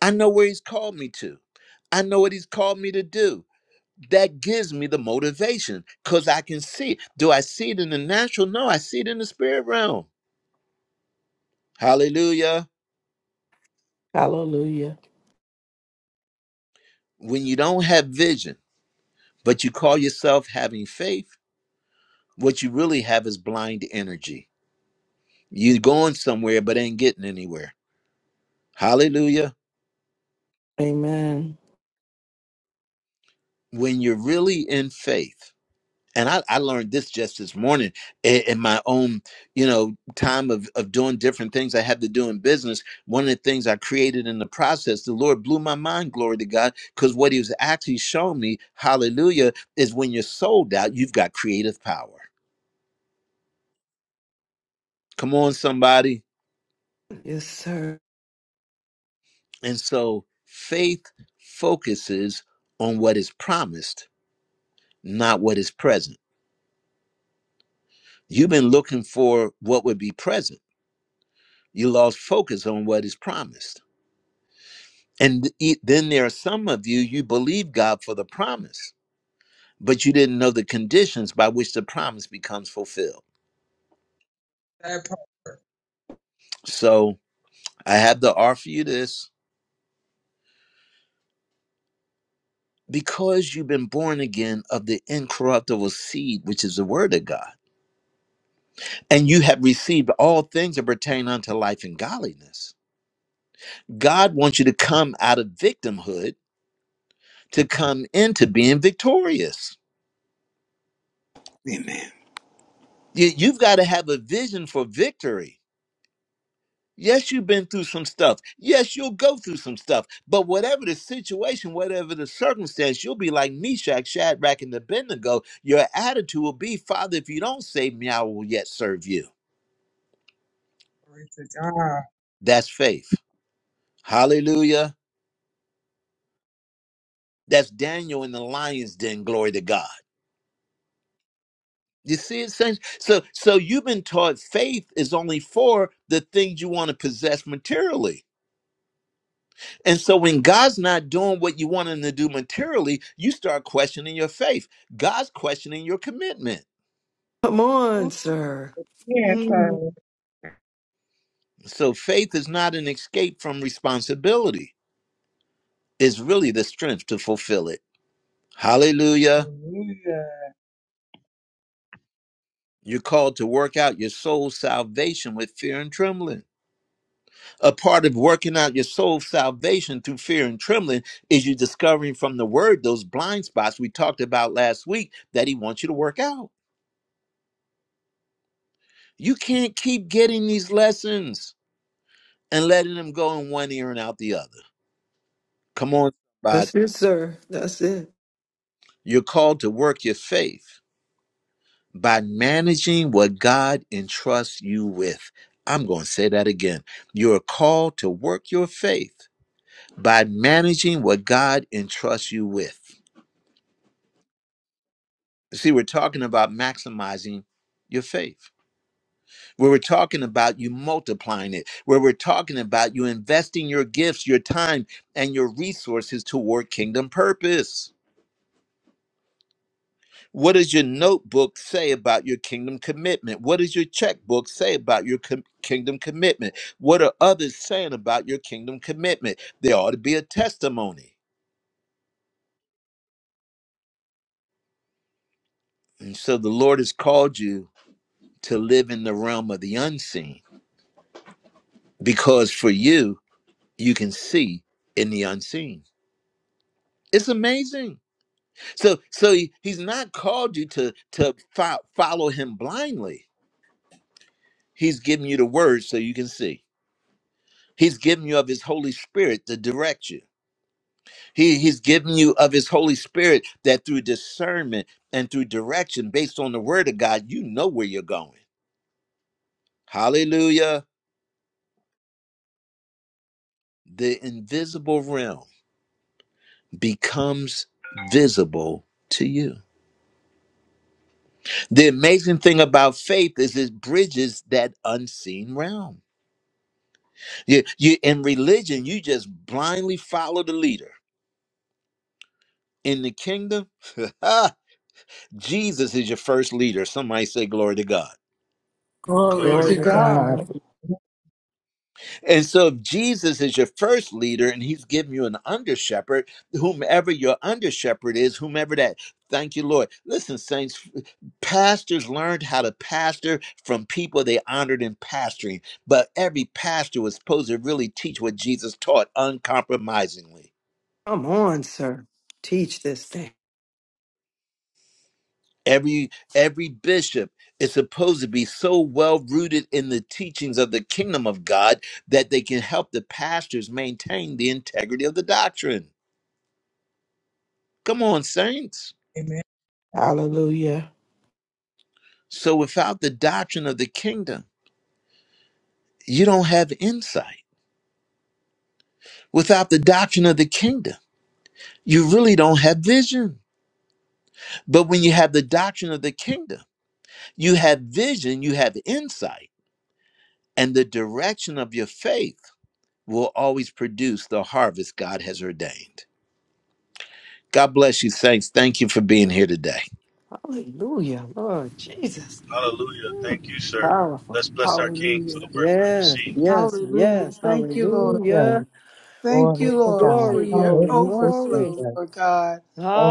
S1: I know where he's called me to. I know what he's called me to do. That gives me the motivation because I can see. it. Do I see it in the natural? No, I see it in the spirit realm. Hallelujah.
S3: Hallelujah.
S1: When you don't have vision, but you call yourself having faith, what you really have is blind energy. You're going somewhere, but ain't getting anywhere. Hallelujah.
S3: Amen.
S1: When you're really in faith, and I, I learned this just this morning in, in my own you know time of, of doing different things i had to do in business one of the things i created in the process the lord blew my mind glory to god because what he was actually showing me hallelujah is when you're sold out you've got creative power come on somebody
S2: Yes, sir.
S1: and so faith focuses on what is promised not what is present you've been looking for what would be present you lost focus on what is promised And e- then there are some of you, you believe God for the promise, but you didn't know the conditions by which the promise becomes fulfilled.
S7: that part.
S1: So I have to offer you this because you've been born again of the incorruptible seed, which is the word of God, and you have received all things that pertain unto life and godliness. God wants you to come out of victimhood to come into being victorious.
S8: Amen.
S1: You, you've got to have a vision for victory Yes, you've been through some stuff. Yes, you'll go through some stuff. But whatever the situation, whatever the circumstance, you'll be like Meshach, Shadrach, and Abednego. Your attitude will be, Father, if you don't save me, I will yet serve you.
S7: Glory to God.
S1: That's faith. Hallelujah. That's Daniel in the lion's den. Glory to God. You see it, saints? So, so you've been taught faith is only for the things you want to possess materially. And so when God's not doing what you want him to do materially, you start questioning your faith. God's questioning your commitment.
S2: Come on,
S7: Who
S2: sir.
S7: can, sir?
S2: Mm.
S1: So faith is not an escape from responsibility. It's really the strength to fulfill it. Hallelujah.
S7: Hallelujah.
S1: You're called to work out your soul's salvation with fear and trembling. A part of working out your soul's salvation through fear and trembling is you discovering from the word those blind spots we talked about last week that he wants you to work out. You can't keep getting these lessons. and letting them go in one ear and out the other. Come on, somebody.
S2: That's it, sir. That's it.
S1: You're called to work your faith by managing what God entrusts you with. I'm going to say that again. You're called to work your faith by managing what God entrusts you with. See, we're talking about maximizing your faith. Where we're talking about you multiplying it, where we're talking about you investing your gifts, your time, and your resources toward kingdom purpose. What does your notebook say about your kingdom commitment? What does your checkbook say about your com- kingdom commitment? What are others saying about your kingdom commitment? There ought to be a testimony. And so the Lord has called you to live in the realm of the unseen because for you, you can see in the unseen. It's amazing. So, so he- he's not called you to to fo- follow him blindly. He's given you the word so you can see. He's given you of his Holy Spirit to direct you. He, he's giving you of his Holy Spirit that through discernment and through direction based on the word of God, you know where you're going. Hallelujah. The invisible realm becomes visible to you. The amazing thing about faith is it bridges that unseen realm. You, you, in religion, you just blindly follow the leader. In the kingdom, (laughs) Jesus is your first leader. Somebody say, Glory to God.
S8: Glory
S7: Glory
S5: Glory
S7: to
S5: to
S3: Glory
S8: to
S3: to
S5: God.
S4: Hallelujah.
S8: God.
S3: God.
S7: God.
S1: And so, if Jesus is your first leader and he's giving you an under shepherd, whomever your under shepherd is, whomever that, thank you, Lord. Listen, saints, pastors learned how to pastor from people they honored in pastoring, but every pastor was supposed to really teach what Jesus taught uncompromisingly.
S2: Come on, sir. Teach this thing.
S1: Every every bishop is supposed to be so well rooted in the teachings of the kingdom of God that they can help the pastors maintain the integrity of the doctrine. Come on, saints.
S7: Amen.
S3: Hallelujah.
S1: So without the doctrine of the kingdom, you don't have insight. Without the doctrine of the kingdom, you really don't have vision. But when you have the doctrine of the kingdom, you have vision, you have insight, and the direction of your faith will always produce the harvest God has ordained. God bless you, saints. Thank you for being here today.
S2: Hallelujah. Lord Jesus.
S5: Hallelujah.
S2: Mm.
S5: Thank you, sir.
S2: Powerful.
S5: Let's bless our King for the
S8: Hallelujah.
S5: work we've
S2: Yes,
S5: received.
S2: yes,
S8: Hallelujah.
S2: yes.
S8: Thank you, Lord.
S2: Hallelujah.
S4: Hallelujah.
S8: Thank
S4: Glory
S8: you,
S2: Ooh,
S4: to
S8: Lord,
S4: God.
S8: for
S2: glory,
S8: your
S2: glory,
S4: Hallelujah, Jesus.
S2: glory.
S8: overflow, Lord God,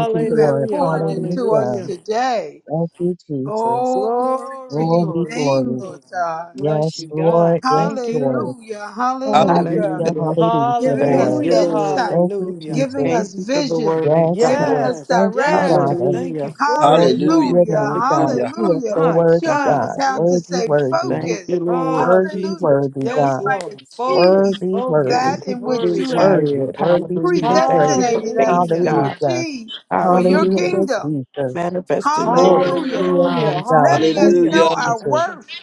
S8: that
S4: you,
S8: you have
S4: Lord.
S8: poured into us
S4: Hallelujah.
S2: Hallelujah.
S8: today.
S4: Thank you, Jesus.
S8: Oh, glory to
S2: Glory,
S8: your
S4: Glory,
S2: glory to the
S8: name,
S4: glory.
S8: Lord
S2: King.
S8: God.
S2: Bless
S4: Yes,
S2: you,
S4: Lord.
S2: God.
S4: Yes,
S2: Thank
S4: Lord.
S2: you.
S8: Hallelujah.
S1: Halle-
S8: Hallelujah.
S4: Hallelujah.
S3: Hallelujah.
S4: Hallelujah,
S8: giving
S3: Thank
S8: us
S4: Lord.
S3: you,
S2: Hallelujah,
S3: Lord.
S8: insight,
S4: Thank you,
S2: hallelujah.
S8: giving
S4: Jesus.
S3: Thank
S8: us
S3: you for the
S8: vision,
S3: word,
S4: Yes,
S8: giving
S3: God.
S4: Lord.
S8: us
S2: Yes,
S4: Thank you,
S2: yes.
S8: direction.
S4: Father.
S2: Thank you
S3: Hallelujah.
S2: for
S4: Glory
S2: it,
S4: to
S1: Hallelujah.
S2: Lord
S4: your
S8: Hallelujah,
S3: To
S4: name,
S2: God.
S4: God.
S3: God.
S1: Hallelujah.
S4: You are
S8: hallelujah.
S4: so
S2: My
S4: worthy,
S8: Showing
S2: God.
S8: us
S4: God.
S8: how
S2: Mm.
S8: to
S4: Worthy,
S8: stay
S4: worthy.
S3: Thank you,
S8: focused.
S3: Lord.
S2: Oh,
S4: Worthy,
S8: Hallelujah,
S2: Jesus.
S4: worthy,
S8: that we
S2: Yes,
S4: God.
S8: might
S2: Lord. Focus,
S8: achieve
S4: Worthy, worthy.
S3: Thank
S2: focus.
S8: that
S3: you
S8: in
S3: for
S8: which
S2: Glory
S8: you
S2: to
S3: vision,
S8: have
S2: God.
S4: Worthy,
S3: Lord.
S4: worthy to
S3: Hallelujah.
S4: be
S3: Thank you
S4: praised.
S3: for
S8: predestinated
S3: faith,
S8: us
S2: Hallelujah.
S8: to
S3: God.
S4: Hallelujah.
S8: achieve for
S2: Sing
S8: your
S3: Hallelujah.
S4: Hallelujah,
S2: Symbolism.
S8: kingdom.
S4: Jesus.
S3: Manifesting your
S4: Glory
S3: word
S4: to
S3: in
S8: Hallelujah.
S3: our
S4: your
S2: Hallelujah,
S4: name,
S3: lives,
S4: God.
S3: God.
S8: Letting
S4: Thank
S8: us
S2: hallelujah.
S4: you,
S8: know
S1: Hallelujah.
S8: our
S4: Jesus.
S2: Sing
S8: worth.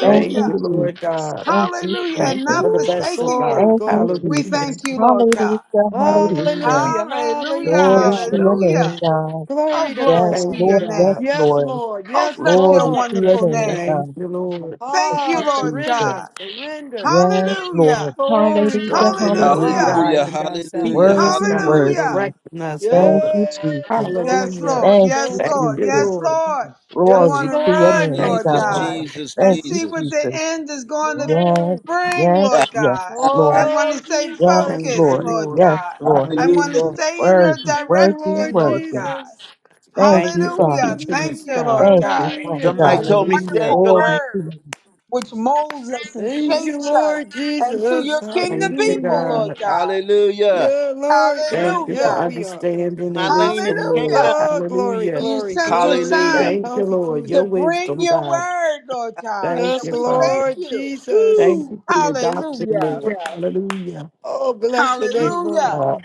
S4: Thank
S3: Thank
S4: you,
S3: you,
S2: Symbolism.
S3: Lord
S4: Jesus.
S3: God.
S4: Thank you,
S8: Hallelujah. And
S3: Thank you
S4: Jesus.
S3: for
S8: not
S3: the
S2: Ooh,
S3: vessel,
S8: forsaking it.
S2: glory,
S3: God.
S4: Thank you,
S2: glory.
S8: We
S4: Jesus.
S3: Hallelujah.
S8: thank you, Lord God.
S4: Hallelujah,
S3: Hallelujah.
S4: hallelujah.
S2: Hallelujah.
S8: Hallelujah,
S4: Glory
S2: Hallelujah.
S3: Bless
S4: to
S3: your
S4: your
S3: holy
S4: name,
S8: hallelujah.
S3: name.
S4: God.
S8: Oh,
S2: Glory to
S8: glory
S4: Yes,
S8: to
S2: God.
S3: Thank you,
S8: your
S4: Lord, yes,
S8: name.
S3: God.
S2: Yes,
S4: Lord.
S2: Lord.
S8: Oh,
S2: Yes,
S8: bless
S4: Glory
S8: your
S2: Lord.
S4: to your
S2: Yes,
S8: wonderful
S4: name,
S2: Lord.
S8: name.
S3: Thank
S4: God.
S3: you, Lord.
S4: Thank
S8: Thank
S2: Ah,
S4: you,
S8: you, Lord
S4: Jesus.
S2: surrender.
S8: God.
S2: Surrender.
S4: Yes, Lord.
S8: Hallelujah,
S2: Glory,
S4: Hallelujah,
S2: glory.
S3: Instructing
S2: glory.
S3: us and
S4: hallelujah.
S2: Ah,
S8: hallelujah,
S1: Hallelujah.
S2: my
S3: guiding
S1: Hallelujah.
S2: God.
S3: us,
S2: that
S3: keeping
S2: goes
S4: Worthy,
S3: us, God,
S1: Hallelujah.
S8: hallelujah.
S4: worthy.
S3: directing us,
S4: Thank
S3: Lord.
S4: you,
S2: Yes,
S4: Jesus.
S2: Lord.
S8: Yes,
S3: Hallelujah.
S8: Lord,
S2: Yes,
S4: Thank
S8: yes,
S4: you,
S2: Lord.
S3: Thank
S8: Lord,
S2: Yes,
S3: you,
S4: Jesus.
S8: yes,
S2: Lord.
S3: Lord.
S8: Lord. I'm
S2: Yes,
S8: going
S1: Jesus,
S4: Glory
S8: to
S4: to your
S2: Lord.
S8: run,
S4: name,
S3: Thank
S2: Yes,
S8: Lord
S3: you,
S1: Jesus,
S4: God.
S8: God,
S3: God.
S2: Lord.
S1: Jesus,
S8: and
S4: Thank you,
S8: see what
S1: Jesus.
S8: the
S4: Jesus.
S8: end is going to
S4: Yes,
S2: Lord.
S8: bring,
S4: yes,
S8: Lord God.
S4: yes, Lord.
S8: I'm
S1: (laughs)
S8: going to
S2: Oh,
S8: stay
S4: Yes,
S3: Thank
S2: Jesus.
S3: you,
S8: focused,
S4: Lord.
S8: Lord
S4: Yes,
S3: Lord.
S8: God.
S4: Lord.
S8: I'm going to
S1: Hallelujah.
S3: Hallelujah.
S8: stay in your
S4: Worthy,
S2: Thank you,
S4: worthy,
S2: Lord
S8: direction, Lord
S4: worthy.
S8: God.
S2: Jesus.
S4: Thank
S3: Thank
S4: you,
S3: you for
S4: Father.
S8: Hallelujah.
S3: teaching
S8: Thank
S3: us,
S2: Hallelujah.
S8: you, Lord
S3: God.
S4: Thank you,
S8: God.
S4: Father
S2: Hallelujah.
S1: Somebody
S4: God.
S1: told me,
S2: Hallelujah.
S1: stay in
S3: Hallelujah.
S8: Wonderful
S1: your
S4: Glory
S1: lane.
S4: to
S8: word
S4: you.
S8: which molds us and
S2: Thank you,
S8: shapes us
S2: Lord
S8: into
S2: Jesus.
S8: your kingdom
S3: Thank you,
S8: people,
S2: Hallelujah.
S8: Lord
S3: God.
S8: God.
S1: Hallelujah.
S2: Yeah, Lord God.
S3: Thank you for
S2: Yes,
S8: Hallelujah.
S2: we are.
S3: understanding
S1: My
S3: and
S1: lane is
S3: wisdom, Lord.
S1: kingdom.
S8: Hallelujah.
S2: Oh, glory,
S8: For
S3: Hallelujah.
S8: you
S2: glory,
S8: sent your
S1: Hallelujah.
S2: glory.
S8: son
S3: Thank you, Lord.
S8: to
S3: Your
S2: Hallelujah.
S8: bring
S3: wisdom,
S8: your
S3: God.
S8: word, Lord God.
S3: Thank
S2: Yes,
S8: And
S3: you,
S8: we
S3: Father.
S8: thank
S2: Lord
S8: you.
S3: Thank
S2: Jesus.
S1: Woo.
S3: you for your adoption,
S8: Hallelujah.
S3: Lord. Hallelujah.
S2: Oh, bless your
S3: Thank
S2: name,
S3: you,
S2: Lord.
S8: Hallelujah.
S3: God.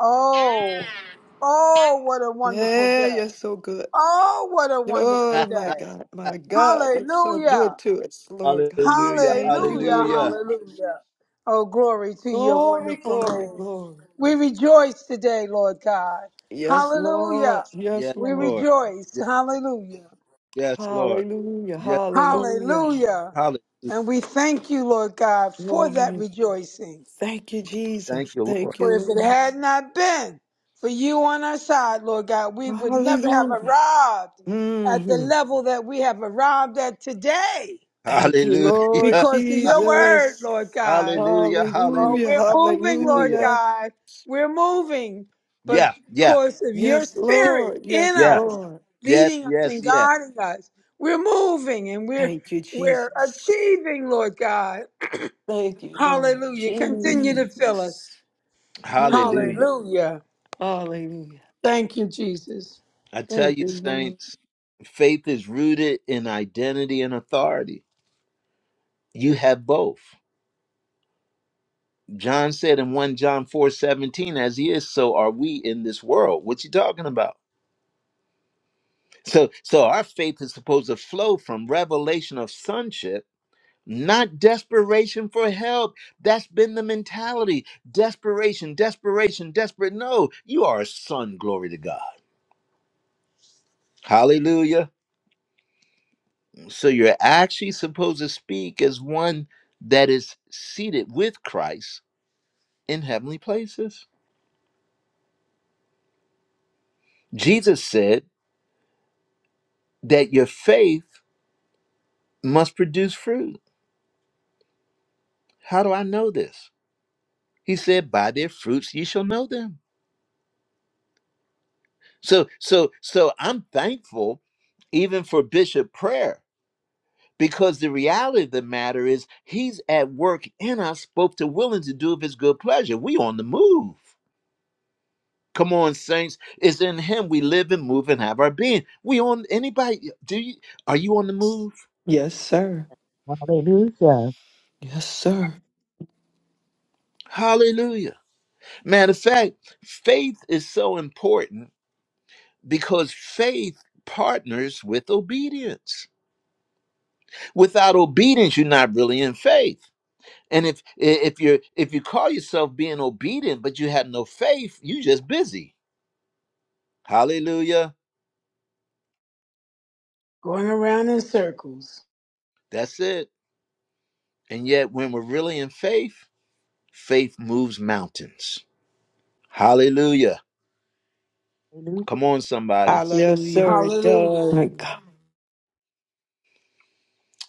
S8: Oh, oh, what a wonderful
S2: Yeah,
S8: day.
S2: you're so good.
S8: Oh, what a wonderful
S2: Oh, my
S8: day.
S2: God. My God, you're so
S8: Hallelujah.
S2: good to us, Lord God.
S1: Hallelujah.
S2: Thank you,
S8: Hallelujah,
S2: Lord.
S1: Hallelujah.
S8: hallelujah. Oh, glory to your
S2: Glory,
S8: wonderful
S2: glory,
S8: name.
S2: glory.
S8: We rejoice today, Lord God.
S2: Yes, Lord.
S8: Hallelujah.
S2: Yes,
S1: Yes,
S8: We
S1: Lord.
S2: Lord.
S8: rejoice.
S1: Yes,
S8: Hallelujah.
S1: yes, Lord.
S2: Hallelujah.
S1: Yes, Lord.
S2: Hallelujah.
S8: Hallelujah.
S1: Hallelujah.
S8: And we thank you, Lord God, for that rejoicing.
S2: Thank you,
S1: Thank
S2: Jesus.
S1: you,
S2: Thank
S1: Lord.
S8: For
S2: you,
S8: if it
S2: Lord.
S8: had not been for you on our side, Lord God, we would never have
S2: Hallelujah.
S8: arrived at the
S2: Mhm.
S8: level that we have arrived at today
S2: Thank you,
S1: Hallelujah.
S2: Lord
S8: because of your word, Lord
S1: (laughs)
S2: Jesus.
S8: God.
S1: Hallelujah. Hallelujah.
S8: Oh,
S2: Hallelujah.
S8: we're moving, Lord
S1: Yeah,
S2: Hallelujah.
S8: God. We're moving. But
S1: yeah,
S8: because of your
S2: Yes,
S1: yeah,
S8: spirit
S2: Lord.
S8: in
S2: Yes,
S1: yeah.
S8: us,
S2: Lord.
S1: Yes,
S8: leading us
S1: yes,
S8: and
S1: yes.
S8: guiding us, we're moving and we're
S2: Thank you,
S8: we're
S2: Jesus.
S8: achieving, Lord God.
S2: Thank you, Lord.
S8: Hallelujah. Continue to fill
S2: Jesus.
S8: us.
S1: Hallelujah.
S2: Mm.
S8: Hallelujah.
S2: Hallelujah.
S8: Thank you, Jesus.
S1: I tell
S2: Thank
S1: you,
S2: you, Lord.
S1: saints, faith is rooted in identity and authority. You have both. John said in 1 John 4 17, as he is, so are we in this world. What you talking about? So so our faith is supposed to flow from revelation of sonship, not desperation for help. That's been the mentality. Desperation, desperation, desperate. No, you are a son, glory to God. Hallelujah. So you're actually supposed to speak as one that is seated with Christ in heavenly places. Jesus said that your faith must produce fruit. How do I know this? He said, By their fruits ye shall know them. So, so, so I'm thankful even for Bishop Prayer because the reality of the matter is he's at work in us, both to willing to do of his good pleasure. We on the move. Come on, saints. It's in him we live and move and have our being. We on anybody do you are you on the move?
S2: Yes, sir.
S4: Hallelujah.
S2: Yes, sir.
S1: Hallelujah. Matter of fact, faith is so important because faith partners with obedience. Without obedience, you're not really in faith. And if if you're if you call yourself being obedient, but you have no faith, you just busy. Hallelujah.
S8: Going around in circles.
S1: That's it. And yet when we're really in faith, faith moves mountains. Hallelujah Come on, somebody.
S2: Yes,
S3: Hallelujah.
S2: sir. It does.
S8: Hallelujah.
S2: My God.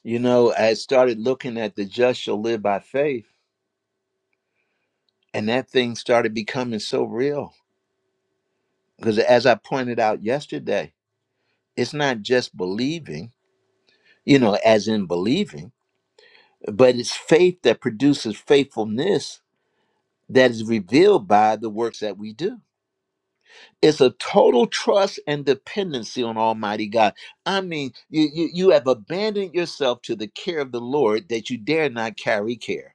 S1: You know, I started looking at the just shall live by faith, and that thing started becoming so real. Because as I pointed out yesterday, it's not just believing, you know, as in believing, but it's faith that produces faithfulness that is revealed by the works that we do. It's a total trust and dependency on Almighty God. I mean, you, you, you have abandoned yourself to the care of the Lord that you dare not carry care.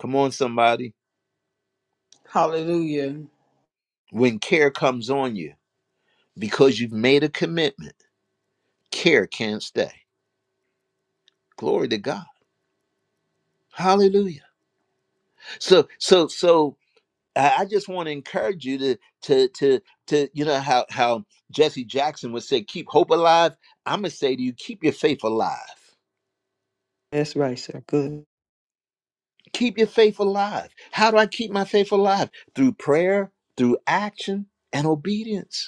S1: Come on, somebody.
S8: Hallelujah.
S1: When care comes on you because you've made a commitment, care can't stay. Glory to God. Hallelujah. So so so I I just want to encourage you to to to to you know how how Jesse Jackson would say keep hope alive. I'm going to say to you keep your faith alive.
S2: That's right, sir. Good.
S1: Keep your faith alive. How do I keep my faith alive? Through prayer, through action and obedience.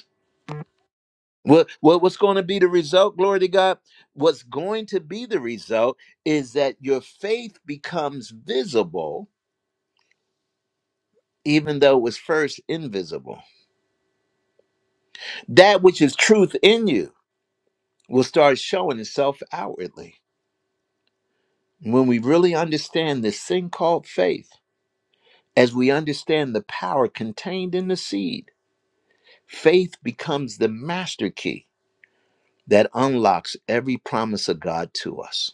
S1: What, what what's going to be the result? Glory to God. What's going to be the result is that your faith becomes visible, even though it was first invisible. That which is truth in you will start showing itself outwardly. When we really understand this thing called faith, as we understand the power contained in the seed, faith becomes the master key that unlocks every promise of God to us.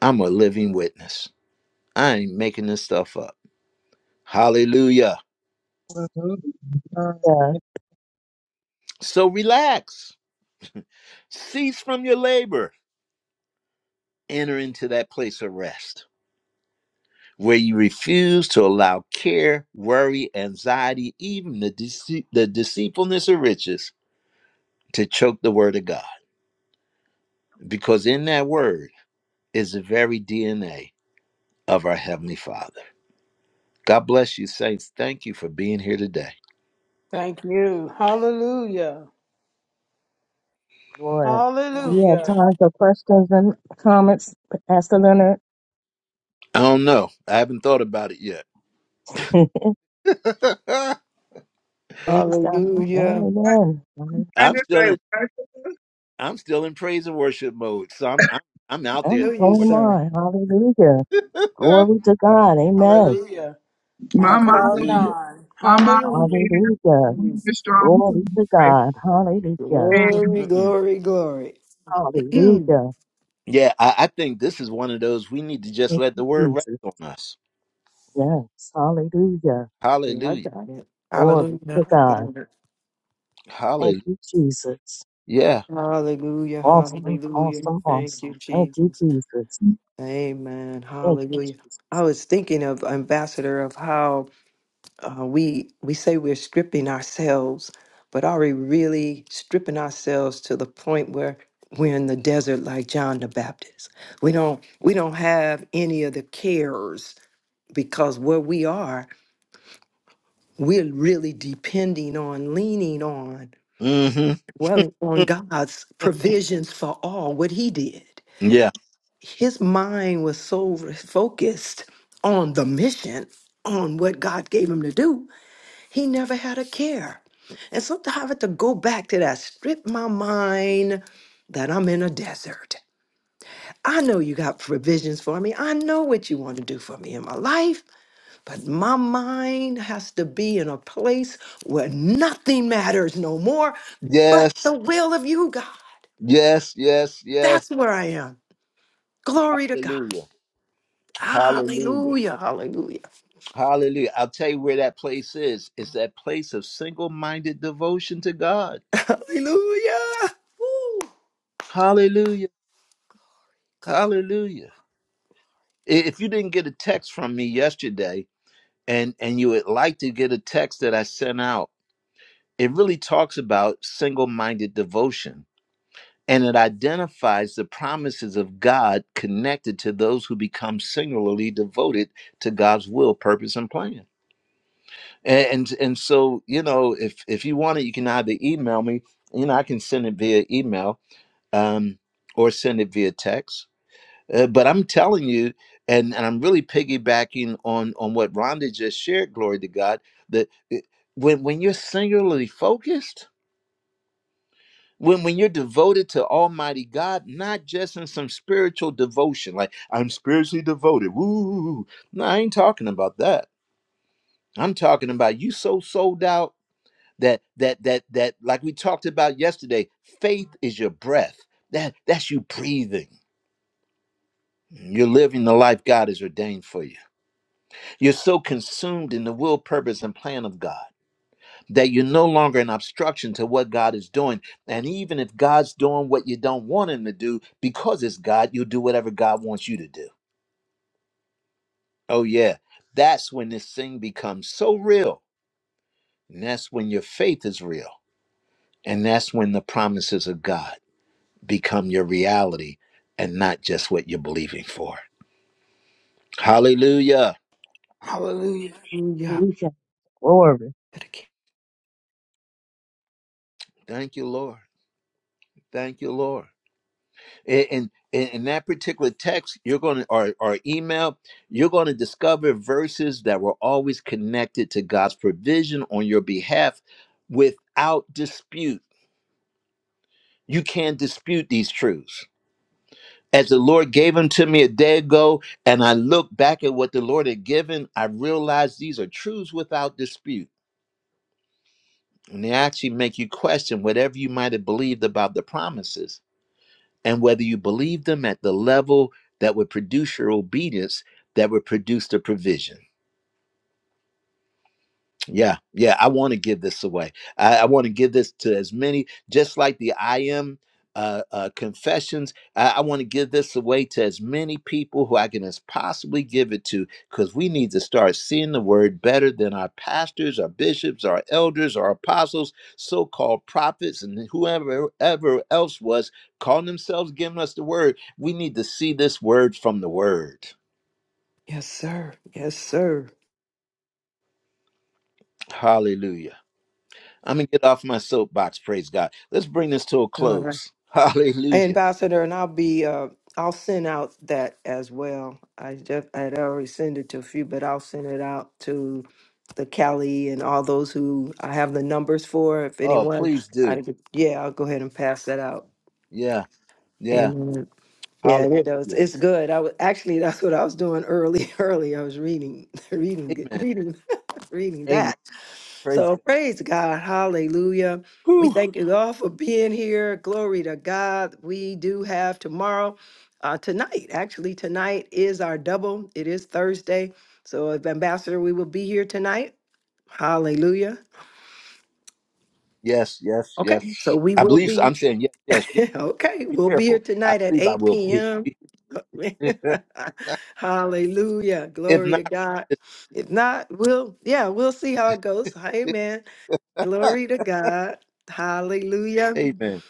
S1: I'm a living witness. I ain't making this stuff up. Hallelujah.
S7: Hallelujah.
S4: Hallelujah.
S1: So relax, cease from your labor, enter into that place of rest where you refuse to allow care, worry, anxiety, even the, dece- the deceitfulness of riches to choke the word of God. Because in that word is the very DNA of our Heavenly Father. God bless you, saints. Thank you for being here today.
S8: Thank you. Hallelujah.
S4: Lord. Do you have
S8: Hallelujah.
S4: time for questions and comments, Pastor Leonard?
S1: I don't know. I haven't thought about it yet.
S4: (laughs)
S1: (laughs)
S4: Praise God.
S2: Hallelujah.
S7: I,
S4: Amen. Amen.
S7: I
S1: I'm
S7: just
S1: still
S7: say,
S1: in
S7: worship.
S1: I'm still in praise and worship mode. So I'm I'm, I'm out there
S2: Feel you,
S1: somewhere.
S4: Come
S2: sir.
S4: on. Hallelujah.
S1: (laughs)
S4: Glory to God. Amen.
S8: Hallelujah.
S7: my
S8: on cloud
S7: motto,
S1: Hallelujah.
S8: nine.
S7: my motto
S8: Hallelujah.
S7: is,
S4: Hallelujah.
S7: I'm the strong to
S4: Glory to
S7: my
S4: God. Hallelujah.
S2: Glory,
S1: Mm-mm-mm.
S2: glory, glory. (clears throat)
S4: Hallelujah.
S1: Yeah, I, I think this is one of those we need to just
S4: Thank
S1: let
S4: you,
S1: the word rest
S4: Jesus.
S1: on us.
S4: Yes. Hallelujah.
S2: Yeah, I
S1: Hallelujah.
S2: got it.
S4: Glory
S3: Hallelujah.
S4: to
S2: I got
S4: God.
S2: it.
S4: Thank
S1: Hallelujah.
S4: you, Jesus.
S1: Yeah.
S2: Hallelujah.
S4: Awesome,
S2: Hallelujah.
S4: awesome,
S2: Thank you,
S4: awesome. Thank you,
S2: Jesus.
S4: Jesus. Thank
S2: Amen.
S4: you,
S2: Hallelujah. I
S4: Jesus.
S2: was thinking of Ambassador of how uh, we we say we're stripping ourselves, but are we really stripping ourselves to the point where we're in the desert like John the Baptist? We don't we don't have any of the cares because where we are we're really depending on, leaning on,
S1: hmm
S2: dwelling on God's provisions for all what He did.
S1: Yeah.
S2: His mind was so focused on the mission, on what God gave him to do, he never had a care. And sometimes I have to go back to that, strip my mind that I'm in a desert. I know you got provisions for me. I know what you want to do for me in my life. But my mind has to be in a place where nothing matters no more but the
S1: Yes.
S2: will of you, God.
S1: Yes. Yes. Yes.
S2: That's where I am. Glory to God.
S1: Hallelujah. Hallelujah.
S2: Hallelujah. Hallelujah.
S1: Hallelujah. I'll tell you where that place is. It's that place of single minded devotion to God.
S2: (laughs) Hallelujah. Woo.
S1: Hallelujah. Hallelujah. I- If you didn't get a text from me yesterday and, and you would like to get a text that I sent out, it really talks about single minded devotion and it identifies the promises of God connected to those who become singularly devoted to God's will, purpose, and plan. And and, and so, you know, if if you want it, you can either email me, you know, I can send it via email um, or send it via text. Uh, but I'm telling you, and, and I'm really piggybacking on on what Rhonda just shared, glory to God, that it, when when you're singularly focused, when when you're devoted to almighty god not just in some spiritual devotion like i'm spiritually devoted woo no i ain't talking about that i'm talking about you so sold out that that that that like we talked about yesterday faith is your breath that that's you breathing you're living the life god has ordained for you you're so consumed in the will purpose and plan of god that you're no longer an obstruction to what God is doing. And even if God's doing what you don't want him to do, because it's God, you'll do whatever God wants you to do. Oh, yeah. That's when this thing becomes so real. And that's when your faith is real. And that's when the promises of God become your reality and not just what you're believing for. Hallelujah.
S8: Hallelujah.
S2: Hallelujah.
S4: Hallelujah. Glory.
S1: Thank you, Lord. Thank you, Lord. in in, in that particular text you're going to or, or email you're going to discover verses that were always connected to god's provision on your behalf without dispute you can't dispute these truths as the lord gave them to me a day ago and i look back at what the lord had given i realize these are truths without dispute and they actually make you question whatever you might have believed about the promises and whether you believe them at the level that would produce your obedience, that would produce the provision. Yeah, yeah, I want to give this away. I, I want to give this to as many, just like the I am uh, uh, confessions. I, I want to give this away to as many people who I can as possibly give it to, because we need to start seeing the word better than our pastors, our bishops, our elders, our apostles, so-called prophets, and whoever ever else was calling themselves giving us the word. We need to see this word from the word.
S2: Yes, sir. Yes, sir.
S1: Hallelujah. I'm gonna get off my soapbox. Praise God. Let's bring this to a close. (laughs) Hallelujah.
S2: Ambassador, and I'll be, uh, I'll send out that as well. I just, I'd already sent it to a few, but I'll send it out to the Cali and all those who I have the numbers for. If
S1: Oh,
S2: anyone,
S1: please do.
S2: I, yeah, I'll go ahead and pass that out.
S1: Yeah, yeah.
S2: Amen. Yeah, it is. It's
S1: Hallelujah.
S2: it's good. I was actually that's what I was doing early. (laughs) Early, I was reading, (laughs) reading,
S1: Amen.
S2: reading, (laughs) reading
S1: Amen.
S2: that.
S1: Praise
S2: So
S1: God.
S2: praise God. Hallelujah. We
S1: Whew.
S2: thank you all for being here. Glory to God. We do have tomorrow, uh, tonight, actually, tonight is our double. It is Thursday. So, if Ambassador, we will be here tonight. Hallelujah.
S1: Yes, yes,
S2: Okay.
S1: yes.
S2: So, we
S1: I
S2: will
S1: believe so.
S2: be,
S1: I'm saying yes, yes,
S2: (laughs)
S1: yes.
S2: okay,
S1: Be
S2: we'll be here
S1: careful. I
S2: tonight at
S1: believe I
S2: 8
S1: will be.
S2: p.m. (laughs)
S1: (laughs) if
S2: Hallelujah. Glory to
S1: not,
S2: God. If not, we'll, yeah, we'll see how it goes. Amen.
S1: (laughs)
S2: Glory to God. Hallelujah.
S1: amen.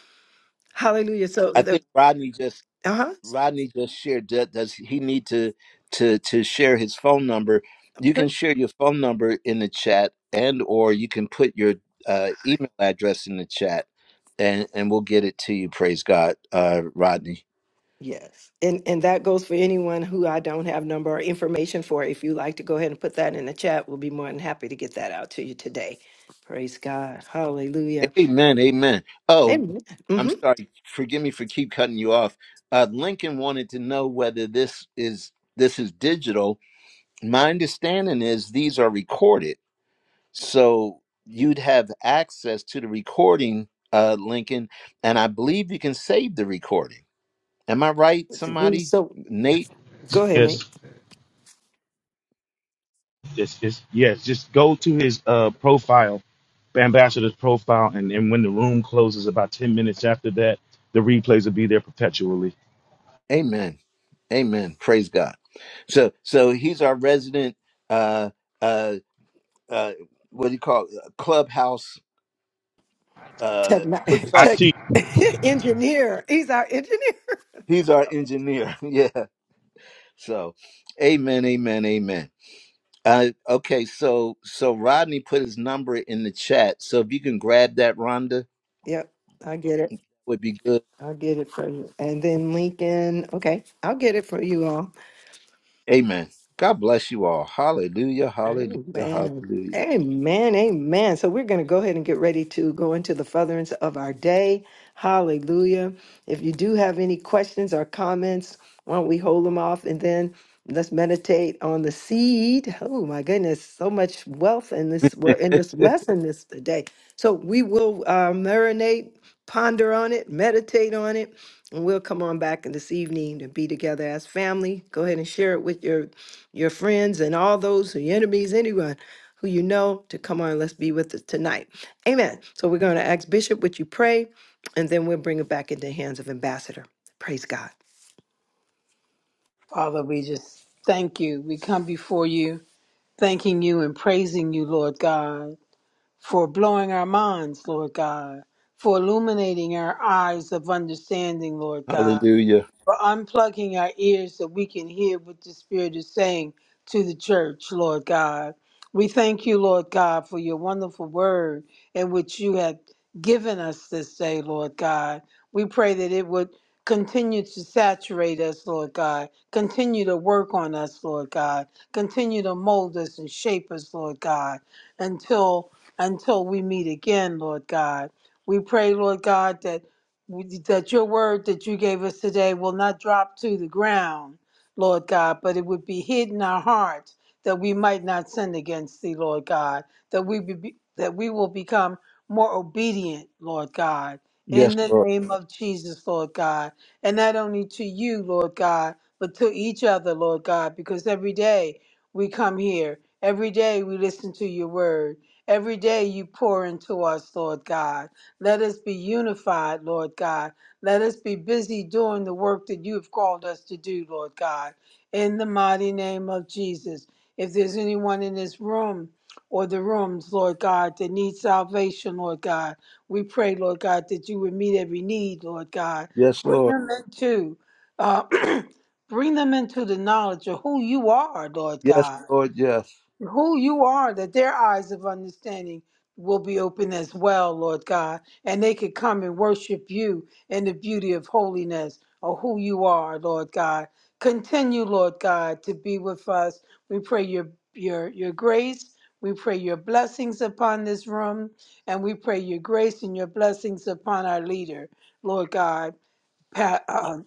S2: Hallelujah. So
S1: I
S2: the
S1: think Rodney just
S2: uh-huh.
S1: Rodney just shared that does he need to to to share his phone number? You
S2: Okay.
S1: can share your phone number in the chat and or you can put your uh, email address in the chat and and we'll get it to you. Praise God, uh, Rodney.
S2: Yes. And and that goes for anyone who I don't have number or information for. If you like to go ahead and put that in the chat, we'll be more than happy to get that out to you today. Praise God. Hallelujah.
S1: Amen. Amen. Oh,
S2: Amen.
S1: I'm
S2: Mm-hmm.
S1: sorry. Forgive me for keep cutting you off. Uh, Lincoln wanted to know whether this is this is digital. My understanding is these are recorded So you'd have access to the recording, uh, Lincoln, and I believe you can save the recording. Am I right,
S2: Well,
S1: somebody?
S2: So
S1: Nate?
S2: go ahead, Nate.
S5: Yes. Just, just yes, just go to his uh, profile, ambassador's profile, and then when the room closes, about ten minutes after that, the replays will be there perpetually.
S1: Amen. Amen. Praise God. So so he's our resident uh uh uh what do you call it? clubhouse
S2: Tech,
S1: uh
S2: (laughs)
S5: I
S2: tech
S1: professor.
S5: teach.
S2: (laughs) engineer. He's our engineer. (laughs)
S1: He's our engineer. (laughs) yeah. So amen, amen, amen. Uh, okay, so so Rodney put his number in the chat. So if you can grab that, Rhonda,
S2: Yep. I get it.
S1: would be good.
S2: I get it for you. And then Lincoln. Okay. I'll get it for you all.
S1: Amen. God bless you all. Hallelujah. Hallelujah.
S2: Amen.
S1: Hallelujah.
S2: Amen. Amen. So we're going to go ahead and get ready to go into the furtherance of our day. Hallelujah. If you do have any questions or comments, why don't we hold them off and then let's meditate on the seed. Oh my goodness, so much wealth in this we're in this lesson this today. So we will uh, marinate, ponder on it, meditate on it, and we'll come on back in this evening to be together as family. Go ahead and share it with your your friends and all those who your enemies, anyone who you know to come on. Let's be with us tonight. Amen. So we're going to ask Bishop, would you pray? And then we'll bring it back into the hands of Ambassador. Praise God.
S8: Father, we just thank you. We come before you, thanking you and praising you, Lord God, for blowing our minds, Lord God, for illuminating our eyes of understanding, Lord God.
S1: Hallelujah.
S8: for unplugging our ears that we can hear what the Spirit is saying to the church, Lord God. We thank you, Lord God, for your wonderful word in which you have given us this day, Lord God. We pray that it would continue to saturate us, Lord God. Continue to work on us, Lord God. Continue to mold us and shape us, Lord God, until until we meet again, Lord God. We pray, Lord God, that that your word that you gave us today will not drop to the ground, Lord God, but it would be hid in our hearts that we might not sin against thee, Lord God, that we be, that we will become more obedient, Lord God,
S1: Yes,
S8: in the
S1: Lord.
S8: name of Jesus, Lord God, and not only to you, Lord God, but to each other, Lord God, because every day we come here, every day we listen to your word, every day you pour into us, Lord God. Let us be unified, Lord God. Let us be busy doing the work that you have called us to do, Lord God. In the mighty name of Jesus. If there's anyone in this room or the rooms, Lord God, that need salvation, Lord God, we pray, Lord God, that you would meet every need, Lord God.
S1: Yes,
S8: Bring
S1: Lord.
S8: them into uh, (clears throat) bring them into the knowledge of who you are, Lord
S1: Yes,
S8: God
S1: Lord. Yes.
S8: who you are, that their eyes of understanding will be open as well, Lord God, and they could come and worship you in the beauty of holiness or who you are, Lord God. Continue, Lord God, to be with us. We pray your your your grace. We pray your blessings upon this room, and we pray your grace and your blessings upon our leader, Lord God, Pa- uh,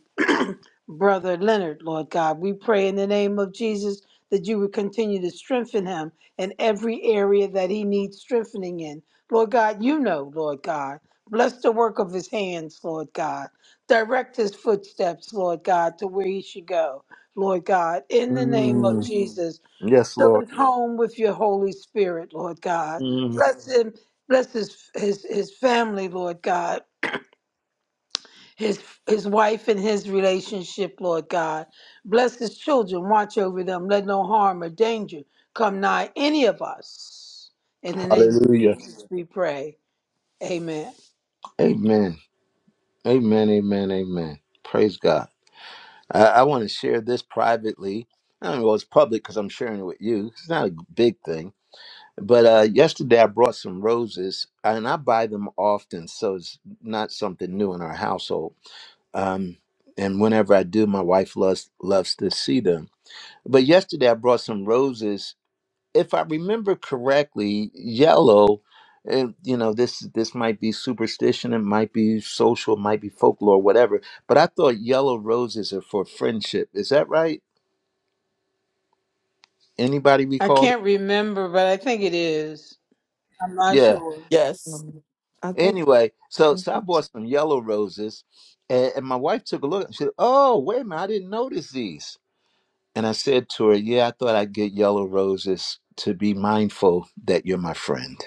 S8: Brother Leonard, Lord God. We pray in the name of Jesus that you would continue to strengthen him in every area that he needs strengthening in. Lord God, you know, Lord God. Bless the work of his hands, Lord God. Direct his footsteps, Lord God, to where he should go, Lord God. In the name of
S1: Mm.
S8: Jesus,
S1: Yes,
S8: fill
S1: Lord.
S8: his home with your Holy Spirit, Lord God.
S1: Mm.
S8: Bless him. Bless his, his, his family, Lord God his his wife and his relationship, Lord God. Bless his children, watch over them, let no harm or danger come nigh any of us. In the name of
S1: Hallelujah.
S8: Jesus we pray. Amen.
S1: Amen. Amen. Amen. Amen. Praise God. I, I want to share this privately. I don't know, well, it's public because I'm sharing it with you. It's not a big thing. But uh, yesterday I brought some roses and I buy them often, so it's not something new in our household um, and whenever I do, my wife loves loves to see them. But yesterday I brought some roses. If I remember correctly, yellow, and you know this this might be superstition, it might be social, it might be folklore, whatever. But I thought yellow roses are for friendship. Is that right? Anybody
S8: I
S1: recall? That?
S8: can't remember, but I think it is. I'm not
S1: Yeah.
S8: sure.
S3: Yes,
S2: Um, I think,
S1: Anyway, so so I bought some yellow roses, and, and my wife took a look. She said, "Oh, wait a minute, I didn't notice these." And I said to her, Yeah, I thought I'd get yellow roses to be mindful that you're my friend.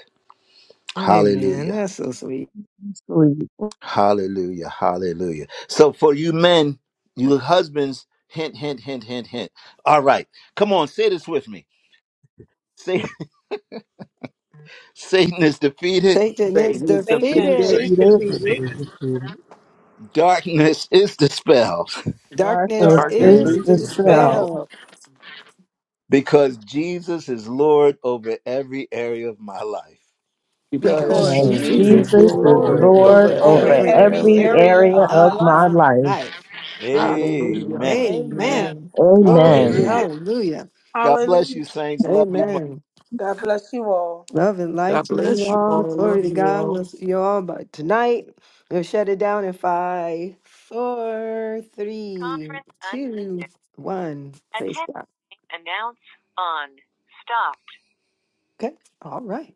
S2: amen.
S1: Hallelujah.
S2: That's so sweet.
S4: Sweet.
S1: Hallelujah. Hallelujah. So for you men, you husbands, hint, hint, hint, hint, hint. All right. Come on, say this with me. Say (laughs) Satan is defeated,
S2: Satan is
S3: Satan is
S8: Satan
S2: defeated.
S5: Say,
S8: is
S3: defeated
S4: Peter,
S5: Mr.
S8: defeated.
S5: Cedar.
S1: darkness is dispelled,
S2: Darkness
S4: Darkness
S3: by your
S6: Right,
S8: Darkness
S4: is
S6: you-
S2: is
S3: great
S8: is
S6: you-
S4: dispelled
S3: spirit
S8: dispelled
S2: dispelled
S1: (laughs) because Jesus is Lord over every area of my life.
S3: because
S6: you- to
S2: because
S8: because
S4: because
S6: can
S3: Jesus
S6: see it,
S8: Jesus
S2: Jesus
S3: is
S6: it's
S8: is
S4: Jesus
S2: is
S4: is
S6: just
S3: Lord
S8: Lord
S6: more
S2: Lord
S6: of-
S4: Lord
S2: over
S3: over
S8: over
S4: over
S3: every
S2: every
S6: of
S8: every
S4: every
S3: area of
S8: area
S2: area
S4: area
S8: of
S3: my
S8: my
S4: of
S2: of
S8: life.
S3: life.
S4: my
S2: my
S4: life.
S2: life. Hallelujah.
S3: Hallelujah.
S1: Amen.
S8: Amen.
S2: Amen.
S3: Amen.
S7: family.
S2: Glory.
S4: Amen.
S6: it.
S1: Hallelujah.
S8: Amen.
S2: Hallelujah.
S1: God bless
S8: Hallelujah.
S1: you, saints. Love you much.
S2: Amen.
S8: God bless you all.
S2: Love and light
S3: God
S2: to you
S3: bless you
S2: all.
S3: all.
S2: Glory
S3: Love
S2: to
S3: you
S2: God.
S3: all.
S2: Let's see you all. But tonight, we'll shut it down in five, four, three, two, one. Praise God. Okay. All right.